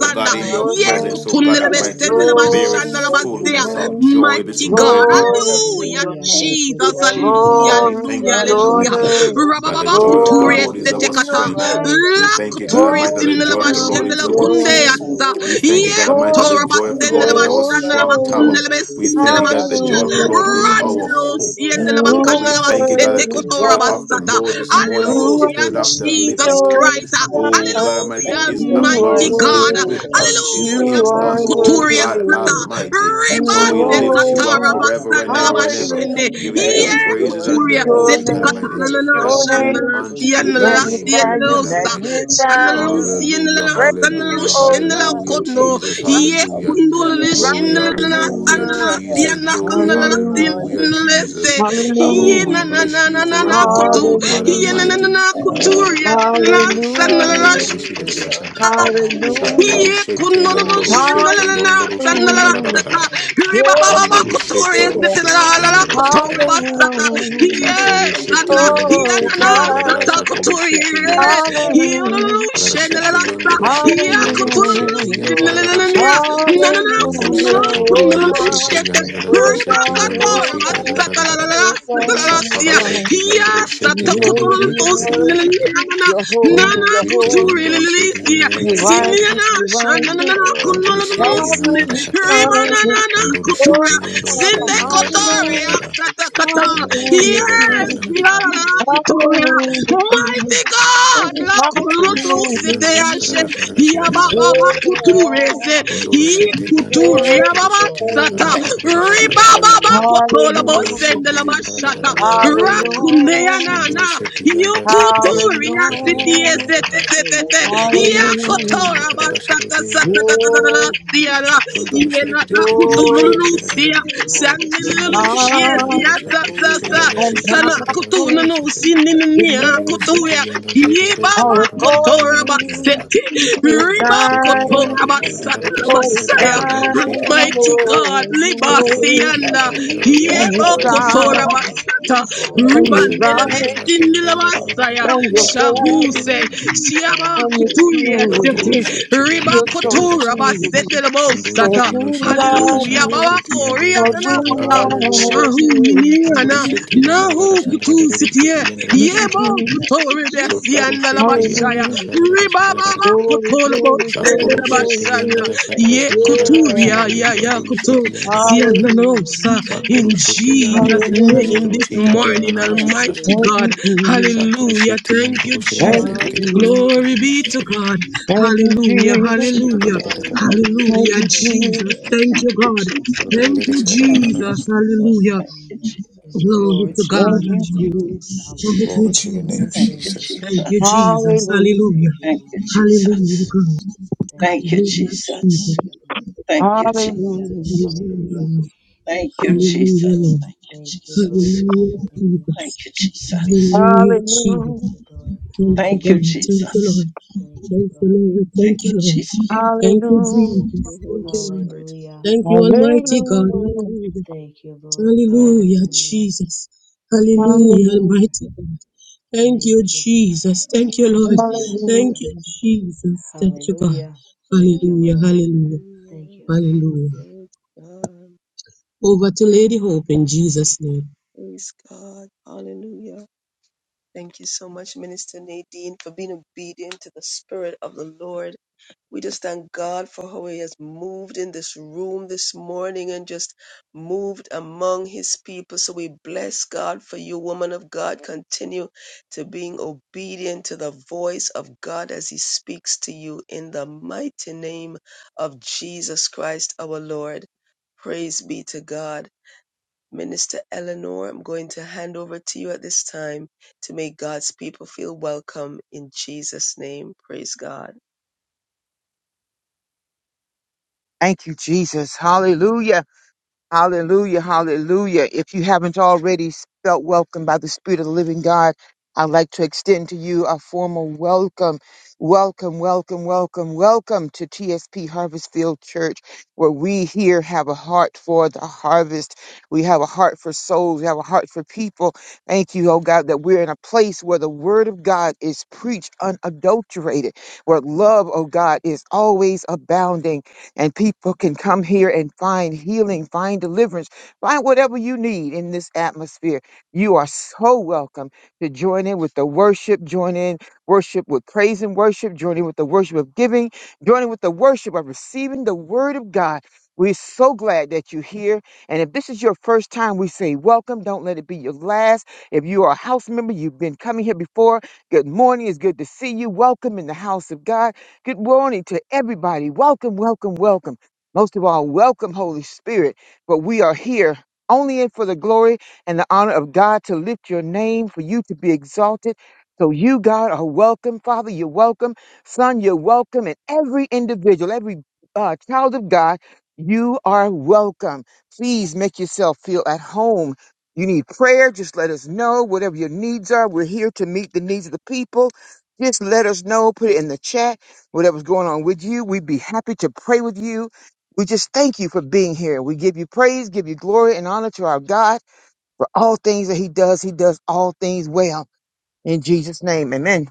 C: But God,
E: to
C: in
D: God.
C: your
E: your
F: Ye
D: Thank
C: presence,
E: name,
C: oh
D: you,
C: God Almighty,
D: Jesus.
C: there
E: glory
C: is
E: to
D: Thank
E: your
D: you,
F: kutundelebesendelebasandelebasia.
C: fullness
D: King of
C: of
E: name.
C: joy
D: Kings
C: this
F: Mighty
D: and
F: God,
C: morning.
D: Lord
E: Glory
D: of
E: to
F: hallelujah,
E: your
D: Lords.
E: name.
F: Jesus,
D: Thank you,
F: hallelujah,
C: And
D: my
C: we
E: Glory
C: thank
F: hallelujah,
C: you,
E: to
D: God.
C: God
E: your
D: You're
F: hallelujah.
D: the
C: Almighty,
E: name.
C: that the
F: Rabababa
C: joy
D: conquering
C: of the
F: kuturie
E: Glory
C: Lord
D: lion
C: is
E: to
D: of
F: sete
C: our
D: the
F: kata.
E: your
C: strength.
E: name.
D: tribe of
C: We
F: La
C: thank you,
D: Judah.
C: God
F: kuturie
C: Almighty,
E: Glory
C: that the joy of
D: And
C: the
D: we
C: Lord
E: to
C: is
F: sindelebashendele
C: our
D: bless
F: kunde
E: your
D: your
C: peace.
E: name.
F: yasa.
C: We
D: name
C: thank you,
F: Ye
C: God Almighty,
D: forever
C: that the
F: kotora
E: Glory
D: and
C: joy of the
E: to
C: Lord is
D: evermore,
C: our
E: your
F: basendelebashandeleba
C: strong
D: mighty
C: tower.
E: name.
D: God.
C: We thank you, God, that
D: Have
C: the
D: your
F: kundelebesendelebasia.
C: joy of the
D: way
E: Hallelujah,
D: with
C: Lord
D: us
C: is
D: this
C: our
E: Jesus.
D: morning,
C: hope.
D: oh God.
C: Oh God,
E: You
C: we
E: are
C: thank
D: Thank
C: you, God,
D: you,
C: that the
E: worthy,
D: Jesus.
C: joy
E: God.
C: of the Lord this
E: You
C: morning,
D: Oh,
C: oh
E: are
F: Hallelujah,
C: Spirit
D: blessed
C: of the
D: be your
F: Jesus
C: living God.
D: name
E: your
D: this
F: Christ.
C: Oh
D: morning
E: God.
C: God Almighty
F: Hallelujah,
D: in
C: is
D: the
E: You
C: among
E: are
D: mighty
F: mighty
C: us, is
F: God.
E: worthy.
D: name
C: with
D: of
C: us, is
E: You
F: Hallelujah,
C: in
D: Jesus.
F: Mama
E: are
C: us. Oh
D: Glory to,
F: Kuturia
C: God
F: Sata.
E: worthy.
C: Almighty.
E: You
C: So we
F: Ribande
E: are
D: glory
C: lift
D: to
C: you up
F: Katara
E: worthy.
D: God.
C: forever and
F: Masandala
C: ever
D: Thank
C: and
D: you,
C: ever,
F: Bashende.
D: Lord.
E: Hallelujah.
C: giving you the
D: Thank
F: Yeah,
D: you,
C: praises
D: Lord.
E: Bless
C: and the
F: Kuturia
E: your
C: glory,
F: Sete
C: God
E: name,
C: Almighty.
E: bless
F: Katalala
C: That's
D: Oh,
E: your
D: thank
C: due
E: name.
F: Shandala
D: you,
C: unto your
F: Sienala
D: Jesus.
C: name,
E: Magnify
C: oh
E: you,
C: God
F: Sienalosa.
C: Almighty.
E: magnify
D: Oh,
F: Shandalo
E: you.
C: Hallelujah,
F: Sienala
E: Praise
D: thank
F: Sandalo
D: you,
E: you,
C: hallelujah,
E: O
D: Lord.
F: Shendala
E: God,
C: hallelujah,
D: Thank
F: Kono.
D: you,
C: Jesus,
E: the
F: Ye
D: Jesus.
C: hallelujah.
F: kundulele
C: Glory,
E: righteous
F: shindelele
C: hallelujah,
E: ruler.
F: sandelele
C: Jesus,
F: siana
C: glory,
F: kundelele
E: Hallelujah,
C: hallelujah,
F: sindelele
D: Hallelujah,
C: Jesus.
F: se.
D: Jesus.
C: Oh,
F: Ye
C: we
F: na
E: hallelujah,
F: na
C: bless
F: na
C: you
F: na na na
C: forevermore,
F: kutu.
C: oh God
D: Hallelujah,
F: Ye na na na
C: Almighty.
E: hallelujah,
D: Jesus.
F: na kutu. Ye na
C: Oh,
F: na na
C: mando shete
F: sandelele
E: hallelujah,
C: yondoro shete da da da
D: Hallelujah.
C: shanda.
E: hallelujah,
C: Shatoro
F: Ye
C: shete
F: kunonunu
D: Lord,
C: yondoro
E: hallelujah.
C: shete
F: shinalana
C: yondoro shete da
F: sanalana
C: da da da da da
F: sata.
C: da.
F: Riba
E: Yeah,
F: baba ba
C: Ondoro shete
F: kuturi
C: oru
D: thank you,
C: shete
D: Holy
F: sitinalala
C: yondoro da
D: Ghost.
C: shete da
F: kuturi
C: da shata.
F: basata.
E: hallelujah.
D: Thank
F: Ye
C: Shatoro shete
D: you,
F: sana ye
C: yondoro
E: Oh
C: shete
F: nana
C: yondoro da da
F: sata
E: God,
C: shatoro
F: kuturi
C: shete yondoro
F: yele.
C: shete
F: Ye
E: hallelujah,
F: ununu
C: da da da shete
F: shinalala sa.
C: yondoro
F: Ye
C: shete yondoro
D: Holy
F: kutununu
C: shete
D: Yes,
E: hallelujah.
C: yondoro da
D: Lord,
C: da da
D: we
C: da
F: sinalana niya.
D: bless
C: shata.
D: your name this
F: Nanana
C: Ondo
E: Hallelujah,
F: sununu
D: morning, oh
C: shato
D: God.
E: oh
F: kununu
C: ondoro shete
E: God,
F: shete.
C: yondoro da da da
E: oh
F: Riba
C: shete
E: God,
C: yondoro
F: katora
E: oh
C: shete da da da
E: God,
C: da
F: basata
C: da
F: la la
C: da da.
F: la
E: oh
D: Thank you,
F: sata la
E: God,
F: la
D: Holy
E: oh
C: Shatoro
F: siya.
D: Spirit.
E: God.
C: shete
F: Ye
D: Thank
C: yondoro
D: you,
C: shete
E: You're
F: sata
D: Jesus.
C: yondoro
E: worthy,
C: shete
F: kutununu
C: da
E: you're
C: da da da da
E: worthy,
C: shata.
F: sinalana
E: you're holy,
F: nana
E: you're
C: Undushite
E: holy,
F: kuturi
C: yondorushite
F: lilisia.
E: you're
C: yandarararararara.
E: righteous,
F: Sinina
E: you're
D: Thank
F: shananana
D: you,
E: righteous,
D: Lord.
E: you're
C: Andorushite
F: kunolono
E: sovereign,
F: sine
E: you're
C: yandarararashata.
E: sovereign.
F: rimanana
E: Oh,
F: kutura
C: Undurushite
F: sine
C: yondorushite
F: kotoria
E: hallelujah,
C: yandarararashatararara.
F: satakata.
C: Undurushite
E: hallelujah,
F: Yes,
E: Jesus,
C: yandarararashatararara.
F: mirala kutoria.
E: hallelujah, Jesus, hallelujah, Jesus,
F: Mighty God, la kunolono
C: Uturushite
F: sete yashe. Ya
D: Yes, Holy
F: baba
E: yeah,
F: ba
D: Spirit.
C: yandarararashatarararararararararararara.
F: kuture se. Yi
C: Undurushite
E: yeah,
F: kuturia baba
C: yandarararashatarushite
E: yeah.
F: sata. Riba
C: yandarararashatarararararararararara.
F: baba
D: Hallelujah.
F: kotolo bo
E: hallelujah.
F: sende la
C: Undurushite
F: bashata.
C: yandararararararararara.
D: Hallelujah,
F: Rakunea
E: Hallelujah.
D: Jesus.
F: nana.
C: Undurushite
F: Yukuturia sitie
E: Hallelujah.
F: sete
C: yandarararashatarararararararararara.
F: te te
D: Thank
F: te.
D: you, mighty
C: Undurushite
D: God.
E: Hallelujah.
F: Yakotora basata sata ta ta ta ta ta
C: yandarararashatarararararararararara.
E: Glory,
F: sia la.
C: Shunduru shiri
F: Yela
C: tiri
F: la
C: tiri tiri tiri shiri
F: kutululu
C: tiri
E: glory,
C: tiri tiri
F: sia.
D: Thank
C: tiri.
D: you, Holy
F: Sanilulu
C: Induru
D: Spirit. We
F: shie
C: shiri
E: honor
C: yanda
D: praise
C: da
D: your
F: sa
C: shaduru
F: sa
C: shiri
D: name,
C: tiri
F: sa.
D: Lord
C: yanda
E: and
C: shiri
D: Jesus.
C: tiri
F: Sana
C: tiri tiri tiri
E: power,
C: shaduru
F: kutununu
C: shiri tiri.
F: sinininia
C: Induru
E: dominion,
C: shiri
F: kutuya.
C: yanda shiri tiri tiri
F: Yibaba
E: all
C: shaduru tiri tiri
F: kotora
E: authority
F: basete.
E: is
C: tiri
F: Riba
D: Thank
E: thine,
F: kotora
D: you, Holy
F: basata la
E: for
D: Ghost.
E: it's
C: tiri shiri tiri
F: basaya.
E: thine,
C: tiri.
F: Mighty God,
E: Lord. You
F: liba
C: Shunduru shiri
E: reign,
C: yanda
F: sianda.
C: da shaduru
D: Yes,
E: and you
F: Yebo
C: tiri tiri tiri shiri tiri
D: Lord
F: kotora
C: tiri
D: Jesus.
C: tiri.
E: sovereign,
F: basata.
D: Yes,
E: and
D: Lord.
C: Induru
E: you
C: shiri
F: Ribandele
C: tiri tiri tiri shaduru. Shunduru shiri yanda da
E: righteous,
C: shaduru
F: bestindele
C: tiri tiri tiri tiri tiri tiri tiri. Induru shiri yanda da shaduru tiri tiri tiri tiri
F: basaya.
E: and
C: shiri
E: you're
C: tiri tiri tiri tiri. Shunduru shiri yanda da shaduru tiri tiri tiri. da shiri yanda da shaduru tiri tiri tiri
F: Shahuse.
E: holy,
F: Shiaba
E: and
D: Thank
E: you're
D: you,
F: kuturia
D: Lord.
E: true.
F: sete. Riba
E: You're so
F: kotura
E: cool,
F: basete lebo
E: for
F: sata.
E: we love
F: Hallelujah.
E: you.
F: Baba koria
E: Cause we
F: nanasa.
C: tiri tiri
D: Hallelujah,
C: tiri.
E: honor
F: Shahu
D: Jesus.
E: you.
C: Unduru
F: niniana.
C: shete yandara da
F: Nahu
C: shandara da
F: kutu
C: dede shete
F: sitie.
C: yandara
E: We
C: da
E: thank
C: shandara da
F: Yebo
E: EPP,
C: dede.
F: kutori
C: Shotoru
F: besianda la
C: shete yandara
F: bashaya.
C: da
E: hallelujah.
C: shandara da
F: Riba
C: shandara da
F: baba
C: shata.
E: Glory,
F: kotolo bo
E: glory,
F: sende
E: glory,
C: Shatoru
F: la
C: shete
E: glory,
C: yandara
F: bashanda.
C: da
E: glory.
C: shandara
F: Ye
C: shandara da da
F: kuturia
C: shanti
E: Yeah.
F: ya ya
C: yonduru shete
F: kutu.
C: yandara da da da.
E: Hallelujah.
F: Siananosa, In
C: Shatoru shete yandara
F: Jesus'
C: shandara
E: Hallelujah.
F: name
D: Glory
C: shatoru
F: this
D: to
C: shete ru na na
D: God.
F: morning,
C: na shandara
D: Yes,
F: Almighty
C: shata.
E: Thank
D: Lord.
F: God.
E: you, Jesus.
C: Shatoru
F: Hallelujah.
C: shete
F: Thank you,
C: yanduru shete da da
E: Thank
F: Jesus.
C: da da
E: you,
C: da da.
D: Hallelujah,
E: Jesus.
F: Glory be
D: Jesus.
F: to
C: shete
F: God.
E: Thank you,
F: Hallelujah.
E: Jesus.
C: da da
F: Hallelujah.
C: da da da da da
D: Hallelujah.
E: Thank
F: Hallelujah.
E: you,
D: Thank you,
F: Jesus.
D: Lord.
E: Jesus.
F: Thank you, God. Thank you, Jesus. Hallelujah. Glory
D: Glory
F: to
D: to
F: God.
D: your
E: Thank
D: name,
E: you,
F: Almighty.
E: Jesus.
D: Jesus.
F: Thank you,
C: glory to your name,
F: Jesus.
C: Jesus.
F: Thank you, Jesus.
E: Hallelujah.
F: Hallelujah. Hallelujah, God. Hallelujah, Jesus.
G: Thank you,
D: Praise be
G: Jesus.
D: to God.
E: Hallelujah.
F: Hallelujah, Lord.
G: Thank you, Jesus.
F: Hallelujah, Lord.
G: Thank you, Jesus.
F: Hallelujah,
G: Thank
F: Jesus.
G: you, Jesus.
F: Hallelujah, Jesus.
E: Hallelujah.
F: Thank you, God. Thank you,
G: Thanks.
F: Lord. Thank you, Lord. Thank you, Lord. Thank you,
E: Hallelujah.
D: Thank you,
F: Jesus.
D: Holy
F: Thank you, Lord.
D: Spirit.
F: Thank you,
E: Hallelujah.
F: Almighty God. Hallelujah.
D: Hallelujah.
F: Hallelujah, Jesus. Hallelujah,
E: Hallelujah.
F: Almighty God. Thank you, Jesus. Thank you, Lord. Thank
E: Hallelujah.
F: you,
D: Hallelujah.
F: Jesus. Thank you, God. Hallelujah, hallelujah,
D: Hallelujah.
F: hallelujah.
D: Glory to God.
F: Over to Lady Hope in Jesus' name.
D: Praise God. Hallelujah. Thank you so much, Minister Nadine, for being obedient to the Spirit of the Lord. We just thank God for how He has moved in this room this morning and just moved among His people. So we bless God for you, woman of God. Continue to being obedient to the voice of God as He speaks to you in the mighty name of Jesus Christ our Lord. Praise be to God. Minister Eleanor, I'm going to hand over to you at this time to make God's people feel welcome in Jesus' name. Praise God.
E: Thank you, Jesus. Hallelujah. Hallelujah. Hallelujah. If you haven't already felt welcomed by the Spirit of the Living God, I'd like to extend to you a formal welcome. Welcome, welcome, welcome, welcome to TSP Harvest Field Church, where we here have a heart for the harvest. We have a heart for souls. We have a heart for people. Thank you, oh God, that we're in a place where the Word of God is preached unadulterated, where love, oh God, is always abounding and people can come here and find healing, find deliverance, find whatever you need in this atmosphere. You are so welcome to join in with the worship, join in worship with praise and worship, join in with the worship of giving, join in with the worship of receiving the word of God. We're so glad that you're here. And if this is your first time, we say welcome. Don't let it be your last. If you are a house member, you've been coming here before. Good morning. It's good to see you. Welcome in the house of God. Good morning to everybody. Welcome, welcome, welcome. Most of all, welcome, Holy Spirit. But we are here only in for the glory and the honor of God to lift your name, for you to be exalted. So you, God, are welcome. Father, you're welcome. Son, you're welcome. And every individual, every uh, child of God, you are welcome. Please make yourself feel at home. You need prayer, just let us know. Whatever your needs are, we're here to meet the needs of the people. Just let us know. Put it in the chat whatever's going on with you. We'd be happy to pray with you. We just thank you for being here. We give you praise, give you glory and honor to our God for all things that He does. He does all things well. In Jesus' name, amen.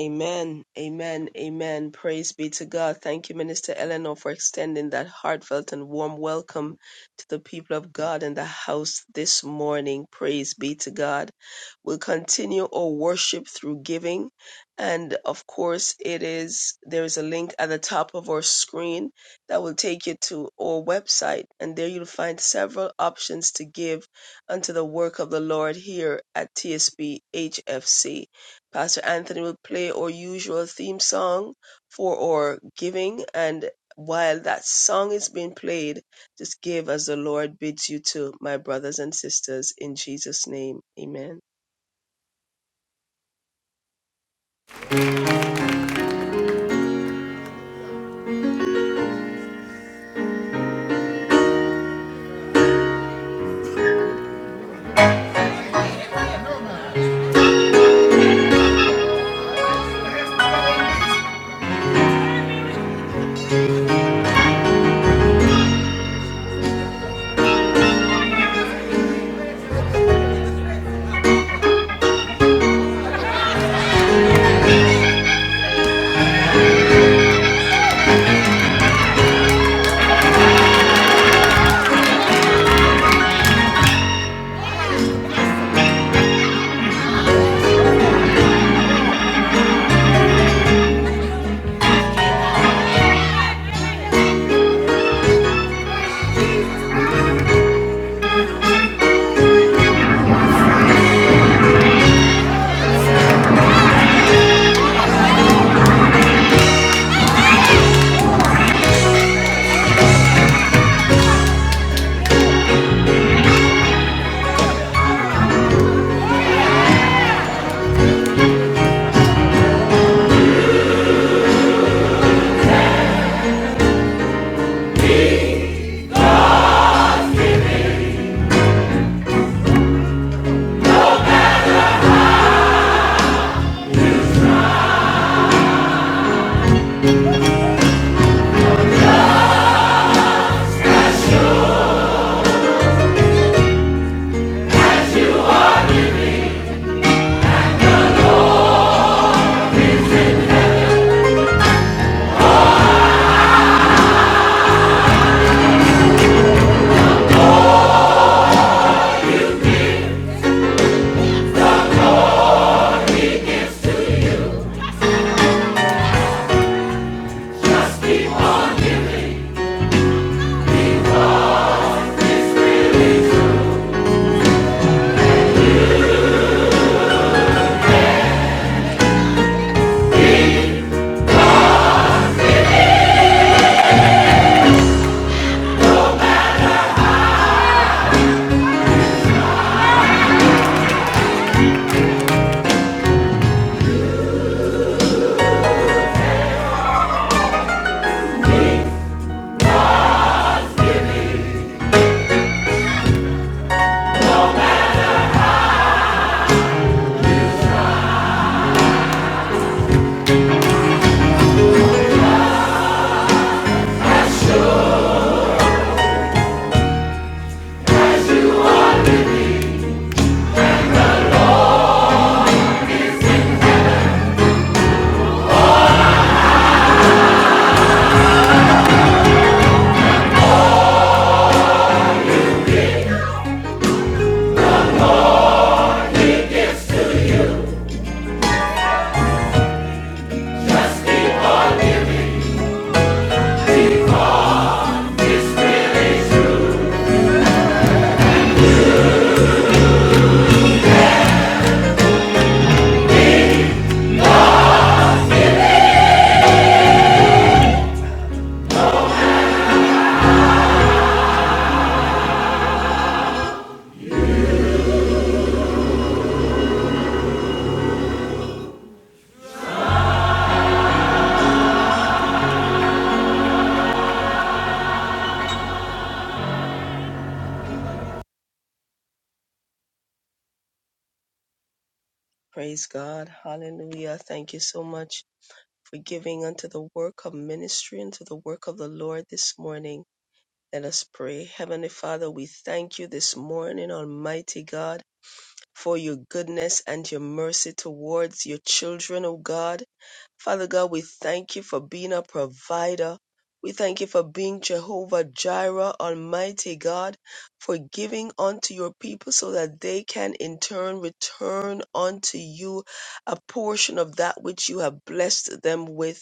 D: Amen. Amen. Amen. Praise be to God. Thank you, Minister Eleanor, for extending that heartfelt and warm welcome to the people of God in the house this morning. Praise be to God. We'll continue our worship through giving. And of course, it is there is a link at the top of our screen that will take you to our website. And there you'll find several options to give unto the work of the Lord here at TSBHFC. Pastor Anthony will play our usual theme song for our giving. And while that song is being played, just give as the Lord bids you to, my brothers and sisters, in Jesus' name. Amen. Praise God. Hallelujah. Thank you so much for giving unto the work of ministry and to the work of the Lord this morning. Let us pray. Heavenly Father, we thank you this morning, Almighty God. for your goodness and your mercy towards your children, O God. Father God, we thank you for being a provider. We thank you for being Jehovah Jireh, Almighty God, for giving unto your people so that they can in turn return unto you a portion of that which you have blessed them with.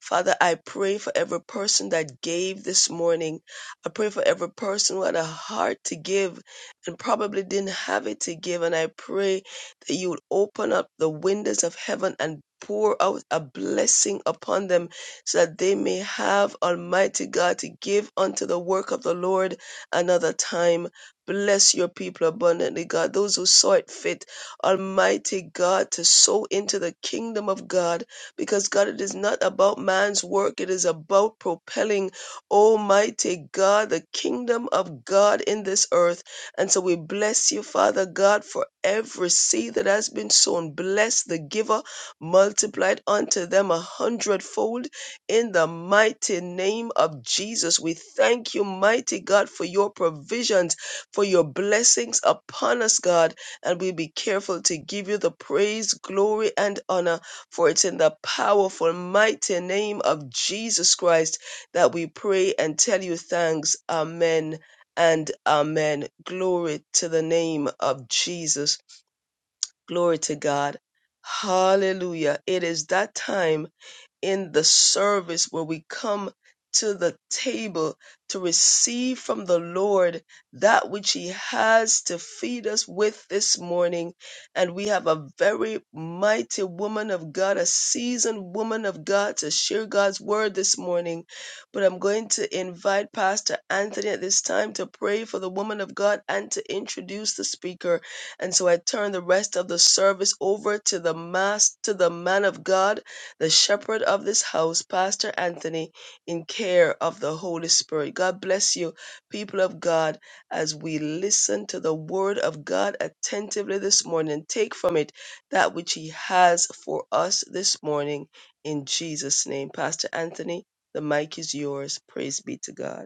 D: Father, I pray for every person that gave this morning. I pray for every person who had a heart to give and probably didn't have it to give. And I pray that you would open up the windows of heaven and pour out a blessing upon them so that they may have Almighty God to give unto the work of the Lord another time. Bless your people abundantly, God. Those who saw it fit, Almighty God, to sow into the kingdom of God because God, it is not about man's work. It is about propelling, Almighty God, the kingdom of God in this earth. And so we bless you, Father God, for every seed that has been sown. Bless the giver, multiplied unto them a hundredfold in the mighty name of Jesus. We thank you, mighty God, for your provisions, for your blessings upon us, God. And we be careful to give you the praise, glory, and honor. For it's in the powerful, mighty name of Jesus Christ that we pray and tell you thanks. Amen and amen. Glory to the name of Jesus. Glory to God. Hallelujah. It is that time in the service where we come to the table to receive from the Lord that which He has to feed us with this morning. And we have a very mighty woman of God, a seasoned woman of God to share God's word this morning. But I'm going to invite Pastor Anthony at this time to pray for the woman of God and to introduce the speaker. And so I turn the rest of the service over to the mass, to the man of God the shepherd of this house, Pastor Anthony, in care of the Holy Spirit. God bless you, people of God, as we listen to the word of God attentively this morning. Take from it that which he has for us this morning in Jesus' name. Pastor Anthony, the mic is yours. Praise be to God.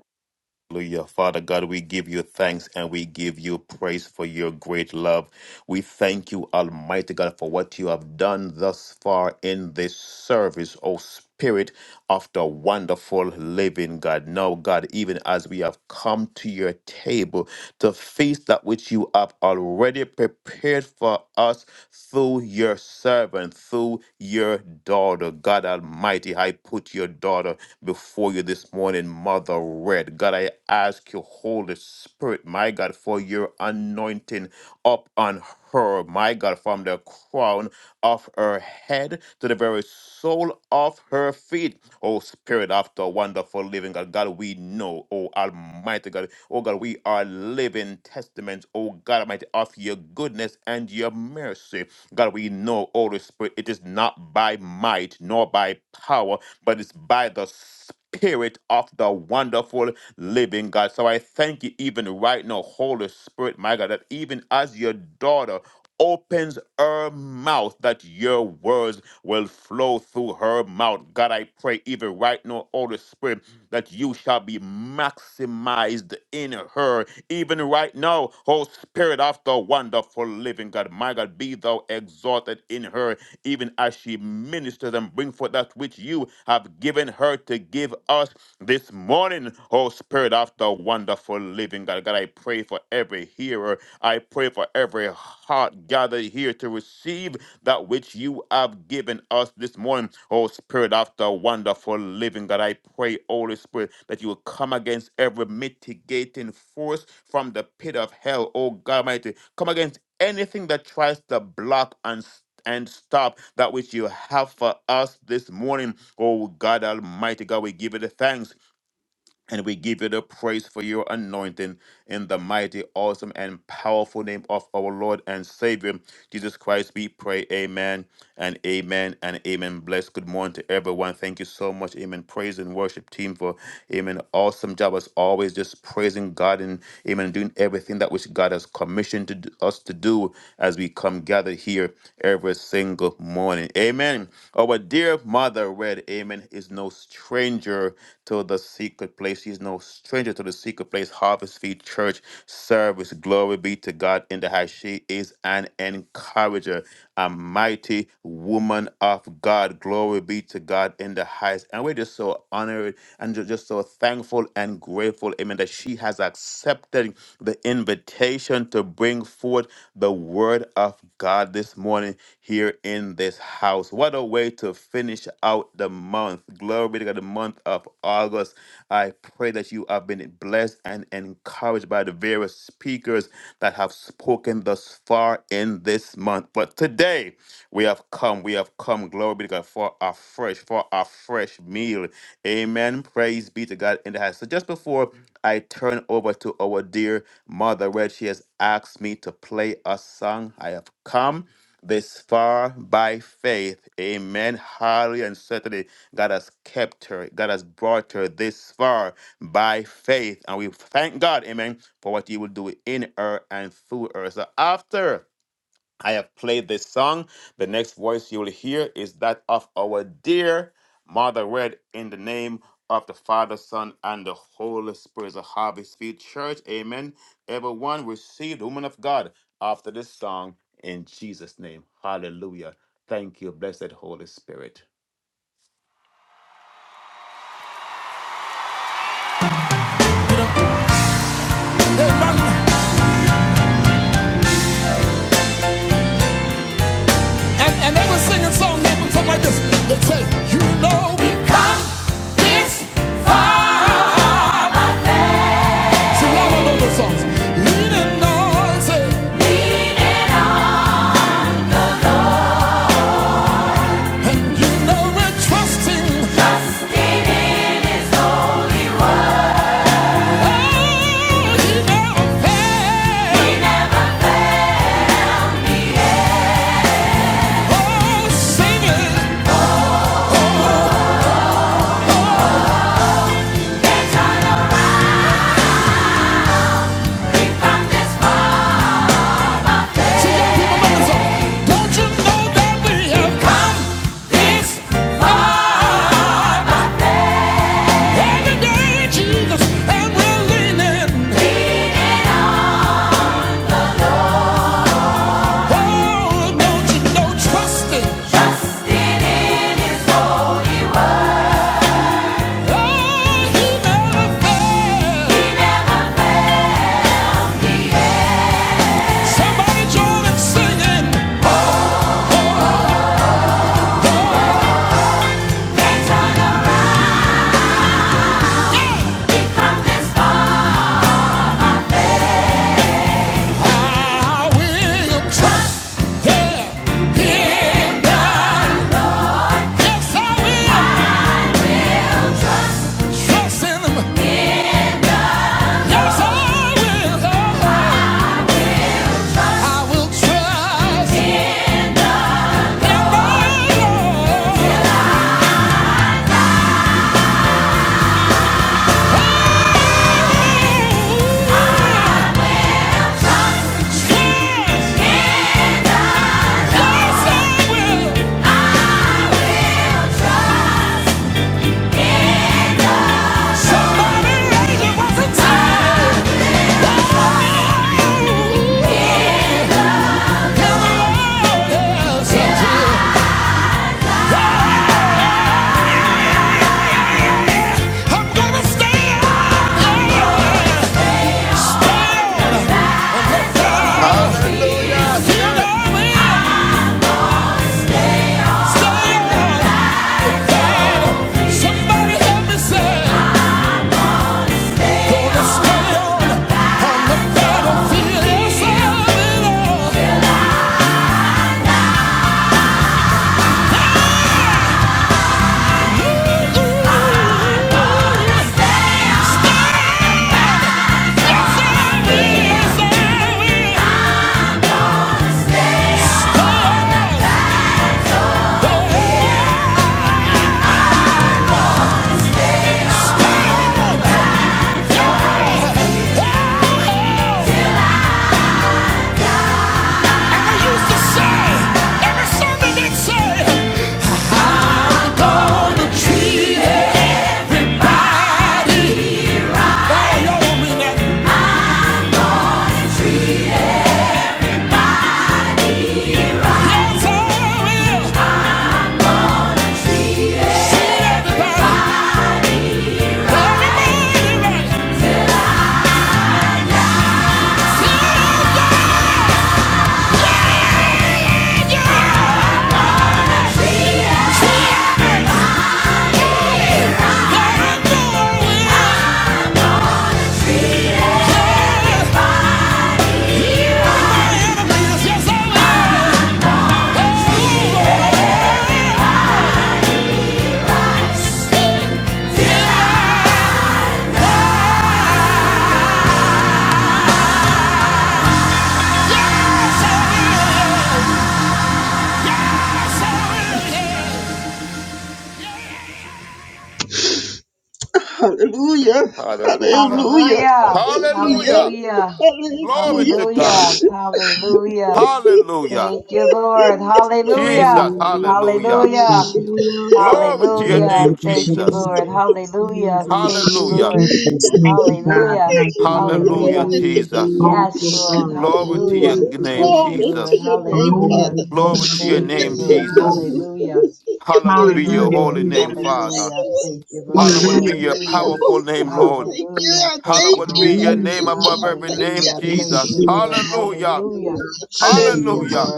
C: Hallelujah. Father God, we give you thanks and we give you praise for your great love. We thank you, Almighty God, for what you have done thus far in this service, O Spirit of the wonderful living God. Now, God, even as we have come to your table to feast that which you have already prepared for us through your servant, through your daughter. God Almighty, I put your daughter before you this morning, Mother Red. God, I ask you, Holy Spirit, my God, for your anointing up on her, my God, from the crown of her head to the very sole of her feet. Oh, Spirit of the wonderful living God, God, we know, oh Almighty God, oh God, we are living testaments, oh God Almighty, of your goodness and your mercy. God, we know, Holy Spirit, it is not by might nor by power, but it's by the Spirit of the wonderful living God. So I thank you even right now, Holy Spirit, my God, that even as your daughter opens her mouth, that your words will flow through her mouth. God, I pray even right now, Holy Spirit, that you shall be maximized in her, even right now, O Spirit of the wonderful living God. My God, be thou exalted in her, even as she ministers and bring forth that which you have given her to give us this morning, oh Spirit of the wonderful living God. God, I pray for every hearer. I pray for every heart gathered here to receive that which you have given us this morning. Oh, Spirit of the wonderful living God, I pray, Holy Spirit, that you will come against every mitigating force from the pit of hell. Oh, God Almighty, come against anything that tries to block and s- and stop that which you have for us this morning. Oh God Almighty God, we give you the thanks. And we give you the praise for your anointing in the mighty, awesome, and powerful name of our Lord and Savior, Jesus Christ. We pray, Amen and Amen and Amen. Bless. Good morning to everyone. Thank you so much, Amen. Praise and worship team for, Amen. Awesome job as always, just praising God and, Amen, doing everything that which God has commissioned to, do- us to do as we come gathered here every single morning. Amen. Our dear mother, read, Amen, is no stranger to the secret place. She's no stranger to the secret place. Harvest Field Church service. Glory be to God in the high. She is an encourager a mighty woman of God. Glory be to God in the highest. And we're just so honored and ju- just so thankful and grateful, amen, that she has accepted the invitation to bring forth the word of God this morning here in this house. What a way to finish out the month. Glory be to God, the month of August. I pray that you have been blessed and encouraged by the various speakers that have spoken thus far in this month. But today, we have come, we have come, glory be to God, for our fresh, for our fresh meal. Amen. Praise be to God in the house. So just before I turn over to our dear Mother Red, she has asked me to play a song. I have come this far by faith. Amen. Hardly and certainly, God has kept her. God has brought her this far by faith. And we thank God, amen, for what He will do in her and through her. So after I have played this song. The next voice you will hear is that of our dear Mother Red in the name of the Father, Son, and the Holy Spirit. The Harvest Field Church. Amen. Everyone receive the woman of God after this song in Jesus' name. Hallelujah. Thank you, blessed Holy Spirit.
B: So I love the songs. Lean and noisy, and you know we're trusting. David is the Somebody join and singing. They turn around. I will trust Him. in God. Yes, I will trust in Him. Yes, I will. I will trust in the Lord. Trust. Yes, I will. I will trust. Somebody raise it, what's the time? I'm gonna stay out. Somebody help me say, gonna
C: Hallelujah. Yes.
B: stay on, Treated by the, oh, y'all don't mean that. Yeah!
C: Hallelujah. Hallelujah. Glory to God. Hallelujah.
D: Glory to God.
C: Jesus.
D: Thank you,
C: Hallelujah.
E: Thank you,
F: Hallelujah,
D: Lord.
C: Glory to your
D: Hallelujah.
E: Lord.
C: name,
E: We do thank you
C: Jesus.
F: Jesus,
D: Glory
F: Jesus,
E: for
C: Hallelujah.
E: Jesus.
F: hallelujah,
E: Thank you, God. Thank you, Lord.
C: Hallelujah,
G: Glory to
F: hallelujah,
C: Jesus.
G: God.
F: glory
E: Glory
F: to
E: be to
F: God,
C: Glory
E: God.
C: to your
F: glory to
C: name,
F: God,
G: Glory to
C: Jesus.
G: your name, Father.
E: Glory,
F: hallelujah,
C: Glory
E: glory,
C: to your name,
G: Thank
E: glory,
F: hallelujah,
G: you,
E: glory.
C: Jesus.
G: Jesus. Thank you,
C: Hallowed
G: Jesus.
C: be your
E: Hallelujah,
C: holy
E: Jesus.
G: Thank
C: name,
G: you,
F: hallelujah,
C: Father.
G: Jesus.
F: Jesus,
D: to
C: Hallowed be
E: Hallelujah.
D: God.
C: your
D: Thank
F: hallelujah,
C: powerful
G: Oh, God.
C: name, Lord.
F: Jesus,
G: Thank you. I
E: Thank
G: thank
C: Hallowed be
G: you. I
C: your
E: you, Jesus.
C: name
G: thank
C: above
G: you.
C: every
G: I
F: hallelujah,
G: thank
C: name,
G: you.
E: Thank you,
C: Jesus.
F: Jesus,
D: you,
E: Jesus.
C: Hallelujah.
F: hallelujah,
E: Thank you,
F: hallelujah,
C: Hallelujah.
E: Lord.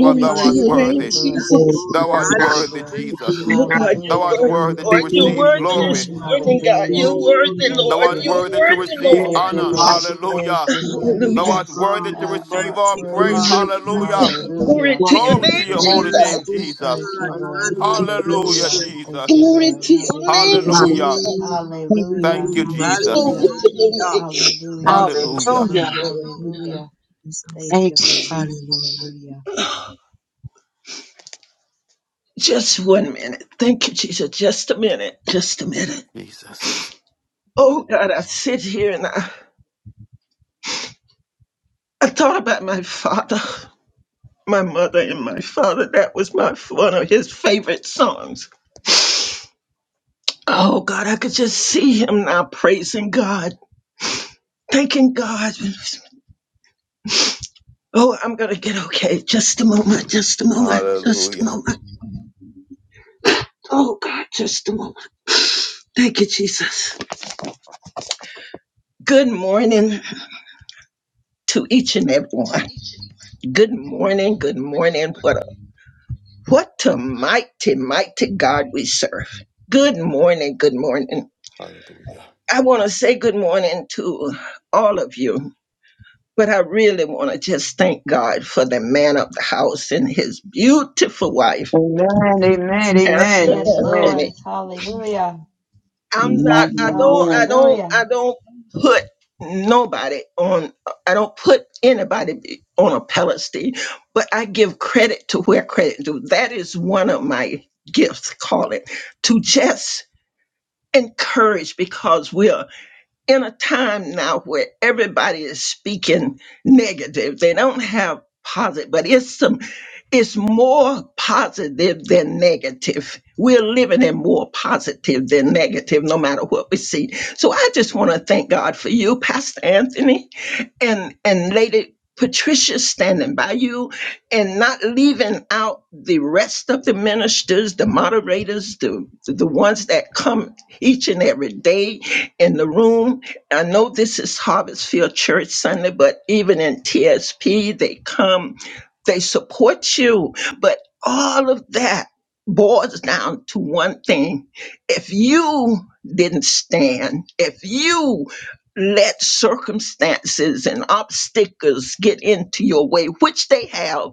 C: For thou
G: to
C: art
G: your name,
C: worthy.
F: hallelujah,
E: Glory
G: Jesus.
E: to
F: Lord,
C: Thou
D: God.
C: art
E: God.
C: worthy,
D: Hallelujah.
F: hallelujah.
C: Jesus.
G: Oh,
E: Hallelujah,
G: God, you're
C: Thou art
G: worthy,
F: Hallelujah,
C: worthy to
G: Lord. You're
C: receive
G: worthy this
C: glory.
E: Jesus.
G: morning,
F: Jesus.
G: God. You're
E: Hallelujah,
F: Glory
G: worthy,
E: Jesus.
F: to
C: Thou
G: Lord.
F: your
C: art
G: You're
C: worthy
F: name,
C: to
G: worthy,
C: receive
E: Yes,
G: Lord.
F: Almighty
D: Hallelujah,
E: you
C: honor.
F: God.
E: are the
C: Hallelujah.
E: light.
C: Thou
F: Almighty
C: art worthy
F: God,
C: to receive our
F: Almighty
C: praise.
F: God,
E: Hallelujah,
C: Hallelujah.
E: Jesus.
F: Almighty God.
E: It's
G: Glory
E: what
G: to your
E: You are
C: Glory to
G: name,
E: the
C: your holy
G: Jesus.
C: name,
E: God.
F: Everlasting
C: Jesus.
F: God,
E: In
D: hallelujah,
E: the name
C: Hallelujah,
F: Hallelujah,
C: Jesus.
G: Glory to
F: Jesus.
G: your
E: of
G: name,
E: God.
C: Hallelujah.
F: Glory
G: Jesus.
F: to
E: Thank
F: your
E: you,
C: Thank you,
E: Jesus.
F: name,
G: Glory
C: Jesus.
G: to your
F: Hallelujah.
G: name.
F: Thank you,
C: Hallelujah.
E: Hallelujah.
F: Jesus.
D: glory to
F: Thank
D: God.
F: you, Jesus.
E: Thank you, Jesus.
F: Hallelujah.
G: Just one minute. Thank you, Jesus. Just a minute. Just a minute. Oh, God, I sit here and I I thought about my father, my mother, and my father. That was my one of his favorite songs. Oh God, I could just see him now praising God, thanking God. Oh, I'm gonna get okay. Just a moment, just a moment, just a
C: Hallelujah.
G: moment. Oh God, just a moment. Thank you, Jesus. Good morning to each and every one. Good morning, good morning. What a what a mighty, mighty God we serve. Good morning, good morning.
C: Hallelujah.
G: I want to say good morning to all of you, but I really want to just thank God for the man of the house and his beautiful wife,
E: Amen, amen,
G: Pastor
E: amen, amen.
G: Anthony. I'm
E: Amen.
G: not, I don't, I
E: Amen.
G: don't, I don't put nobody on, I don't put anybody be- on a pedestal, but I give credit to where credit due. That is one of my gifts, call it, to just encourage because we are in a time now where everybody is speaking negative. They don't have positive, but it's some it's more positive than negative. We're living in more positive than negative, no matter what we see. So I just want to thank God for you, Pastor Anthony, and and Lady Patricia standing by you and not leaving out the rest of the ministers, the moderators, the the ones that come each and every day in the room I know this is Harvestfield Church Sunday, but even in TSP, they come, they support you. But all of that boils down to one thing. If you didn't stand, if you let circumstances and obstacles get into your way, which they have,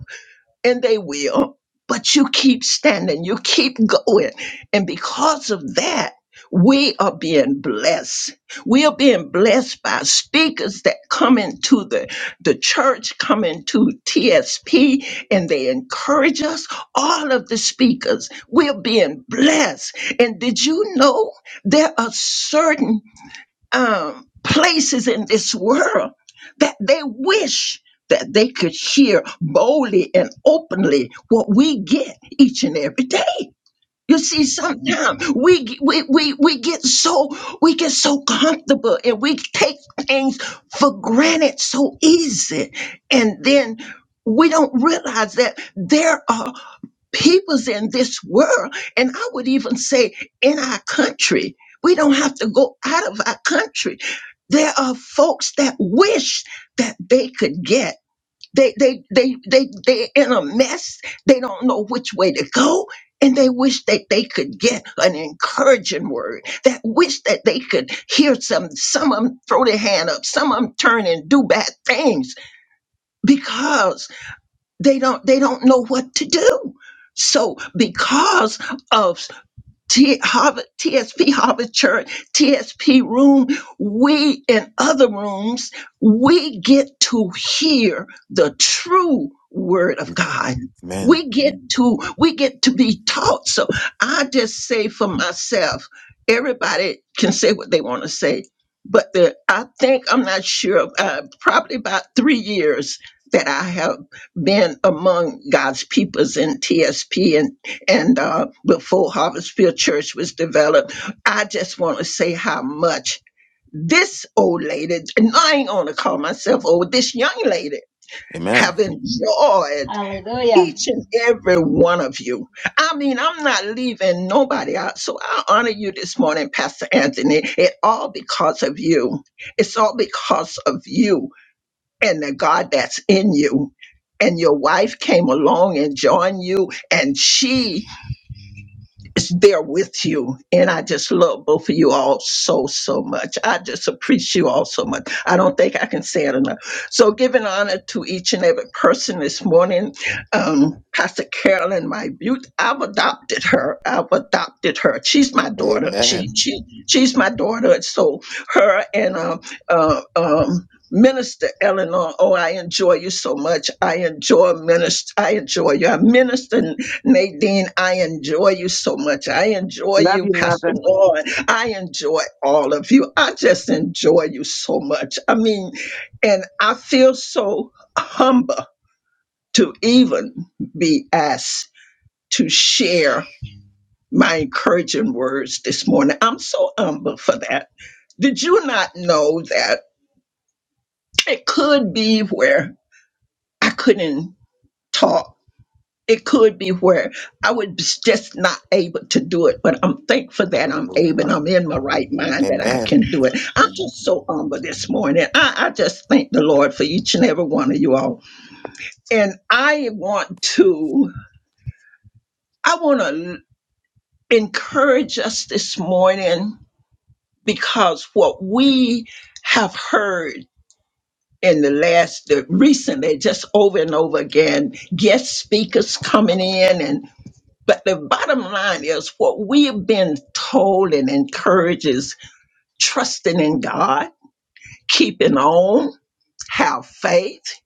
G: and they will, but you keep standing, you keep going. And because of that, we are being blessed. We are being blessed by speakers that come into the, the church, come into TSP, and they encourage us. All of the speakers, we're being blessed. And did you know there are certain um, places in this world that they wish that they could hear boldly and openly what we get each and every day. You see, sometimes we, g- we we we get so we get so comfortable and we take things for granted so easy, and then we don't realize that there are peoples in this world, and I would even say in our country. We don't have to go out of our country. There are folks that wish that they could get. They they they they they're in a mess. They don't know which way to go. And they wish that they could get an encouraging word. That wish that they could hear some. Some of them throw their hand up. Some of them turn and do bad things because they don't they don't know what to do so because of T- Harvard, TSP Harvard Church, TSP Room, we and other rooms, we get to hear the true word of God.
C: Amen.
G: We get to we get to be taught. So I just say for myself, everybody can say what they want to say, but the I think I'm not sure. Uh, probably about three years that I have been among God's peoples in TSP and uh, before Harvestfield Church was developed. I just want to say how much this old lady, and I ain't gonna call myself old, this young lady
C: Amen.
G: have enjoyed each and every one of you. I mean, I'm not leaving nobody out. So I honor you this morning, Pastor Anthony. It all because of you. It's all because of you and the God that's in you. And your wife came along and joined you, and she is there with you. And I just love both of you all so, so much. I just appreciate you all so much. I don't think I can say it enough. So, giving honor to each and every person this morning, um, Pastor Carolyn, my beaut, I've adopted her. I've adopted her. She's my daughter. She, she, she's my daughter. And So, her and um, uh, um, Minister Eleanor, oh, I enjoy you so much. I enjoy minister. I enjoy you. I minister. Nadine, I enjoy you so much. I enjoy
E: Love
G: you,
E: you,
G: Pastor
E: mother.
G: Vaughn. I enjoy all of you. I just enjoy you so much. I mean, and I feel so humble to even be asked to share my encouraging words this morning. I'm so humble for that. Did you not know that it could be where I couldn't talk? it could be where I was just not able to do it, but I'm thankful that I'm able and I'm in my right mind that I
C: Amen.
G: can do it. I'm just so humble this morning. I, I just thank the Lord for each and every one of you all. And I want to, I want to encourage us this morning because what we have heard in the last the recently just over and over again guest speakers coming in and. But the bottom line is what we have been told and encouraged is trusting in God, keeping on, have faith,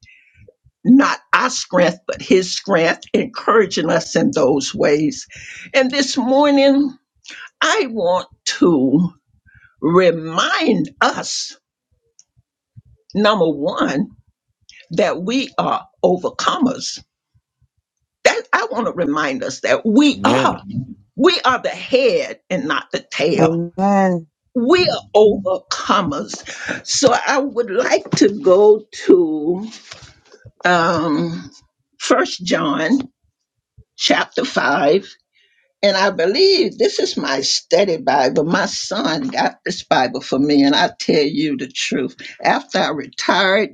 G: not our strength, but His strength, encouraging us in those ways. And this morning, I want to remind us number one, that we are overcomers. That I want to remind us that we
C: Amen.
G: are. We are the head and not the tail
E: Amen.
G: We're overcomers. So I would like to go to um, 1 John chapter 5. And I believe this is my study Bible. My son got this Bible for me, and I tell you the truth. After I retired,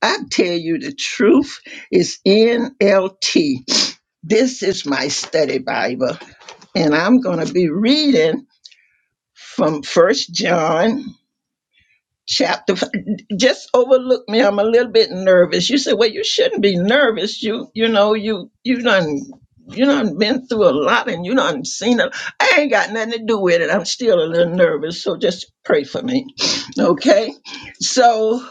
G: I tell you the truth is NLT. This is my study Bible, and I'm going to be reading from First John chapter. Just overlook me. I'm a little bit nervous. You said, well, you shouldn't be nervous. You, you know, you, you done, you done been through a lot and you done seen it. I ain't got nothing to do with it. I'm still a little nervous. So just pray for me. Okay. So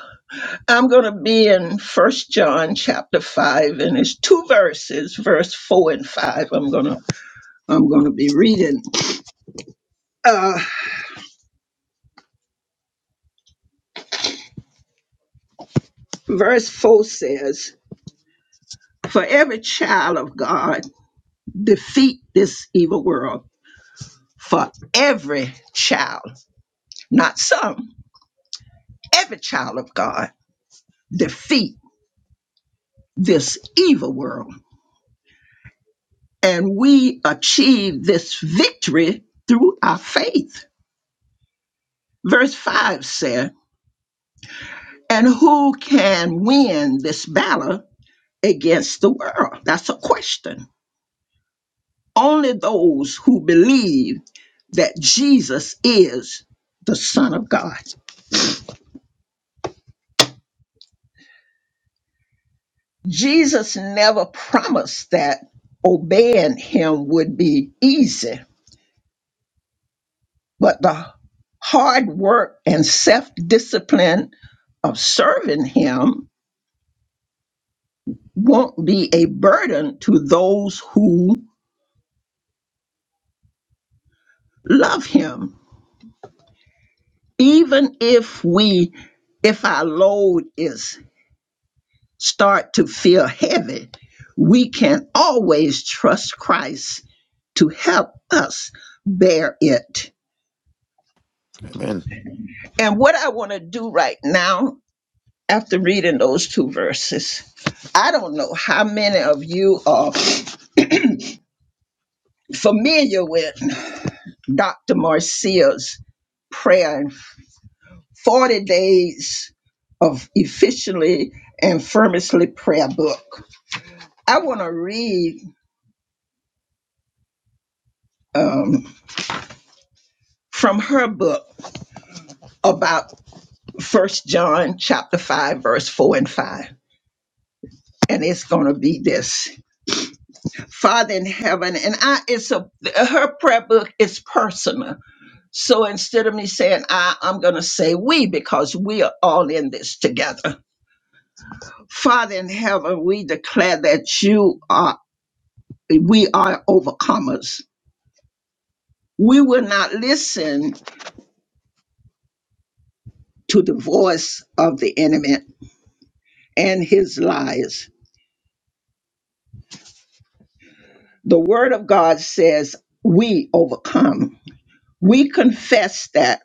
G: I'm going to be in first John chapter five and it's two verses, verse four and five. I'm going to, I'm going to be reading. Uh, verse four says, for every child of God, defeat this evil world for every child, not some, every child of God, defeat this evil world. And we achieve this victory through our faith. Verse 5 said, And who can win this battle against the world? That's a question. Only those who believe that Jesus is the Son of God. Jesus never promised that obeying him would be easy, but the hard work and self discipline of serving him won't be a burden to those who love him. Even if we if our load is start to feel heavy, we can always trust Christ to help us bear it.
C: Amen.
G: And what I want to do right now after reading those two verses. I don't know how many of you are familiar with Dr. Marcia's prayer and 40 days of efficiently and firmly prayer book. I want to read um, from her book about First John chapter 5, verse 4 and 5. And it's going to be this Father in heaven, and I, it's a, her prayer book is personal So instead of me saying I, I'm going to say we because we are all in this together. Father in heaven, we declare that you are, we are overcomers. We will not listen to the voice of the enemy and his lies. The word of God says we overcome. We confess that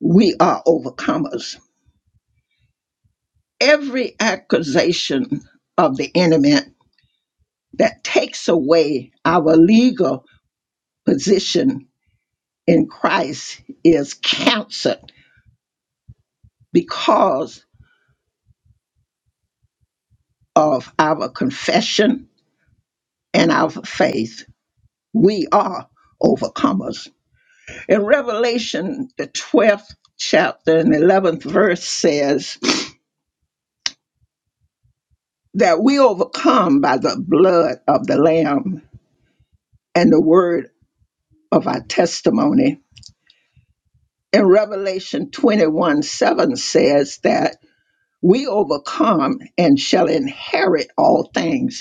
G: we are overcomers. Every accusation of the enemy that takes away our legal position in Christ is counseled because of our confession and our faith. We are overcomers. In Revelation, the 12th chapter and 11th verse says that we overcome by the blood of the Lamb and the word of our testimony. And Revelation 21 7 says that we overcome and shall inherit all things.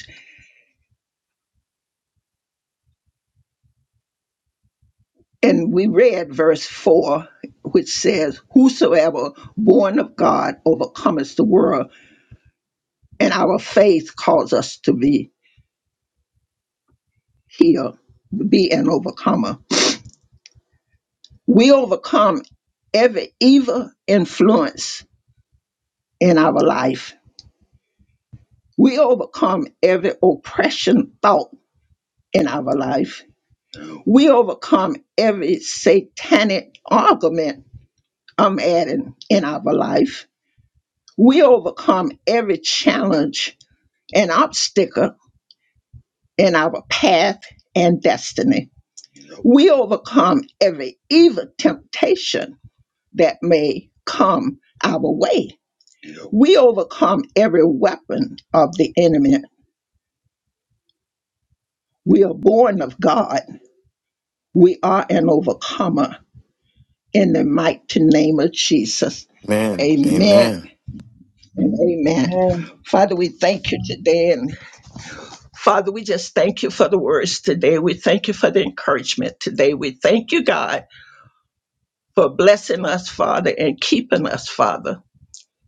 G: And we read verse 4, which says, Whosoever born of God overcometh the world, and our faith calls us to be here, be an overcomer. We overcome every evil influence in our life. We overcome every oppression thought in our life. We overcome every satanic argument, I'm adding, in our life. We overcome every challenge an obstacle in our path and destiny. We overcome every evil temptation that may come our way. We overcome every weapon of the enemy. We are born of God. We are an overcomer in the mighty name of Jesus.
C: Amen.
G: Amen
C: Amen.
G: and amen.
E: Amen.
G: Father, we thank you today. And Father, we just thank you for the words today. We thank you for the encouragement today. We thank you, God for blessing us, Father, and keeping us, Father.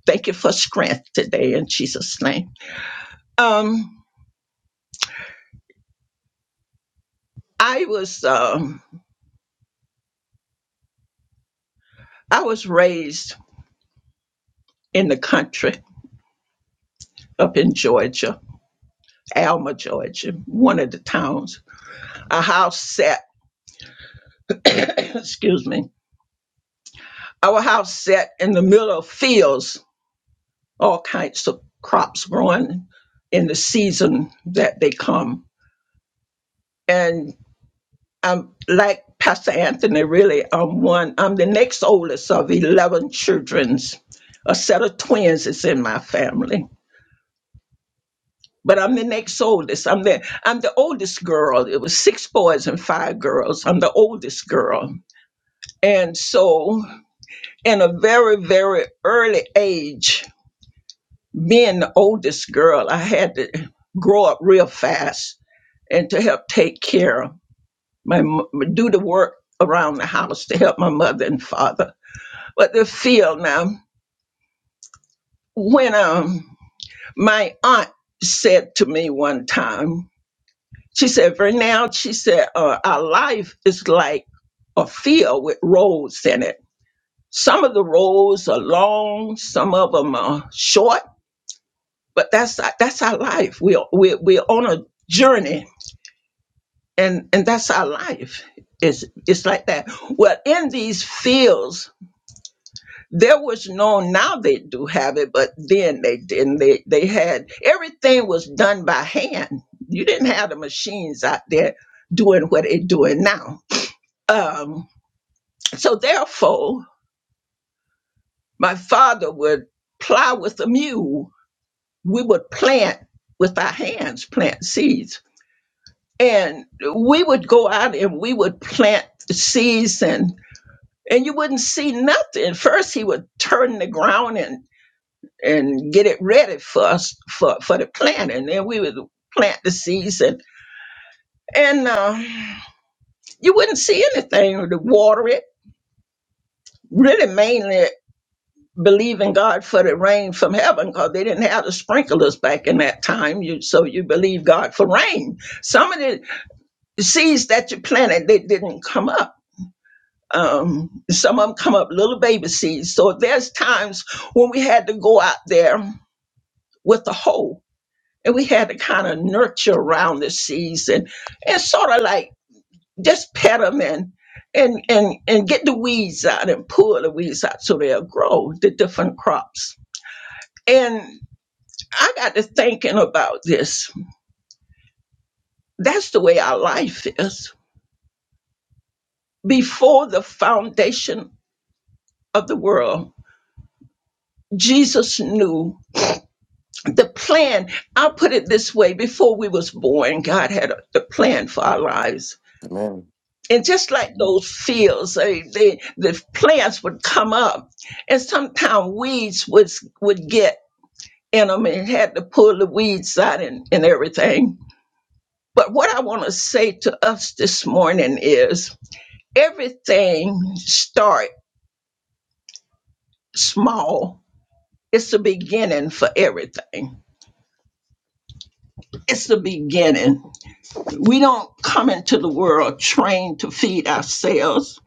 G: Thank you for strength today in Jesus' name. Um, I was um, I was raised in the country up in Georgia, Alma, Georgia, one of the towns. Our house set, excuse me, our house set in the middle of fields, all kinds of crops growing in the season that they come. and. I'm like Pastor Anthony, really, I'm one, I'm the next oldest of 11 children's. A set of twins is in my family. But I'm the next oldest. I'm the I'm the oldest girl. It was six boys and five girls. I'm the oldest girl. And so in a very, very early age, being the oldest girl, I had to grow up real fast and to help take care of my mo- do the work around the house to help my mother and father But the field now, when um my aunt said to me one time, she said, Vernell, she said, uh, our life is like a field with roads in it. Some of the roads are long, some of them are short, but that's that's our life. We're we're, we're on a journey, and and that's our life. It's it's like that. Well, in these fields there was no now they do have it but then they didn't they they had everything was done by hand you didn't have the machines out there doing what they're doing now um so therefore my father would plow with a mule we would plant with our hands plant seeds and we would go out and we would plant seeds and and you wouldn't see nothing first he would turn the ground and. and get it ready for us for, for the planting. And then we would plant the seeds and and uh, you wouldn't see anything to water it. Really, mainly believe in God for the rain from heaven because they didn't have the sprinklers back in that time. You so you believe God for rain. Some of the seeds that you planted they didn't come up. Um, some of them come up little baby seeds. So there's times when we had to go out there with the hoe and we had to kind of nurture around the season and and sort of like just pet them and and and and get the weeds out and pull the weeds out so they'll grow the different crops and i got to thinking about this that's the way our life is before the foundation of the world jesus knew the plan i'll put it this way before we was born god had a, the plan for our lives
C: Amen.
G: and just like those fields, they, they, the plants would come up, and sometimes weeds would would get in them and had to pull the weeds out and, and everything. But what I want to say to us this morning is everything start small. It's the beginning for everything. It's the beginning. We don't come into the world trained to feed ourselves,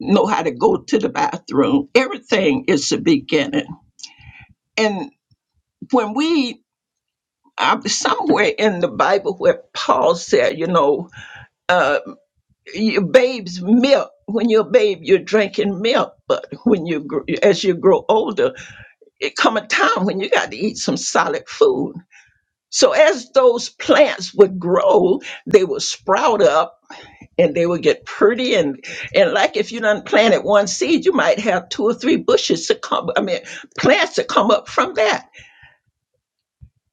G: know how to go to the bathroom. Everything is the beginning and when we uh, somewhere in the Bible where Paul said, you know, uh, your babe's milk. When you're a babe, you're drinking milk, but when you gr- as you grow older, it come a time when you got to eat some solid food. So as those plants would grow, they would sprout up and they would get pretty and and like if you done planted one seed, you might have two or three bushes to come. I mean, plants to come up from that.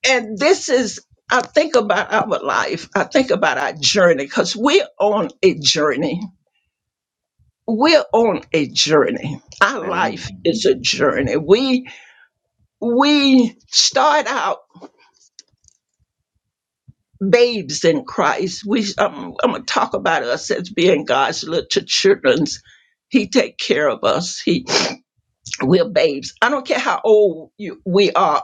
G: and this is i think about our life i think about our journey because we're on a journey we're on a journey our life
C: Amen.
G: is a journey we we start out babes in christ we i'm, I'm gonna talk about us as being god's little children's he take care of us He. we're babes. I don't care how old you, we are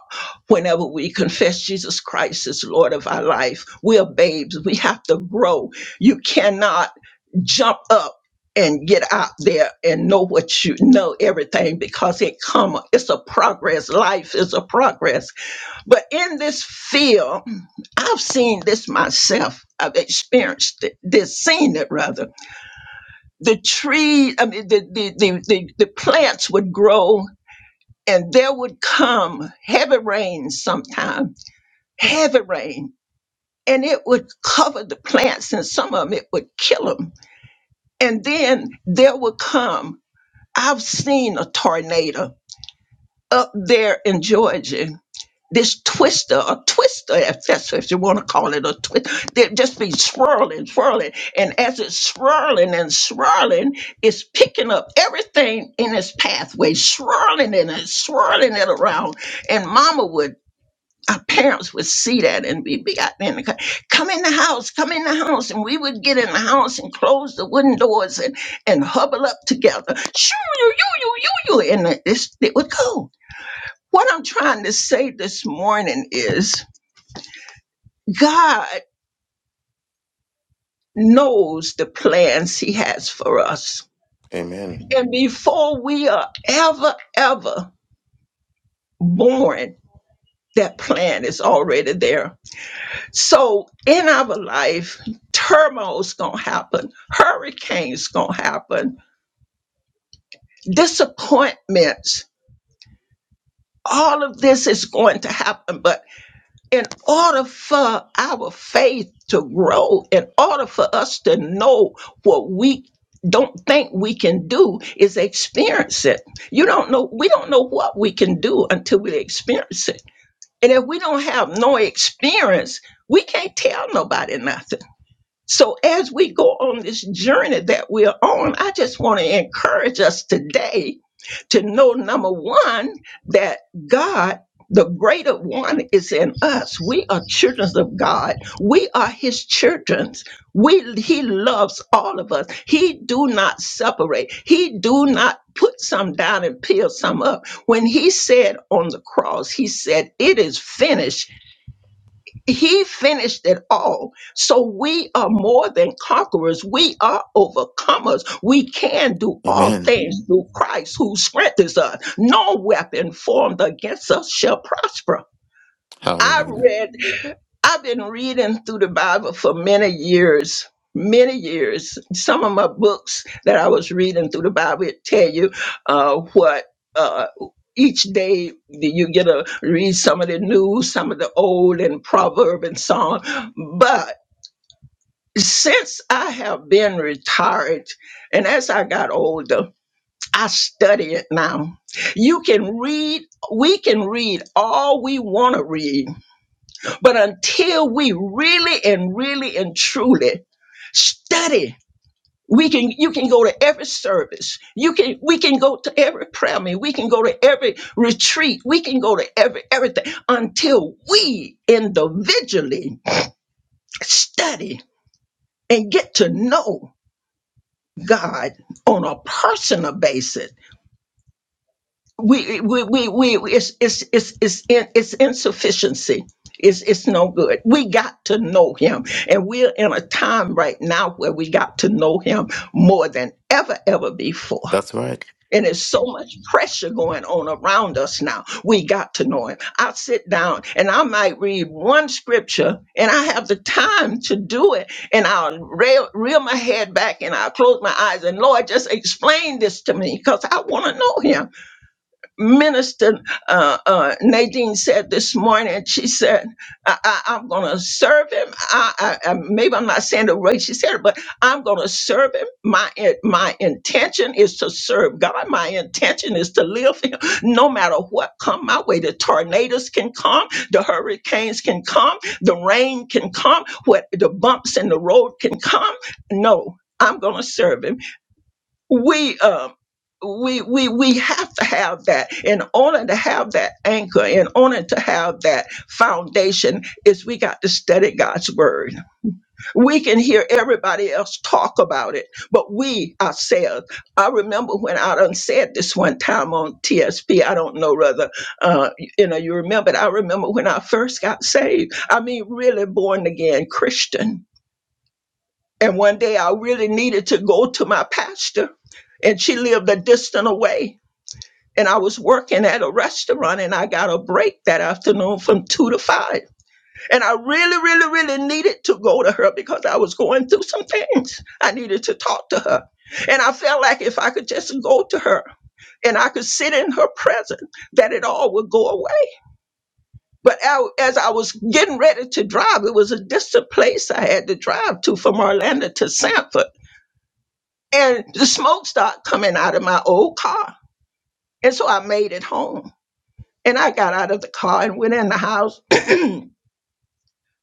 G: whenever we confess Jesus Christ as Lord of our life. We're babes. We have to grow. You cannot jump up and get out there and know what you know everything because it come it's a progress life is a progress but in this field i've seen this myself i've experienced it, this seen it rather the tree i mean the the the, the, the plants would grow and there would come heavy rain sometime, heavy rain, and it would cover the plants, and some of them it would kill them. And then there would come, I've seen a tornado up there in Georgia. This twister, a twister, if that's if you want to call it a twister, they'd just be swirling, swirling. And as it's swirling and swirling, it's picking up everything in its pathway, swirling it and swirling it around and mama would our parents would see that and we'd be out there in the car, come in the house, come in the house. And we would get in the house and close the wooden doors and, and huddle up together. Shoo, you, you, you, you, you. And this, it would go. What I'm trying to say this morning is God knows the plans he has for us.
C: Amen.
G: And before we are ever, ever born, that plan is already there So in our life, turmoil's gonna happen, hurricanes gonna happen, disappointments. All of this is going to happen, but in order for our faith to grow, in order for us to know what we don't think we can do is experience it. You don't know, we don't know what we can do until we experience it. And if we don't have no experience, we can't tell nobody nothing. So as we go on this journey that we're on, I just want to encourage us today to know number one, that God, the greater one is in us. We are children of God. We are his children. We, he loves all of us. He do not separate. He do not put some down and peel some up. When he said on the cross, he said, it is finished he finished it all. So we are more than conquerors. We are overcomers. We can do
C: Amen.
G: all things through Christ who strengthens us. No weapon formed against us shall prosper. I
C: Hallelujah.
G: read I've been reading through the Bible for many years, many years. Some of my books that I was reading through the Bible it tell you uh, what uh, each day that you get to read some of the new, some of the old, and proverb and song. But since I have been retired, and as I got older, I study it now. You can read, we can read all we want to read but until we really and really and truly study, we can you can go to every service. You can we can go to every prayer meeting. We can go to every retreat. We can go to every everything until we individually study and get to know God on a personal basis we we we, we it's it's it's it's in, it's insufficiency. It's it's no good. We got to know him. And we're in a time right now where we got to know him more than ever, ever before.
C: That's right.
G: And there's so much pressure going on around us now. We got to know him. I sit down and I might read one scripture and I have the time to do it. And I'll reel, reel my head back and I'll close my eyes and Lord, just explain this to me because I want to know him. Minister uh, uh, Nadine said this morning, she said, I, I, I'm going to serve him. I, I, I, maybe I'm not saying the way she said it, but I'm going to serve him. My, in- my intention is to serve God. My intention is to live for him. No matter what come my way, the tornadoes can come, the hurricanes can come, the rain can come, what the bumps in the road can come. No, I'm going to serve him we um we we we have to have that in order to have that anchor in order to have that foundation is we got to study god's word we can hear everybody else talk about it but we ourselves i remember when i done said this one time on tsp i don't know whether uh you know you remember it. i remember when i first got saved i mean really born again christian and one day I really needed to go to my pastor, and she lived a distant away. And I was working at a restaurant, and I got a break that afternoon from two to five. And I really, really, really needed to go to her because I was going through some things. I needed to talk to her. And I felt like if I could just go to her and I could sit in her presence, that it all would go away. But I- as I was getting ready to drive, it was a distant place I had to drive to from Orlando to Sanford and the smoke started coming out of my old car. And so I made it home. And I got out of the car and went in the house,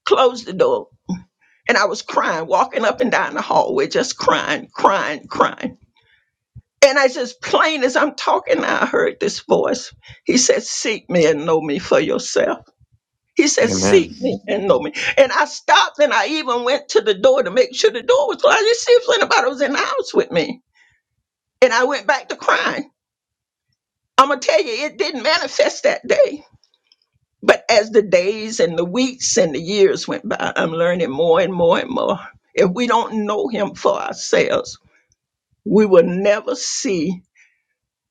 G: closed the door, and I was crying, walking up and down the hallway, just crying, crying, crying. And I just plain as I'm talking, I heard this voice. He said, Seek me and know me for yourself. He said,
C: Amen.
G: Seek me and know me. And I stopped and I even went to the door to make sure the door was closed. I just see if anybody was in the house with me. And I went back to crying. I'm gonna tell you, it didn't manifest that day. But as the days and the weeks and the years went by, I'm learning more and more and more. If we don't know Him for ourselves, we will never see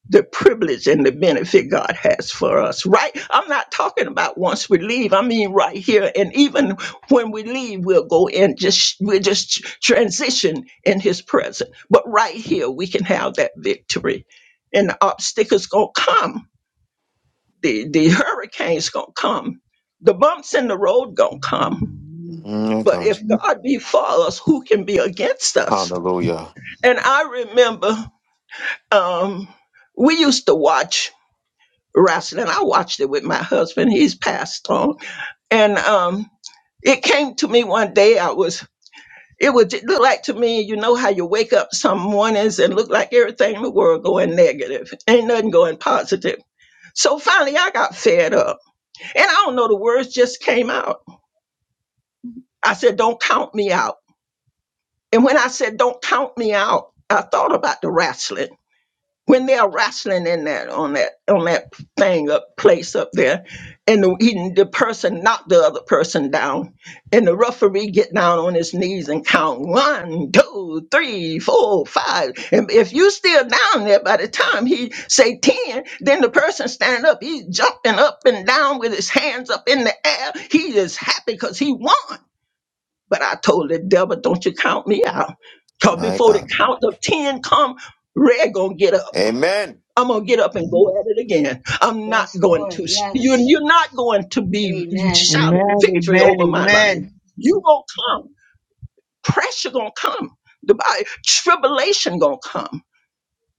G: the privilege and the benefit God has for us. Right? I'm not talking about once we leave. I mean right here, and even when we leave, we'll go and just we'll just transition in His presence. But right here, we can have that victory, and the obstacles gonna come the the hurricanes gonna come the bumps in the road gonna come
F: Amen.
C: Mm,
G: but
C: God.
G: if god be for us who can be against us
C: Hallelujah.
G: and i remember um we used to watch wrestling i watched it with my husband he's passed on and um it came to me one day i was it would j- look like to me you know how you wake up some mornings and look like everything in the world going negative ain't nothing going positive so finally i got fed up and i don't know the words just came out I said, don't count me out. And when I said, don't count me out, I thought about the wrestling. When they're wrestling in that on that on that thing up place up there, and the, he, the person knocked the other person down, and the referee get down on his knees and count one, two, three, four, five. And if you still down there by the time he say ten, then the person standing up, he's jumping up and down with his hands up in the air. He is happy because he won. But I told the devil, don't you count me out. Because
C: My
G: before the
C: God.
G: count of 10 come, Red gonna get up.
C: Amen.
G: I'm gonna get up and go at it again. I'm not going to you you're not going to be shouting
E: Amen,
G: victory
E: amen,
G: over my life.
E: amen.
G: You gonna come. Pressure gonna come. The Bible tribulation gonna come.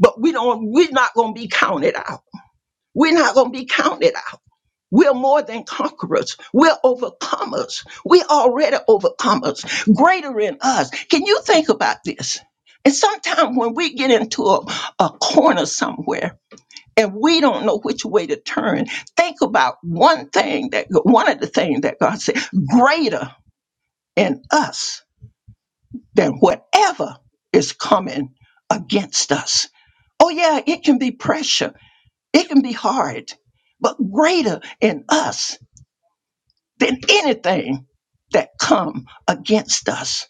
G: But we don't we're not gonna be counted out. We're not gonna be counted out. We're more than conquerors. We're overcomers. We're already overcomers. Greater in us. Can you think about this? And sometimes when we get into a, a corner somewhere and we don't know which way to turn, think about one thing that one of the things that God said, greater in us than whatever is coming against us. Oh yeah, it can be pressure. It can be hard, but greater in us that anything that come against us,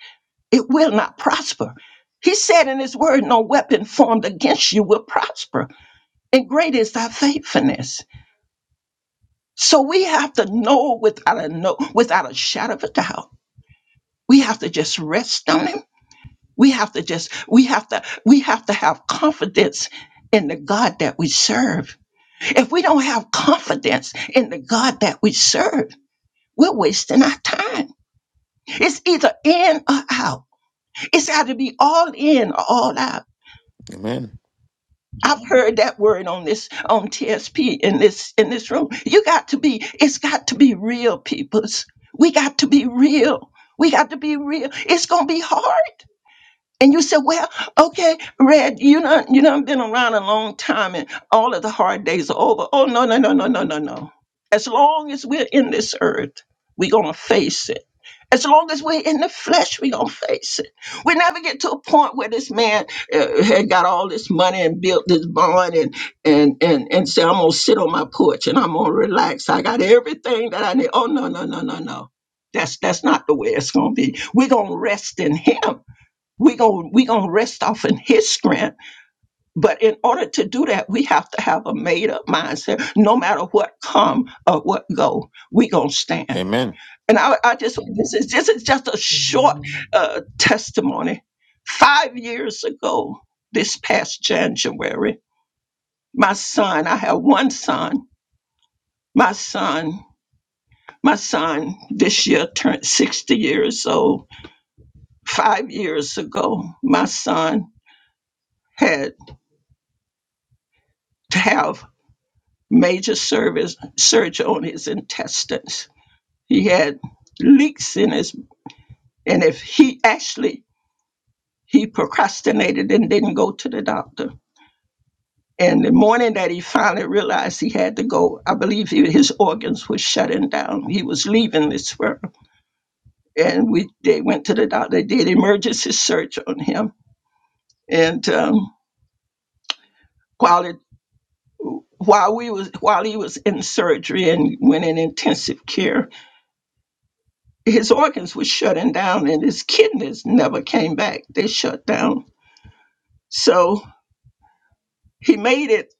G: it will not prosper. He said in his word, no weapon formed against you will prosper. And great is thy faithfulness. So we have to know without a no, without a shadow of a doubt. We have to just rest on him. We have to just, we have to, we have to have confidence in the God that we serve. If we don't have confidence in the God that we serve, we're wasting our time. It's either in or out. It's got to be all in, all out.
C: Amen.
G: I've heard that word on this on TSP in this in this room. You got to be. It's got to be real, peoples. We got to be real. We got to be real. It's gonna be hard. And you said, well, okay, Red, you know, you know, been around a long time and all of the hard days are over. Oh, no, no, no, no, no, no, no. As long as we're in this earth, we're going to face it. As long as we're in the flesh, we're going to face it. We never get to a point where this man uh, had got all this money and built this barn and, and, and, and say, I'm going to sit on my porch and I'm going to relax. I got everything that I need. Oh, no, no, no, no, no. That's, that's not the way it's going to be. We're going to rest in him we gon' we gonna rest off in his strength but in order to do that we have to have a made up mindset no matter what come or what go we gonna stand
C: Amen.
G: and i, I just this is this is just a short
F: Amen.
G: uh, testimony five years ago this past january my son i have one son my son my son this year turned 60 years old five years ago my son had to have major service surge on his intestines. He had leaks in his, and if he actually he procrastinated and didn't go to the doctor. And the morning that he finally realized he had to go, I believe he, his organs were shutting down. He was leaving this world, and we they went to the doctor. They did emergency surgery on him, and um, while it while we was while he was in surgery and went in intensive care, his organs were shutting down and his kidneys never came back. They shut down. So he made it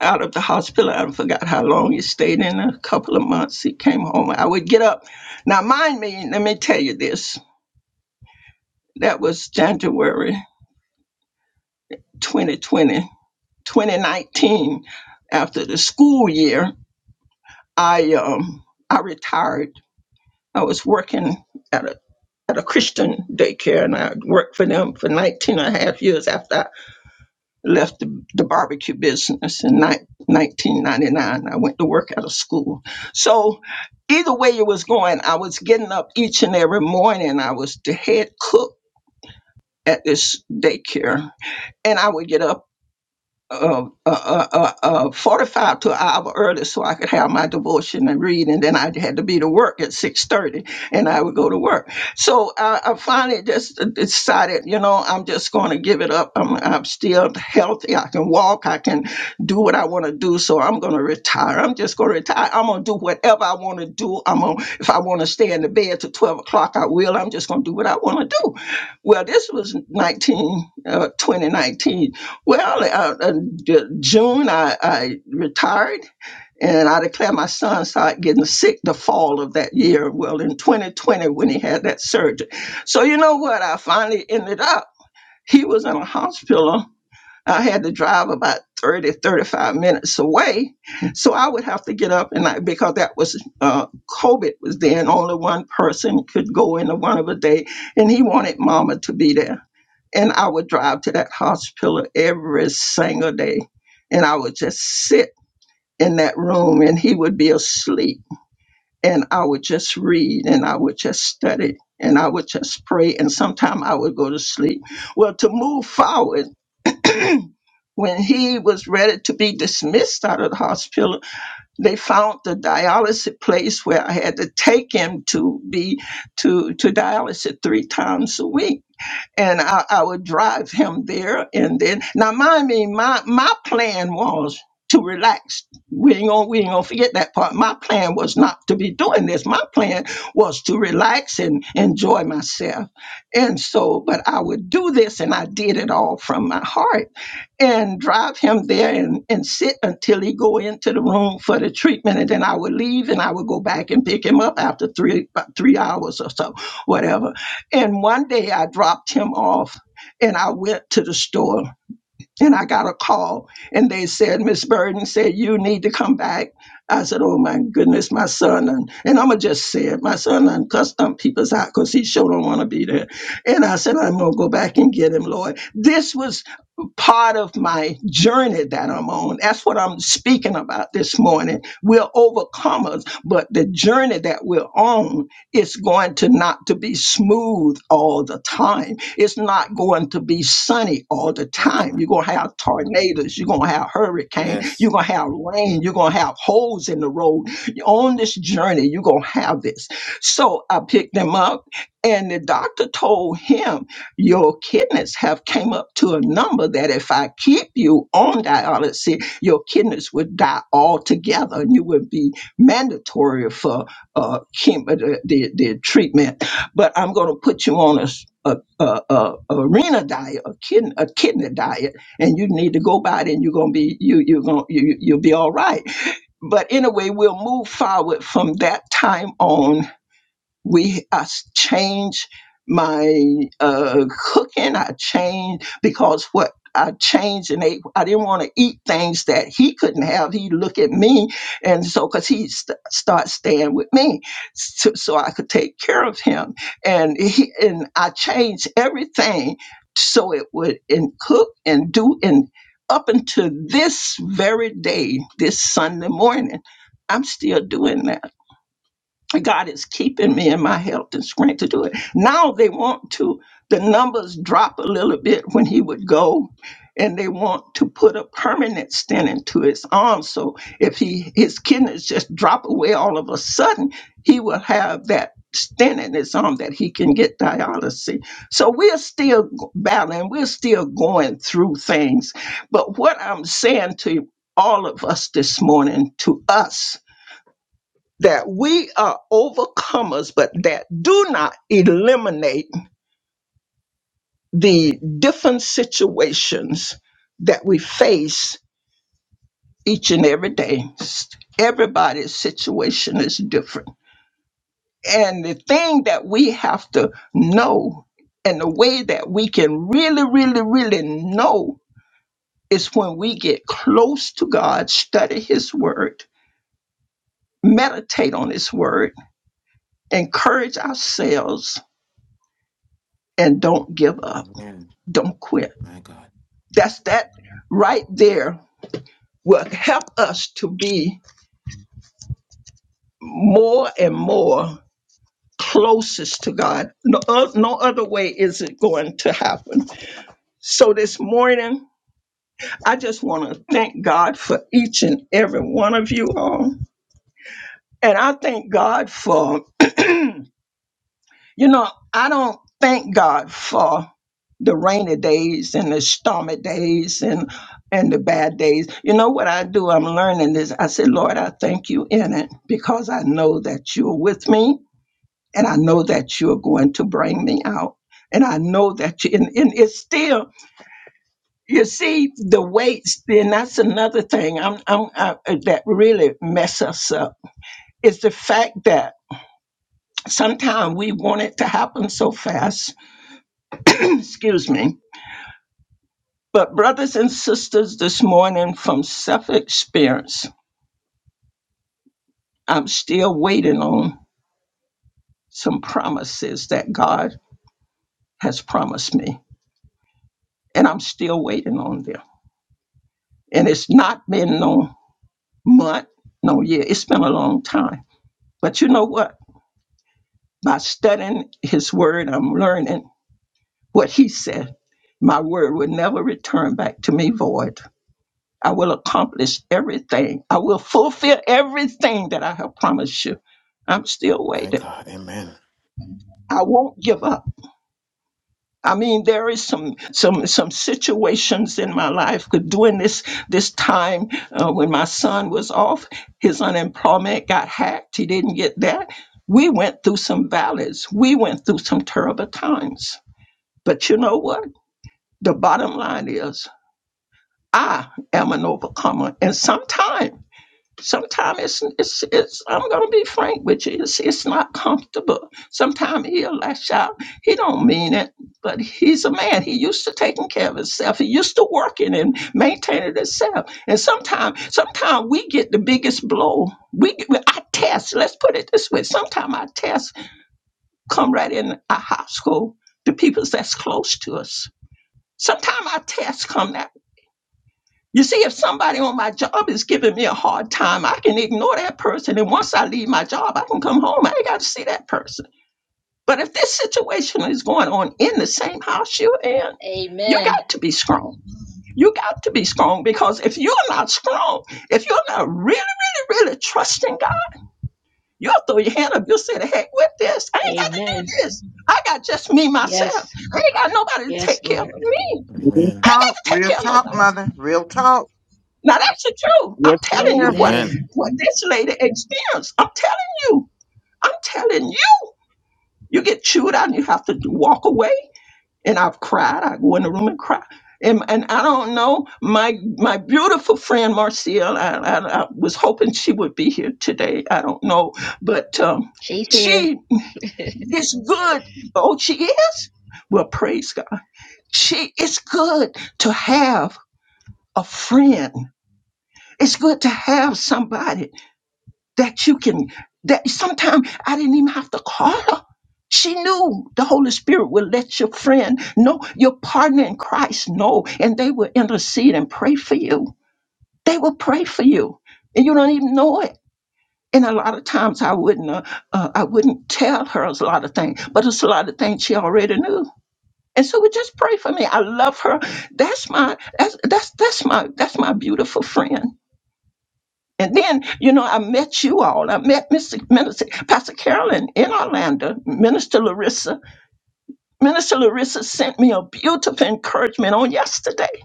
G: out of the hospital. I forgot how long he stayed in a couple of months. He came home. I would get up. Now, mind me, let me tell you this. That was January 2020 2019. After the school year, I um I retired. I was working at a at a Christian daycare and I worked for them for 19 and a half years after left the, the barbecue business in ni- 1999. I went to work at a school. So either way it was going, I was getting up each and every morning. I was the head cook at this daycare, and I would get up uh, uh, uh, uh, uh, 45 to an hour early so I could have my devotion and read. And then I had to be to work at 6.30 and I would go to work. So I, I finally just uh, decided, you know, I'm just going to give it up. I'm, I'm still healthy. I can walk. I can do what I want to do. So I'm going to retire. I'm just going to retire. I'm going to do whatever I want to do. I'm going to, if I want to stay in the bed till 12 o'clock, I will. I'm just going to do what I want to do. Well, this was 19, uh, 2019 well, uh, uh, d- June, I, I retired and I declared my son started getting sick the fall of that year. Well, in 2020, when he had that surgery. So, you know what? I finally ended up, he was in a hospital. I had to drive about 30, 35 minutes away. So I would have to get up and I, because that was uh, COVID was then, only one person could go into one of a day. And he wanted mama to be there. And I would drive to that hospital every single day. And I would just sit in that room and he would be asleep. And I would just read and I would just study and I would just pray. And sometime I would go to sleep. Well, to move forward, when he was ready to be dismissed out of the hospital, they found the dialysis place where I had to take him to be to to dialysis three times a week and I, I would drive him there. And then, now mind me, my my plan was to relax. We ain't gonna we ain't gonna forget that part. My plan was not to be doing this. My plan was to relax and enjoy myself. And so, but I would do this, and I did it all from my heart, and drive him there and and sit until he go into the room for the treatment, and then I would leave, and I would go back and pick him up after three about three hours or so, whatever and one day I dropped him off and I went to the store and I got a call and they said, Miss Burden said, you need to come back. I said, oh my goodness, my son. And, and I'm going to just say it. My son done cussed some people's out because he sure don't want to be there. And I said, I'm going to go back and get him, Lord. This was um, part of my journey that I'm on. That's what I'm speaking about this morning. We're overcomers, but the journey that we're on is going to not to be smooth all the time. It's not going to be sunny all the
C: My
G: time.
C: God.
G: You're gonna have tornadoes, you're gonna have hurricanes,
C: Yes.
G: you're gonna have rain, you're gonna have holes in the road. On this journey, you're gonna have this. So I picked him up and the doctor told him your kidneys have came up to a number that if I keep you on dialysis, your kidneys would die altogether and you would be mandatory for uh, chem- uh, the, the, the treatment. But I'm going to put you on a, s- a, a, a arena diet, a kidney, a kidney diet, and you need to go by it and you're going to be, you, you're going you, you- you'll be all right. But anyway, we'll move forward from that time on we I s- changed my uh, cooking. I changed because what I changed and ate. I didn't want to eat things that he couldn't have. He look at me, and so because he st- start staying with me, so, so I could take care of him. And he and I changed everything so it would and cook and do and up until this very day, this Sunday morning, I'm still doing that. God is keeping me in my health and strength to do it. Now they want to, the numbers drop a little bit when he would go, and they want to put a permanent stent into his arm. So if he his kidneys just drop away all of a sudden, he will have that stent in his arm that he can get dialysis. So we're still g- battling, we're still going through things. But what I'm saying to all of us this morning, to us, that we are overcomers, but that do not eliminate the different situations that we face each and every day. Everybody's situation is different. And the thing that we have to know, and the way that we can really, really, really know is when we get close to God, study His Word, meditate on His Word, encourage ourselves, and don't give up.
C: Amen.
G: Don't quit
C: My God.
G: That's that right there will help us to be more and more closest to God. No, o- no other way is it going to happen. So this morning, I just want to thank God for each and every one of you all. And I thank God for You know, I don't thank God for the rainy days and the stormy days and and the bad days. You know what I do? I'm learning this. I said, Lord, I thank you in it because I know that you're with me and I know that you're going to bring me out. And I know that you and, and it's still you see the weights, then that's another thing I'm, I'm I, that really mess us up. It's the fact that sometimes we want it to happen so fast. Excuse me But, brothers and sisters, this morning from self experience, I'm still waiting on some promises that God has promised me. And I'm still waiting on them. And it's not been no month, no year. It's been a long time. But you know what? By studying His Word, I'm learning what He said. My word will never return back to me void. I will accomplish everything. I will fulfill everything that I have promised you. I'm still
C: My
G: waiting.
C: God. Amen.
G: I won't give up. I mean, there is some some some situations in my life. 'cause During this this time uh, when my son was off, his unemployment got hacked. He didn't get that. We went through some valleys. We went through some terrible times. But you know what? The bottom line is, I am an overcomer, and sometimes. Sometimes it's, it's, it's I'm gonna be frank with you. It's it's not comfortable. Sometimes he'll lash out. He don't mean it, but he's a man. He used to taking care of himself. He used to working and maintaining himself. And sometimes, sometimes we get the biggest blow. We get- I test. Let's put it this way. Sometimes our tests come right in our household. The people that's close to us. Sometimes our tests come that you see, if somebody on my job is giving me a hard time, I can ignore that person. And once I leave my job, I can come home. I ain't got to see that person. But if this situation is going on in the same house you're in, you
H: Amen.
G: got to be strong. You got to be strong because if you're not strong, if you're not really, really, really trusting God, you'll throw your hand up. You'll say, the heck with this. I ain't got to
H: Amen.
G: do this. I got just me, myself.
H: Yes.
G: I ain't got nobody to
H: Yes,
G: take care of
H: Lord.
G: me.
E: Real
G: I
C: Amen.
G: ain't got
E: talk,
G: to take
E: real
G: care of
E: talk,
G: nobody.
E: mother. Real talk.
G: Now that's the truth. I'm
E: Yes,
G: telling
E: ma'am.
G: you what
H: Amen.
C: Amen.
G: what this lady experienced. I'm telling you. I'm telling you. You get chewed out and you have to walk away. And I've cried. I go in the room and cry. And, and I don't know my my beautiful friend Marcia. I, I, I was hoping she would be here today. I don't know, but um, she is good. Oh, she is. Well, praise God. She it's good to have a friend. It's good to have somebody that you can that sometimes I didn't even have to call her. She knew the Holy Spirit would let your friend know, your partner in Christ know, and they will intercede and pray for you. They will pray for you, and you don't even know it. And a lot of times I wouldn't, uh, uh, I wouldn't tell her a lot of things, but it's a lot of things she already knew. And so we just pray for me. I love her. That's my, that's that's that's my, that's my beautiful friend and then, you know, I met you all. I met Mr. Minister, Pastor Carolyn in Orlando, Minister Larissa. Minister Larissa sent me a beautiful encouragement on yesterday.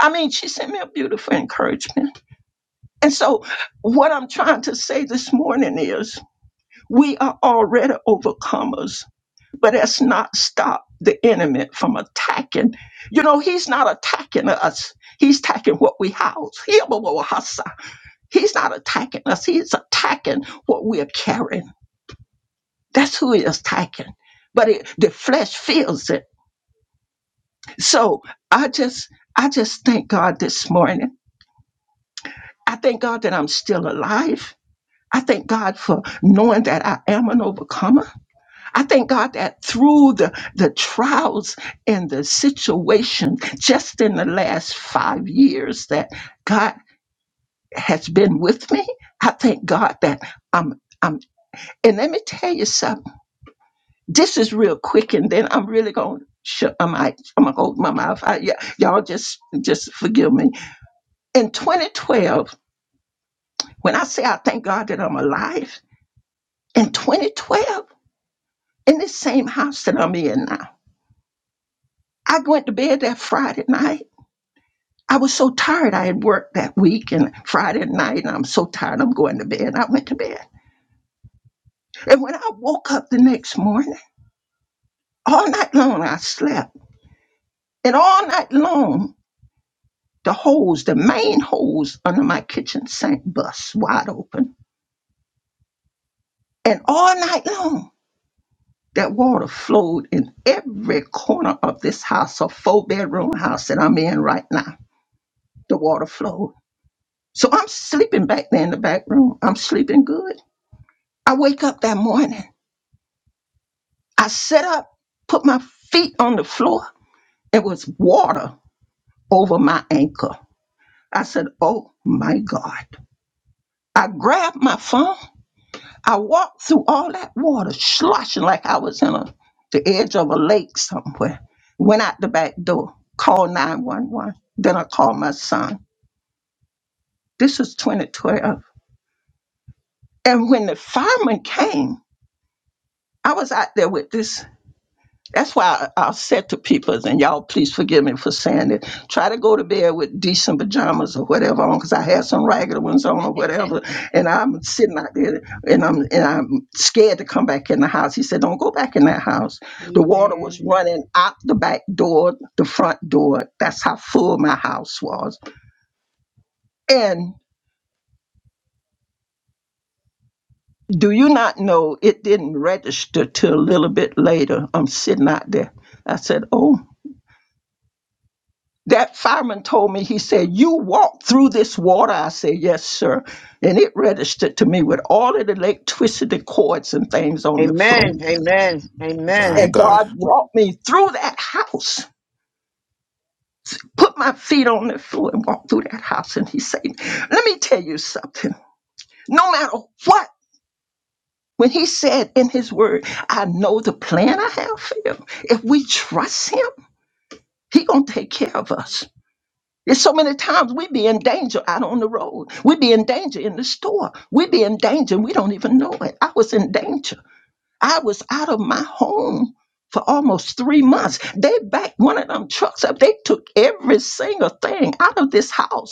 G: I mean, she sent me a beautiful encouragement. And so, what I'm trying to say this morning is we are already overcomers, but that's not stop the enemy from attacking. You know, he's not attacking us, he's attacking what we house. He's not attacking us. He's attacking what we're carrying. That's who he is attacking. But it, the flesh feels it. So I just, I just thank God this morning. I thank God that I'm still alive. I thank God for knowing that I am an overcomer. I thank God that through the, the trials and the situation, just in the last five years, that God has been with me. I thank God that I'm, I'm, and let me tell you something. This is real quick, and then I'm really going to shut my mic. I'm going to hold my mouth. I, yeah, y'all just just forgive me. In 2012, when I say I thank God that I'm alive, in 2012, in this same house that I'm in now, I went to bed that Friday night. I was so tired. I had worked that week and Friday night, and I'm so tired. I'm going to bed. I went to bed. And when I woke up the next morning, all night long I slept. And all night long the hose, the main hose under my kitchen sink bust wide open. And all night long, that water flowed in every corner of this house, a four bedroom house that I'm in right now. The water flowed. So I'm sleeping back there in the back room. I'm sleeping good. I wake up that morning. I sit up, put my feet on the floor. It was water over my ankle. I said, Oh my God. I grabbed my phone I walked through all that water, sloshing like I was in a, the edge of a lake somewhere. Went out the back door, called 911. Then I called my son. This was 2012. And when the fireman came, I was out there with this That's why I, I said to people, and y'all please forgive me for saying it, try to go to bed with decent pajamas or whatever on, because I had some ragged ones on or whatever, and I'm sitting out there and I'm and I'm scared to come back in the house. He said, Don't go back in that house. The water was running out the back door, the front door. That's how full my house was. And do you not know it didn't register till a little bit later? I'm sitting out there. I said, Oh that fireman told me, he said, You walked through this water. I said, Yes, sir. And it registered to me with all of the lake twisted cords and things on the
E: Amen.
G: floor.
E: Amen.
C: My
E: Amen.
G: And
C: God.
G: God brought me through that house, put my feet on the floor and walked through that house. And he said, Let me tell you something. No matter what, when he said in his word, I know the plan I have for you. If we trust him, he gonna take care of us. There's so many times we be in danger out on the road. We be in danger in the store. We be in danger and we don't even know it. I was in danger. I was out of my home for almost three months. They backed one of them trucks up. They took every single thing out of this house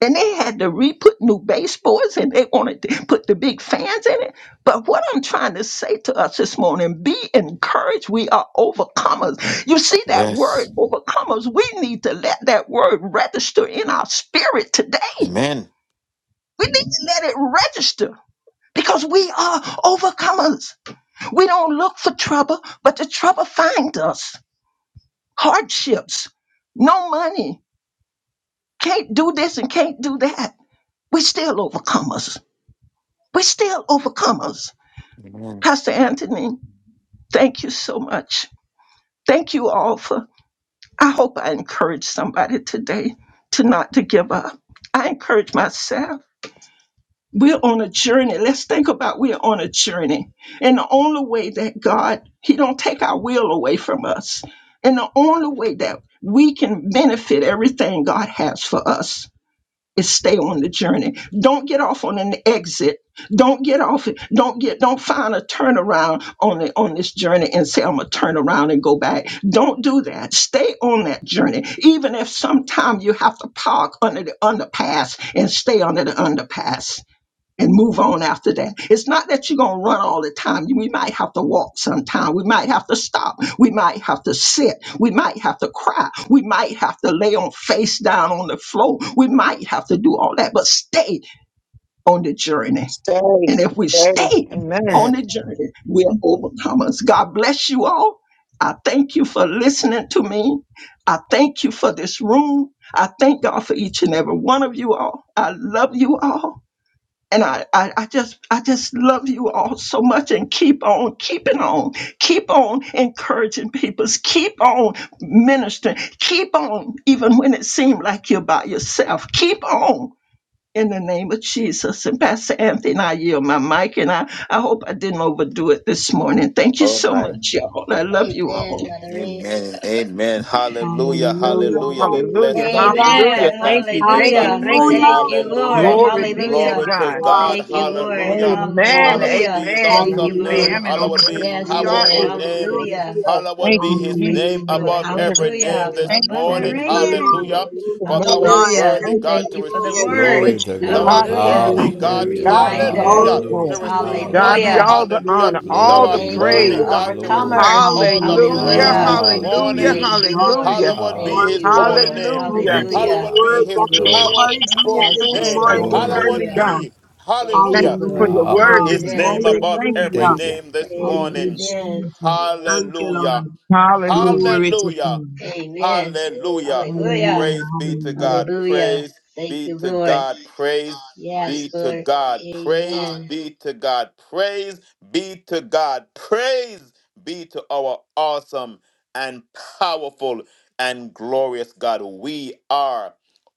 G: and they had to re-put new baseboards and they wanted to put the big fans in it. But what I'm trying to say to us this morning, be encouraged. We are overcomers. You see that
C: Yes.
G: word overcomers. We need to let that word register in our spirit today.
C: Amen.
G: We need to let it register. Because we are overcomers. We don't look for trouble, but the trouble finds us. Hardships, no money, can't do this and can't do that. We still overcomers We're still overcomers.
C: Amen.
G: Pastor Anthony, thank you so much. Thank you all for, I hope I encourage somebody today to not to give up. I encourage myself. We're on a journey. Let's think about we're on a journey. And the only way that God, He don't take our will away from us. And the only way that we can benefit everything God has for us is stay on the journey. Don't get off on an exit. Don't get off. Don't get. Don't find a turnaround on the, on this journey and say I'm gonna turn around and go back. Don't do that. Stay on that journey, even if sometime you have to park under the underpass and stay under the underpass and move on after that. It's not that you're going to run all the time. You- We might have to walk sometime. We might have to stop. We might have to sit. We might have to cry. We might have to lay on face down on the floor. We might have to do all that, but stay on the journey.
E: Stay.
G: And if we
E: Stay.
G: stay
E: Amen.
G: on the
C: Amen.
G: journey, we're overcomers. God bless you all. I thank you for listening to me. I thank you for this room. I thank God for each and every one of you all. I love you all. And I, I, I just I just love you all so much and keep on keeping on. Keep on encouraging people. Keep on ministering. Keep on even when it seemed like you're by yourself. Keep on in the name of Jesus. And Pastor Anthony, I yield my mic and I, I hope I didn't overdo it this morning. Thank you
C: Oh
G: so
C: my.
G: much, y'all. I love you all.
C: Amen. Amen. Hallelujah.
F: Hallelujah,
E: Hallelujah.
C: Hallelujah. We bless
E: Hallelujah.
C: God. We
F: hallelujah,
C: give
E: Hallelujah.
C: God
E: Thank
C: thanks. We
E: you.
C: give
E: Thank
C: God
E: you. Thank
C: praise.
E: you.
F: Hallelujah.
D: Amen,
C: Hallelujah.
E: Glory be
F: Hallelujah.
E: to
D: amen,
C: Glory
F: My
C: to
E: God.
D: glory
F: God.
D: to
C: God.
F: My
D: God.
F: God.
C: Hallelujah.
D: Thank
F: My
D: you,
F: God.
E: Amen.
D: Lord.
C: Hallowed be his
E: Amen.
C: awesome
E: I
C: name.
F: Hallelujah,
E: am an
C: Hallowed be his
F: Jesus.
D: Thank
E: overcomer.
D: you,
E: We are
D: Lord.
C: powerful
F: Hallelujah,
C: name.
E: overcomers.
F: Lord.
D: Hallelujah.
C: Hallowed
E: Thank
C: be
E: you,
C: his
E: Jesus,
C: name
E: for
F: Hallelujah.
E: your
C: above
F: Thank
D: Yes,
E: word.
F: you,
C: every name
D: Lord.
F: Jesus.
C: this
E: Thank you for the
C: morning.
F: Thank you,
E: encouragement.
F: Lord.
C: Hallelujah.
E: Thank
D: Thank
E: you
F: Thank
D: you,
E: for
C: For
F: you,
C: thou
E: mother.
C: art
F: Lord.
D: Jesus.
C: worthy,
E: Thank
F: Thank
E: you
F: you,
C: God, to
F: Lord.
C: receive
E: for
I: Glory
C: glory.
E: this.
I: to
C: Thou
D: Yes,
I: God.
C: art
E: God
F: Glory
E: be
F: to
D: Lord.
C: worthy,
F: your
E: the
D: Hallelujah.
C: God.
I: Hallelujah.
D: Glory,
E: God
F: name.
E: be the all the
C: Hallelujah.
F: Glory
D: glory,
C: To
E: glory.
F: to
I: Hallelujah.
D: glory.
C: receive
F: your
E: God
C: honor.
E: be
I: Hallelujah.
F: mighty
E: all the
C: Hallelujah.
E: honor,
C: Thou
E: all
I: Glory,
E: the
C: art
F: name.
C: worthy,
E: praise.
I: glory,
F: Hallelujah.
C: God, to
I: glory.
C: receive
D: Hallelujah.
F: God,
C: all
F: you
C: the
F: are
E: Hallelujah,
C: praise
F: worthy.
C: this
F: Thank you for
E: hallelujah,
C: morning.
F: your
I: Hallelujah.
F: daughter
E: hallelujah,
F: this
C: Hallowed be his
I: Hallelujah.
F: morning.
C: holy name.
F: Thank
E: hallelujah.
F: you
I: Thank
F: for
I: you,
F: the
C: Hallowed
I: Father.
C: be
F: words
C: his
F: of
I: Glory
D: Yes,
I: to God.
F: encouragement
C: powerful
F: this
C: name.
E: Hallelujah, you
F: morning,
I: Glory to
C: Hallowed
E: worthy
I: God.
F: Jesus.
E: God.
C: be.
E: Thank
C: Hallelujah.
E: you for
F: Hallelujah,
E: your word
F: God.
C: His
E: this
I: Hallelujah.
C: name
E: morning.
C: above
E: Thank you,
C: every
F: Hallelujah.
I: Thank
E: Jesus.
I: you.
C: name this
F: Thank you,
C: morning.
F: Jesus.
D: Lord.
F: Thank you,
C: Hallelujah.
F: Lord.
E: Hallelujah.
F: Glory to
C: Hallelujah.
F: God.
D: Yes,
C: Hallelujah.
D: Lord.
F: Hallelujah,
D: Thank
C: Praise
D: you,
C: be to God.
F: hallelujah.
C: Praise be to God. Praise be to God. Praise be to God. Praise be to God. Praise be to our awesome and powerful and glorious God. We are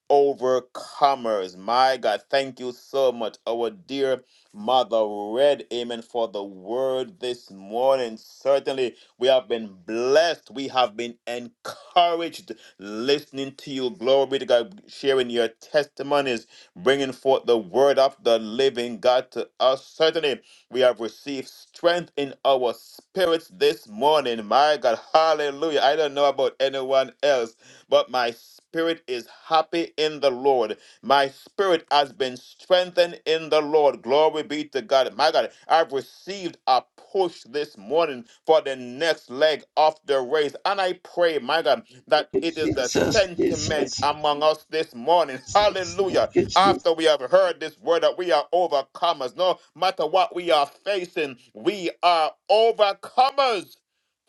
C: overcomers. My God, thank you so much, our dear Mother Red. Amen. For the word this morning. Certainly, we have been blessed. We have been encouraged listening to you. Glory be to God, sharing your testimonies, bringing forth the word of the living God to us. Certainly, we have received strength in our spirits this morning. My God, hallelujah. I don't know about anyone else but my spirit is happy in the Lord. My spirit has been strengthened in the Lord. Glory be to God. My God, I've received a push this morning for the next leg of the race. And I pray, my God, that it is the sentiment among us this morning. Hallelujah. After we have heard this word that we are overcomers, no matter what we are facing, we are overcomers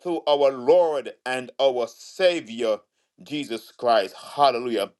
C: through our Lord and our Savior. Jesus Christ. Hallelujah.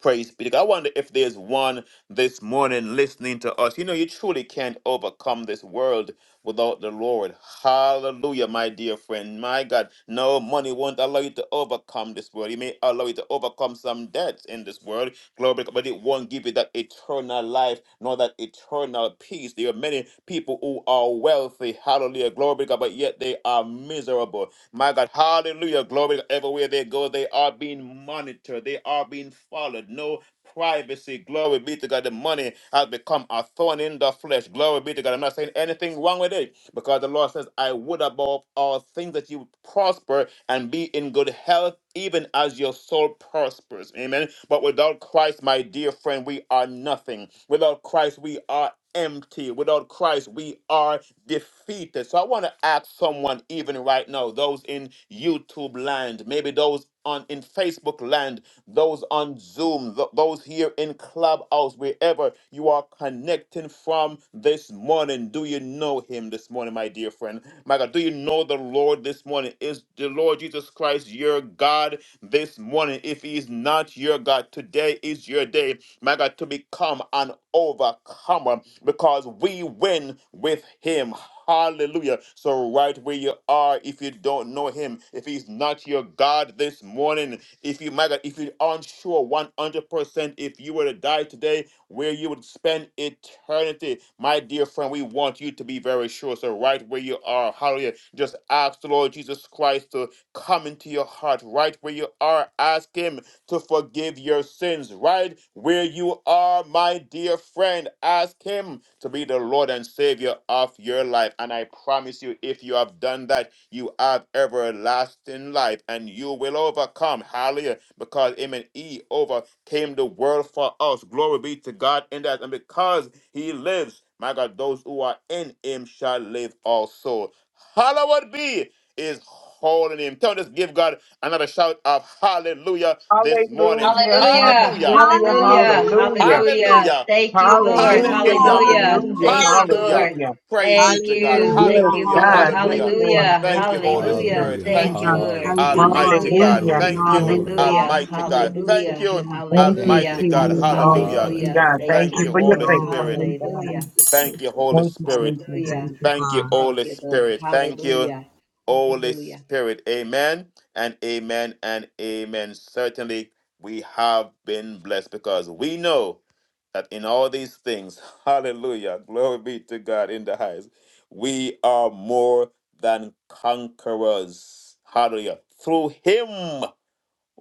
C: Praise be to God. I wonder if there's one this morning listening to us. You know, you truly can't overcome this world without the Lord. Hallelujah, my dear friend. My God, no money won't allow you to overcome this world. It may allow you to overcome some debts in this world, glory, to God, but it won't give you that eternal life nor that eternal peace. There are many people who are wealthy, hallelujah, glory, to God, but yet they are miserable. My God, hallelujah. Glory to God. everywhere they go, they are being monitored, they are being followed. No privacy. Glory be to God. The money has become a thorn in the flesh. Glory be to God. I'm not saying anything wrong with it because the Lord says, I would above all things that you prosper and be in good health, even as your soul prospers. Amen. But without Christ, my dear friend, we are nothing. Without Christ, we are empty. Without Christ, we are defeated. So I want to ask someone, even right now, those in YouTube land, maybe those on in Facebook land, those on Zoom, th- those here in Clubhouse, wherever you are connecting from this morning. Do you know Him this morning, my dear friend? My God, do you know the Lord this morning? Is the Lord Jesus Christ your God this morning? If He is not your God, today is your day my God, to become an overcomer because we win with Him. Hallelujah. So, right where you are, if you don't know Him, if He's not your God this morning, if you, my God, if you aren't sure 100% if you were to die today, where you would spend eternity, my dear friend, we want you to be very sure. So, right where you are, hallelujah, just ask the Lord Jesus Christ to come into your heart. Right where you are, ask Him to forgive your sins right where you are, my dear friend. Ask Him to be the Lord and Savior of your life. And I promise you, if you have done that, you have everlasting life and you will overcome. Hallelujah. Because Him and E overcame the world for us. Glory be to God in that. And because He lives, my God, those who are in Him shall live also. Hallowed be is holding him. Tell us, give God another shout of hallelujah this morning.
E: Hallelujah,
C: Hallelujah.
E: hallelujah, hallelujah,
F: Hallelujah.
C: Hallelujah.
F: Hallelujah,
E: hallelujah,
C: Hallelujah.
E: hallelujah,
F: hallelujah,
C: Hallelujah.
E: hallelujah.
C: Praise be to God.
F: hallelujah,
E: Yes,
C: Hallelujah.
E: God, yes,
C: Hallelujah.
F: hallelujah,
E: Lord. Thank
C: Thank you,
E: you,
C: Holy
E: Jesus.
C: Spirit.
I: Hallelujah.
C: Thank
F: Jesus.
C: you,
F: Thank you,
I: Hallelujah.
C: Almighty
F: Lord.
C: God.
F: Thank
E: Hallelujah,
F: you,
I: Glory,
C: Thank
F: Lord.
C: you,
I: glory.
E: hallelujah.
C: Almighty God.
F: Hallelujah, to
C: Thank you,
F: God.
E: Thank you,
I: Thank
C: Almighty
I: you.
C: God.
I: Thank
E: Jesus.
I: you.
E: Oh,
F: Hallelujah,
E: thank
C: Hallelujah.
E: you, God.
I: Hallelujah.
F: Jesus.
E: Thank
C: Thank
E: you
C: you,
F: Thank
E: for
F: you,
E: your
C: Holy
F: Lord.
C: Spirit.
E: faithfulness,
F: Thank you,
E: God.
F: thank you,
C: Thank
F: thank
C: you,
F: you.
C: Holy
E: Thank you,
C: Spirit.
E: Jesus.
F: Thank you,
C: Thank you,
F: God.
C: Holy Spirit. Thank you, Holy Spirit. Amen and amen and amen. Certainly, we have been blessed because we know that in all these things, hallelujah, glory be to God in the highest, we are more than conquerors. Hallelujah. Through Him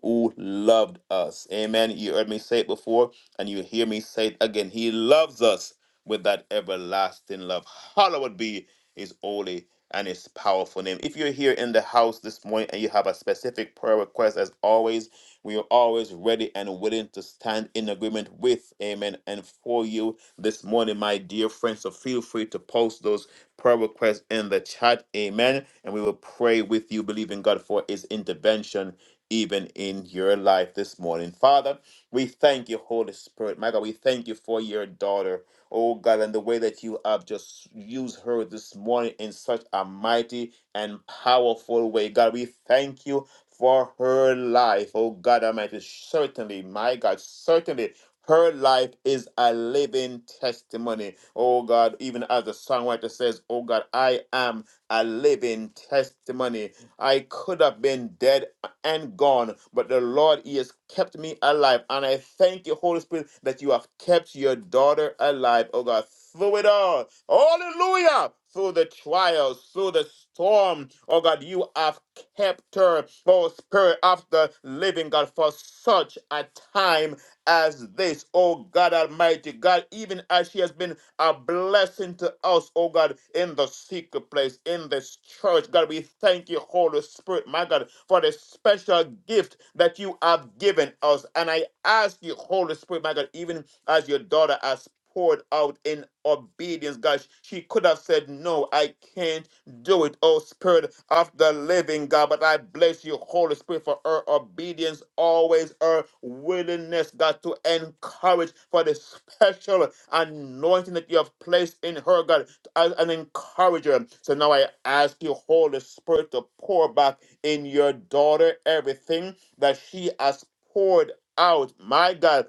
C: who loved us. Amen. You heard me say it before, and you hear me say it again. He loves us with that everlasting love. Hallowed be his holy and his powerful name. If you're here in the house this morning and you have a specific prayer request, as always, we are always ready and willing to stand in agreement with, amen, and for you this morning, my dear friends. So feel free to post those prayer requests in the chat, amen. And we will pray with you, believing God for his intervention even in your life this morning. Father, we thank you, Holy Spirit. My God, we thank you for your daughter, oh God, and the way that you have just used her this morning in such a mighty and powerful way. God, we thank you for her life, oh God Almighty. Certainly, my God, certainly. Her life is a living testimony. Oh God, even as the songwriter says, Oh God, I am a living testimony. I could have been dead and gone, but the Lord, He has kept me alive. And I thank you, Holy Spirit, that you have kept your daughter alive, oh God, through it all. Hallelujah! Through the trials, through the storm, oh God, you have kept her, oh Spirit of the living God, for such a time as this, oh God Almighty, God, even as she has been a blessing to us, oh God, in the secret place, in this church. God, we thank you, Holy Spirit, my God, for the special gift that you have given us. And I ask you, Holy Spirit, my God, even as your daughter has poured out in obedience, God, she could have said, No, I can't do it, O Spirit of the living God. But I bless you, Holy Spirit, for her obedience, always her willingness, God, to encourage for the special anointing that you have placed in her, God, as an encourager. So now I ask you, Holy Spirit, to pour back in your daughter everything that she has poured out, my God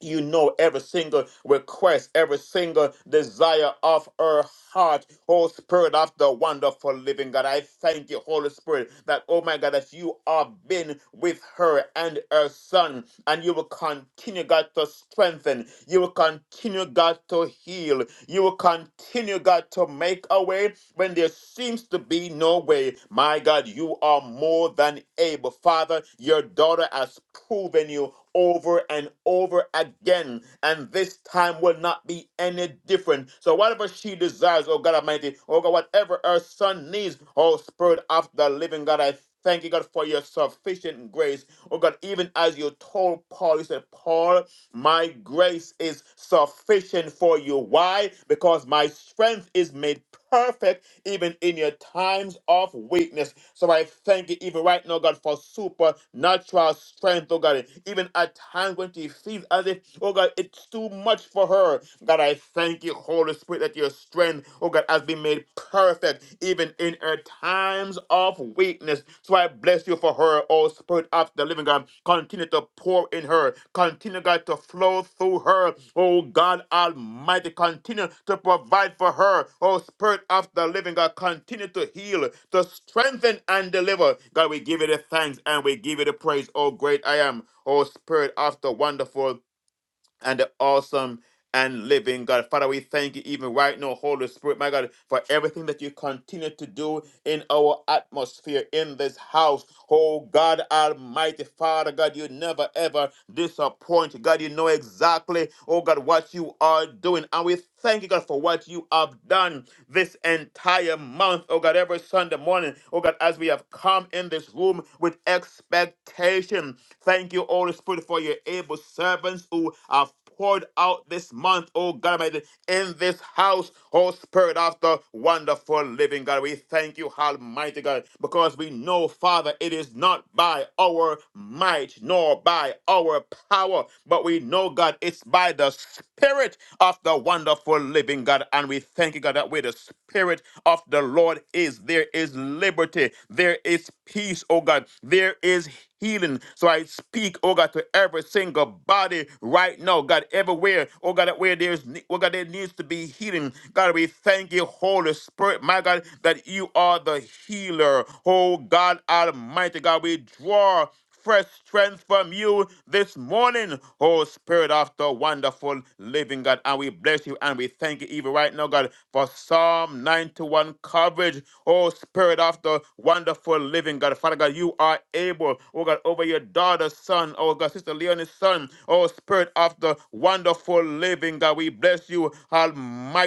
C: you know every single request, every single desire of her heart. Holy Spirit of the wonderful living God, I thank you, Holy Spirit, that, oh my God, that you have been with her and her son, and you will continue, God, to strengthen. You will continue, God, to heal. You will continue, God, to make a way when there seems to be no way. My God, you are more than able. Father, your daughter has proven you over and over again. And this time will not be any different. So whatever she desires, oh God Almighty, oh God, whatever her son needs, oh Spirit of the living God, I thank you, God, for your sufficient grace. Oh God, even as you told Paul, you said, Paul, my grace is sufficient for you. Why? Because my strength is made perfect even in your times of weakness. So I thank you even right now, God, for supernatural strength, oh God. Even at times when she feels as if, oh God, it's too much for her. God, I thank you, Holy Spirit, that your strength, oh God, has been made perfect steadfast even in her times of weakness. So I bless you for her, oh Spirit of the living God. Continue to pour in her. Continue, God, to flow through her. Oh God Almighty, continue to provide for her. Oh Spirit of the living God, continue to heal, to strengthen and deliver. God, we give you the thanks and we give you the praise. Oh great I am. Oh Spirit of the wonderful and the awesome and living God. Father, we thank you even right now, Holy Spirit, my God, for everything that you continue to do in our atmosphere in this house. Oh God Almighty Father, God, you never ever disappoint. God, you know exactly, oh God, what you are doing. And we thank you, God, for what you have done this entire month. Oh God, every Sunday morning, oh God, as we have come in this room with expectation. Thank you, Holy Spirit, for your able servants who have poured out this month, oh God Almighty in this house, oh Spirit of the wonderful living God. We thank you, Almighty God, because we know, Father, it is not by our might nor by our power, but we know, God, it's by the Spirit of the wonderful living God. And we thank you, God, that where the Spirit of the Lord is, there is liberty, there is peace, oh God, there is healing. So I speak, oh God, to every single body right now, God, everywhere, oh God, where there's, ne- oh God, there needs to be healing. God, we thank you, Holy Spirit, my God, that you are the healer. Oh God, Almighty God, we draw fresh strength from you this morning, oh Spirit of the wonderful living God. And we bless you and we thank you even right now, God, for Psalm 91 coverage, oh Spirit of the wonderful living God. Father God, you are able, oh God, over your daughter's son, oh God, Sister Leonie's son, oh Spirit of the wonderful living God. We bless you,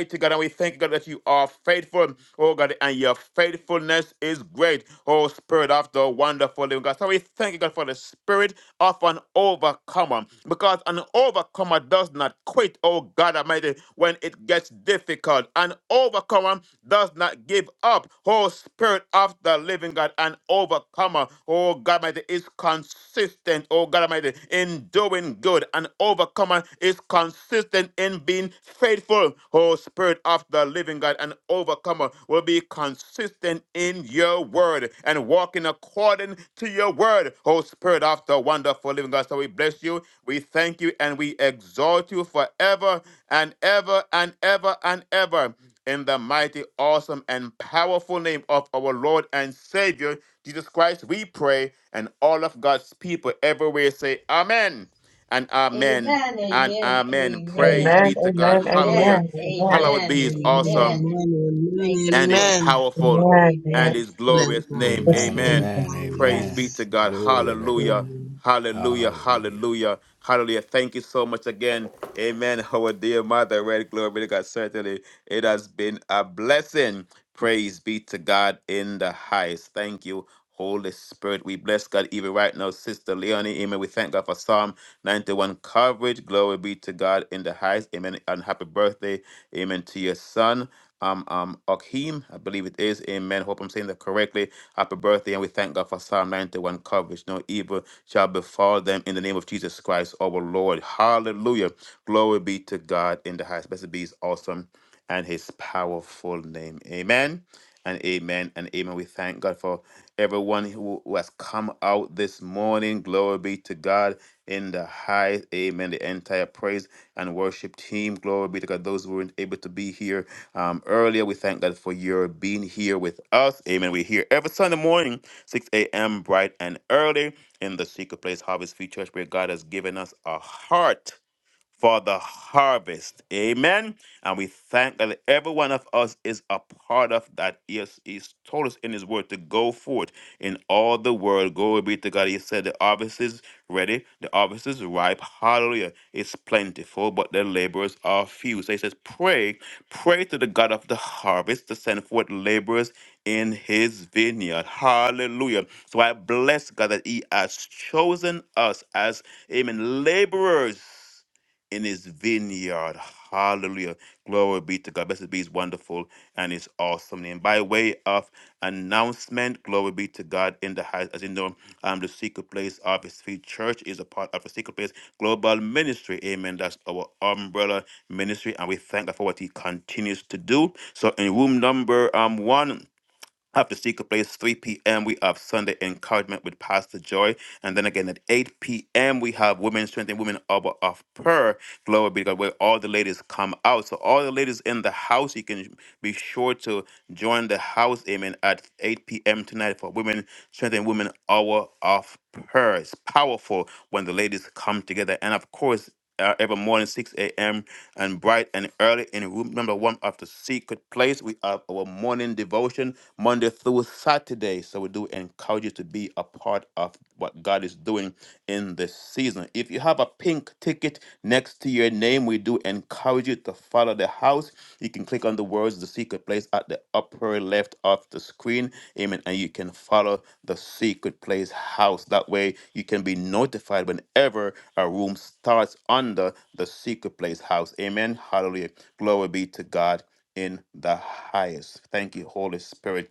C: Almighty God, and we and we thank you, God that you are faithful, oh God, and your faithfulness is great, oh Spirit of the wonderful living God. So we thank you, God, for the spirit of an overcomer, because an overcomer does not quit, oh God Almighty, when it gets difficult. An overcomer does not give up, oh Spirit of the living God, an overcomer, oh God Almighty, is concerned consistent, oh God Almighty, in doing good. An overcomer is consistent in being faithful, oh Spirit of the living God. An overcomer will be consistent in your word and walking according to your word, oh Spirit of the wonderful living God. So we bless you, we thank you, and we exalt you forever and ever and ever and ever. In the mighty, awesome, and powerful name of our Lord and Savior, Jesus Christ, we pray, and all of God's people everywhere say amen and amen
H: Amen.
C: and
H: Amen.
C: amen. Praise be
E: Amen.
H: Amen.
C: to God.
E: Amen.
C: Hallelujah.
H: Amen.
E: Amen. Amen.
C: Hallowed
H: Amen.
C: be his
F: Amen,
C: awesome
H: Amen.
F: amen, amen,
H: Thank you,
C: and his
H: Lord.
F: amen.
C: powerful and
E: Amen.
H: Amen.
C: his
F: Excellent
C: glorious
F: God,
C: name.
I: Amen.
F: excellent.
E: Amen.
C: Amen.
I: Amen.
C: Praise
I: Amen.
C: be
F: Hallelujah.
H: Yes.
C: to God.
I: Glory to God.
C: Hallelujah.
F: Amen.
C: Hallelujah.
I: Hallelujah.
C: Hallelujah. Hallelujah. Thank you so much again. Amen. Our dear mother, red glory be to God. Certainly, it has been a blessing. Praise be to God in the highest. Thank you, Holy Spirit. We bless God even right now, Sister Leonie. Amen. We thank God for Psalm 91 coverage. Glory be to God in the highest. Amen. And happy birthday. Amen. To your son. Um, um, Akeem, I believe it is. Amen. Hope I'm saying that correctly. Happy birthday, and we thank God for Psalm 91 coverage. No evil shall befall them in the name of Jesus Christ, our Lord. Hallelujah. Glory be to God in the highest. Blessed be his awesome and his powerful name. Amen and amen and amen. We thank God for everyone who, who has come out this morning. Glory be to God in the high. Amen. The entire praise and worship team. Glory be to God. Those who weren't able to be here um, earlier, we thank God for your being here with us. Amen. We're here every Sunday morning, 6 a.m., bright and early in the secret place, Harvest Field Church, where God has given us a heart for the harvest. Amen. And we thank that every one of us is a part of that. Yes, He's told us in His Word to go forth in all the world. Glory be to God. He said the harvest is ready, the harvest is ripe. Hallelujah. It's plentiful, but the laborers are few. So He says, pray, pray to the God of the harvest to send forth laborers in His vineyard. Hallelujah. So I bless God that He has chosen us as, amen, laborers in his vineyard. Hallelujah. Glory be to God. Blessed be his wonderful and his awesome name. By way of announcement, glory be to God in the highest. As you know, um, the secret place of his feet church is a part of the secret place global ministry. Amen. That's our umbrella ministry. And we thank God for what he continues to do. So in room number um one. After Secret Place, 3 p.m., we have Sunday Encouragement with Pastor Joy. And then again at 8 p.m., we have Women's Strength and Women Hour of Prayer. Glory be to God, where all the ladies come out. So, all the ladies in the house, you can be sure to join the house, amen, at 8 p.m. tonight for Women's Strength and Women Hour of Prayer. It's powerful when the ladies come together. And of course, uh, every morning, 6 a.m., and bright and early in room number one of the secret place. We have our morning devotion Monday through Saturday. So we do encourage you to be a part of what God is doing in this season. If you have a pink ticket next to your name, we do encourage you to follow the house. Bibles, you can click on the words The Secret Place at the upper left of the screen. Amen. And you can follow The Secret Place House. That way, you can be notified whenever a room starts under The Secret Place House. Amen. Hallelujah. Glory be to God in the highest. Thank you, Holy Spirit.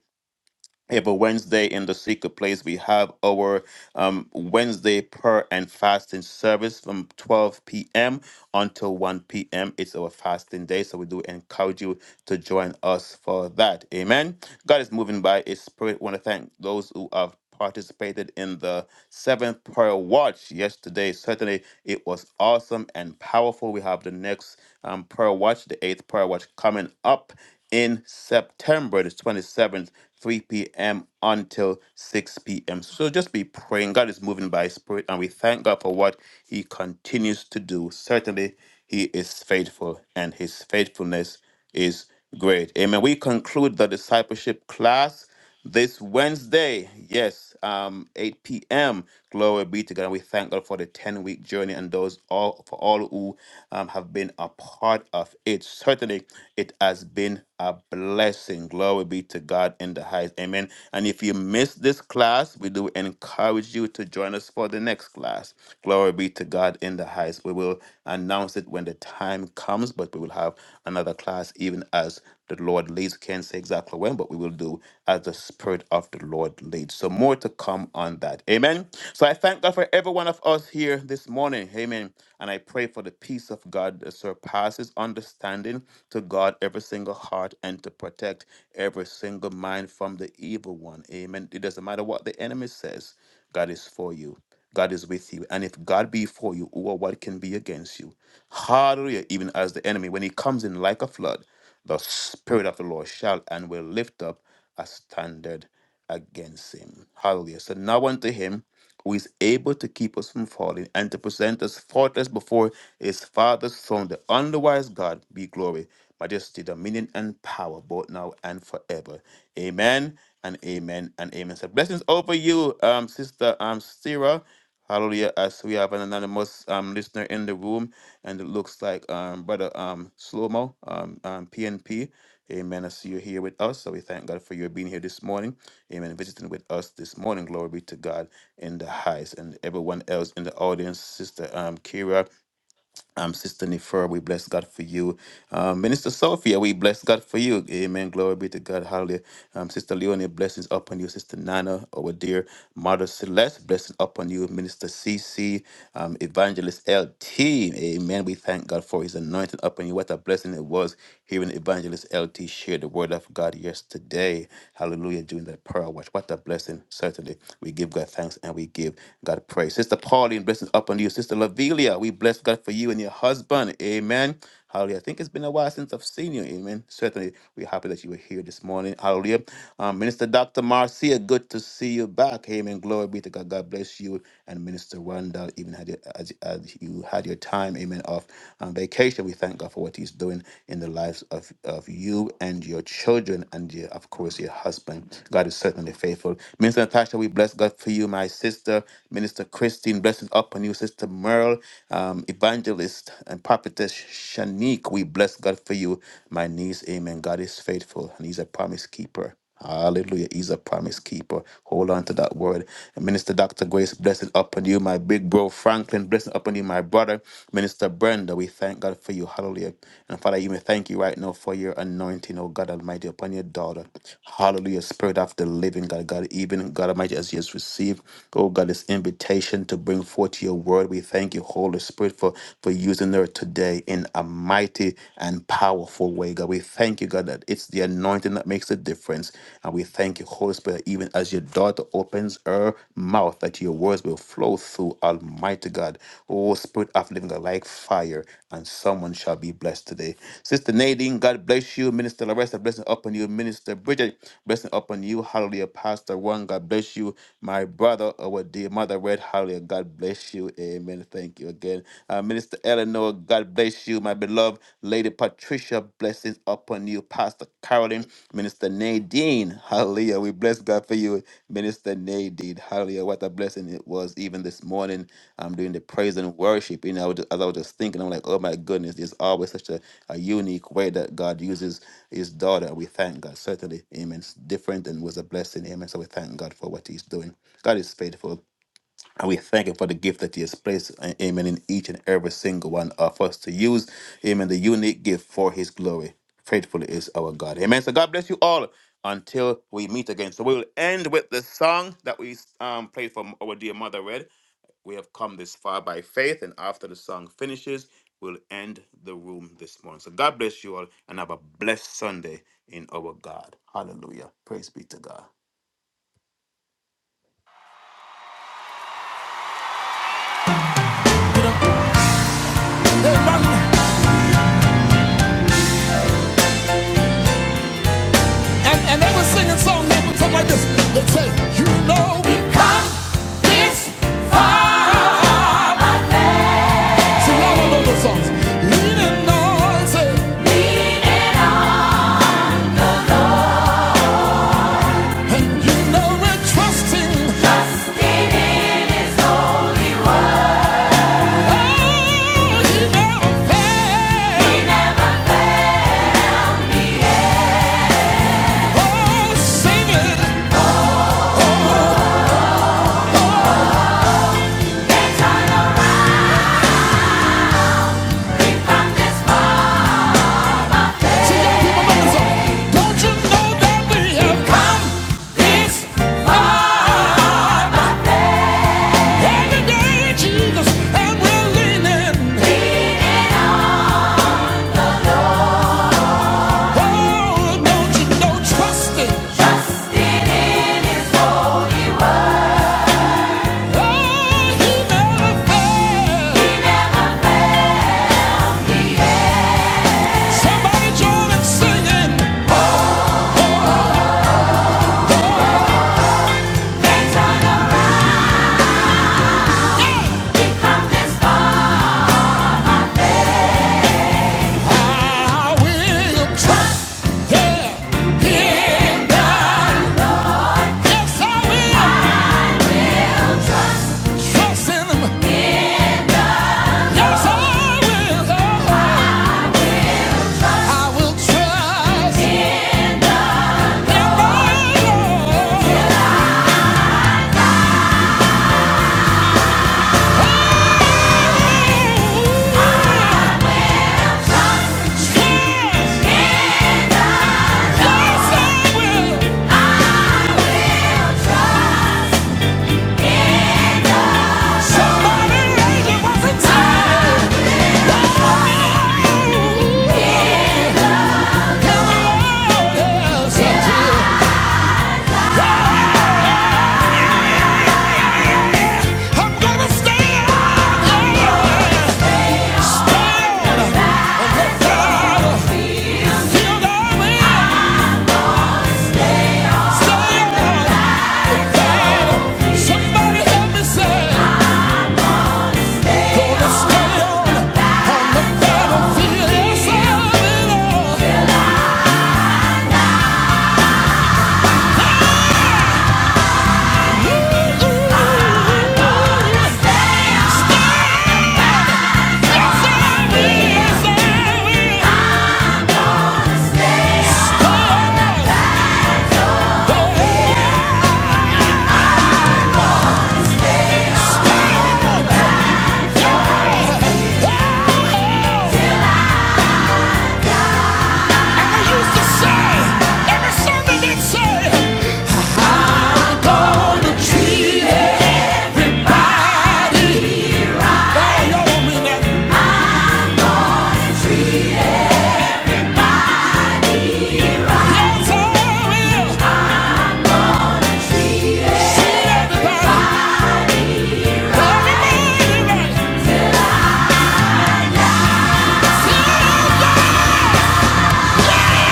C: Every Wednesday in the secret place, we have our um, Wednesday prayer and fasting service from 12 p.m. until 1 p.m. It's our fasting day, so we do encourage you to join us for that. Amen. God is moving by His Spirit. want to thank those who have participated in the seventh prayer watch yesterday. Certainly, it was awesome and powerful. We have the next um, prayer watch, the eighth prayer watch, coming up in September, the 27th, 3 p.m. until 6 p.m. So just be praying. God is moving by His Spirit, and we thank God for what He continues to do. Certainly, He is faithful, and His faithfulness is great. Amen. We conclude the discipleship class this Wednesday. Yes, um, 8 p.m. Glory be to God. And we thank God for the 10-week journey and those all for all who um, have been a part of it. Certainly, it has been a blessing. Glory be to God in the highest. Amen. And if you missed this class, we do encourage you to join us for the next class last. Glory be to God in the highest. We will announce it when the time comes, but we will have another class even as the Lord leads. Can't say exactly when, but we will do as the Spirit of the Lord leads. So more to come on that. Amen. So I thank God for every one of us here this morning. Amen. And I pray for the peace of God that surpasses understanding to guard every single heart and to protect every single mind from the evil one. Amen. It doesn't matter what the enemy says, God is for you. God is with you. And if God be for you, who or what can be against you? Hallelujah. Even as the enemy, when he comes in like a flood, the Spirit of the Lord shall and will lift up a standard against him. Hallelujah. So now unto him who is able to keep us from falling and to present us faultless before his Father's throne, the underwise God be glory, majesty, dominion, and power, both now and forever. Amen and amen and amen. So blessings over you, um, Sister um, Sarah. Hallelujah. As we have an anonymous um, listener in the room, and it looks like um, Brother um, Slomo, um, um, PNP. Amen. I see you here with us. So we thank God for your being here this morning. Amen. Visiting with us this morning. Glory be to God in the highest. And everyone else in the audience, Sister um, Kira. Um, Sister Nefer, we bless God for you. Um, Minister Sophia, we bless God for you. Amen. Glory be to God. Hallelujah. Um, Sister Leonie, blessings upon you. Sister Nana, our dear Mother Celeste, blessings upon you. Minister CC, um, Evangelist LT. Amen. We thank God for his anointing upon you. What a blessing it was hearing Evangelist LT share the word of God yesterday. Hallelujah. During that prayer watch. What a blessing. Certainly. We give God thanks and we give God praise. Sister Pauline, blessings upon you. Sister Lavilia, We bless God for you and your husband. Amen. Hallelujah. I think it's been a while since I've seen you. Amen. Certainly, we're happy that you were here this morning. Hallelujah. Um, Minister Dr. Marcia, good to see you back. Amen. Glory be to God. God bless you. And Minister Randall, even had your, as, as you had your time, amen, off on vacation, we thank God for what He's doing in the lives of, of you and your children and, your, of course, your husband. God is certainly faithful. Minister Natasha, we bless God for you, my sister. Minister Christine, blessings upon you, sister. Merle, um, Evangelist, and Prophetess Shanique. We bless God for you, my niece. Amen. God is faithful, and He's a promise keeper. Hallelujah. He's a promise keeper. Hold on to that word. And Minister Dr. Grace, blessing upon you, my big bro Franklin, blessing upon you, my brother, Minister Brenda. We thank God for you. Hallelujah. And Father, you may thank you right now for your anointing, oh God Almighty, upon your daughter. Hallelujah. Spirit of the living God, God, even God Almighty, as she has received, oh God, this invitation to bring forth forward to your word. We thank you, Holy Spirit, for, for using her today in a mighty and powerful way, God. We thank you, God, that it's the anointing that makes the difference. And we thank you, Holy Spirit, that even as your daughter opens her mouth, that your words will flow through, Almighty God. Oh, Spirit of living God, like fire, and someone shall be blessed today. Sister Nadine, God bless you. Minister Larissa, blessing upon you. Minister Bridget, blessing upon you. Hallelujah. Pastor One, God bless you. My brother, our dear mother, Red, Hallelujah. God bless you. Amen. Thank you again. Uh, Minister Eleanor, God bless you. My beloved Lady Patricia, blessings upon you. Pastor Carolyn, Minister Nadine, hallelujah. We bless God for you, Minister Nadine. Hallelujah. What a blessing it was even this morning. I'm doing the praise and worship. You know, I was just, as I was just thinking, I'm like, oh my goodness, there's always such a, a unique way that God uses his daughter. We thank God. Certainly, amen. It's different and was a blessing. Amen. So we thank God for what he's doing. God is faithful. And we thank you for the gift that He has placed, uh, amen, in each and every single one of us to use, amen, the unique gift for His glory. Faithful is our God. Amen. So God bless you all until we meet again. So we will end with the song that we um, played from our dear mother, Red. We have come this far by faith, and after the song finishes, we'll end the room this morning. So God bless you all, and have a blessed Sunday in our God. Hallelujah. Praise be to God.
B: And, and they were singing songs that would come like this. They'd say, you know, we've come this far. Trusting. Trusting in his Yes, I will. I will trust in the I'm gonna stay out. Yeah! Treat everybody. Yeah!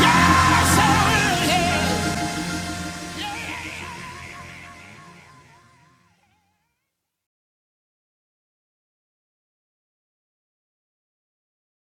B: Yes, I will, yeah.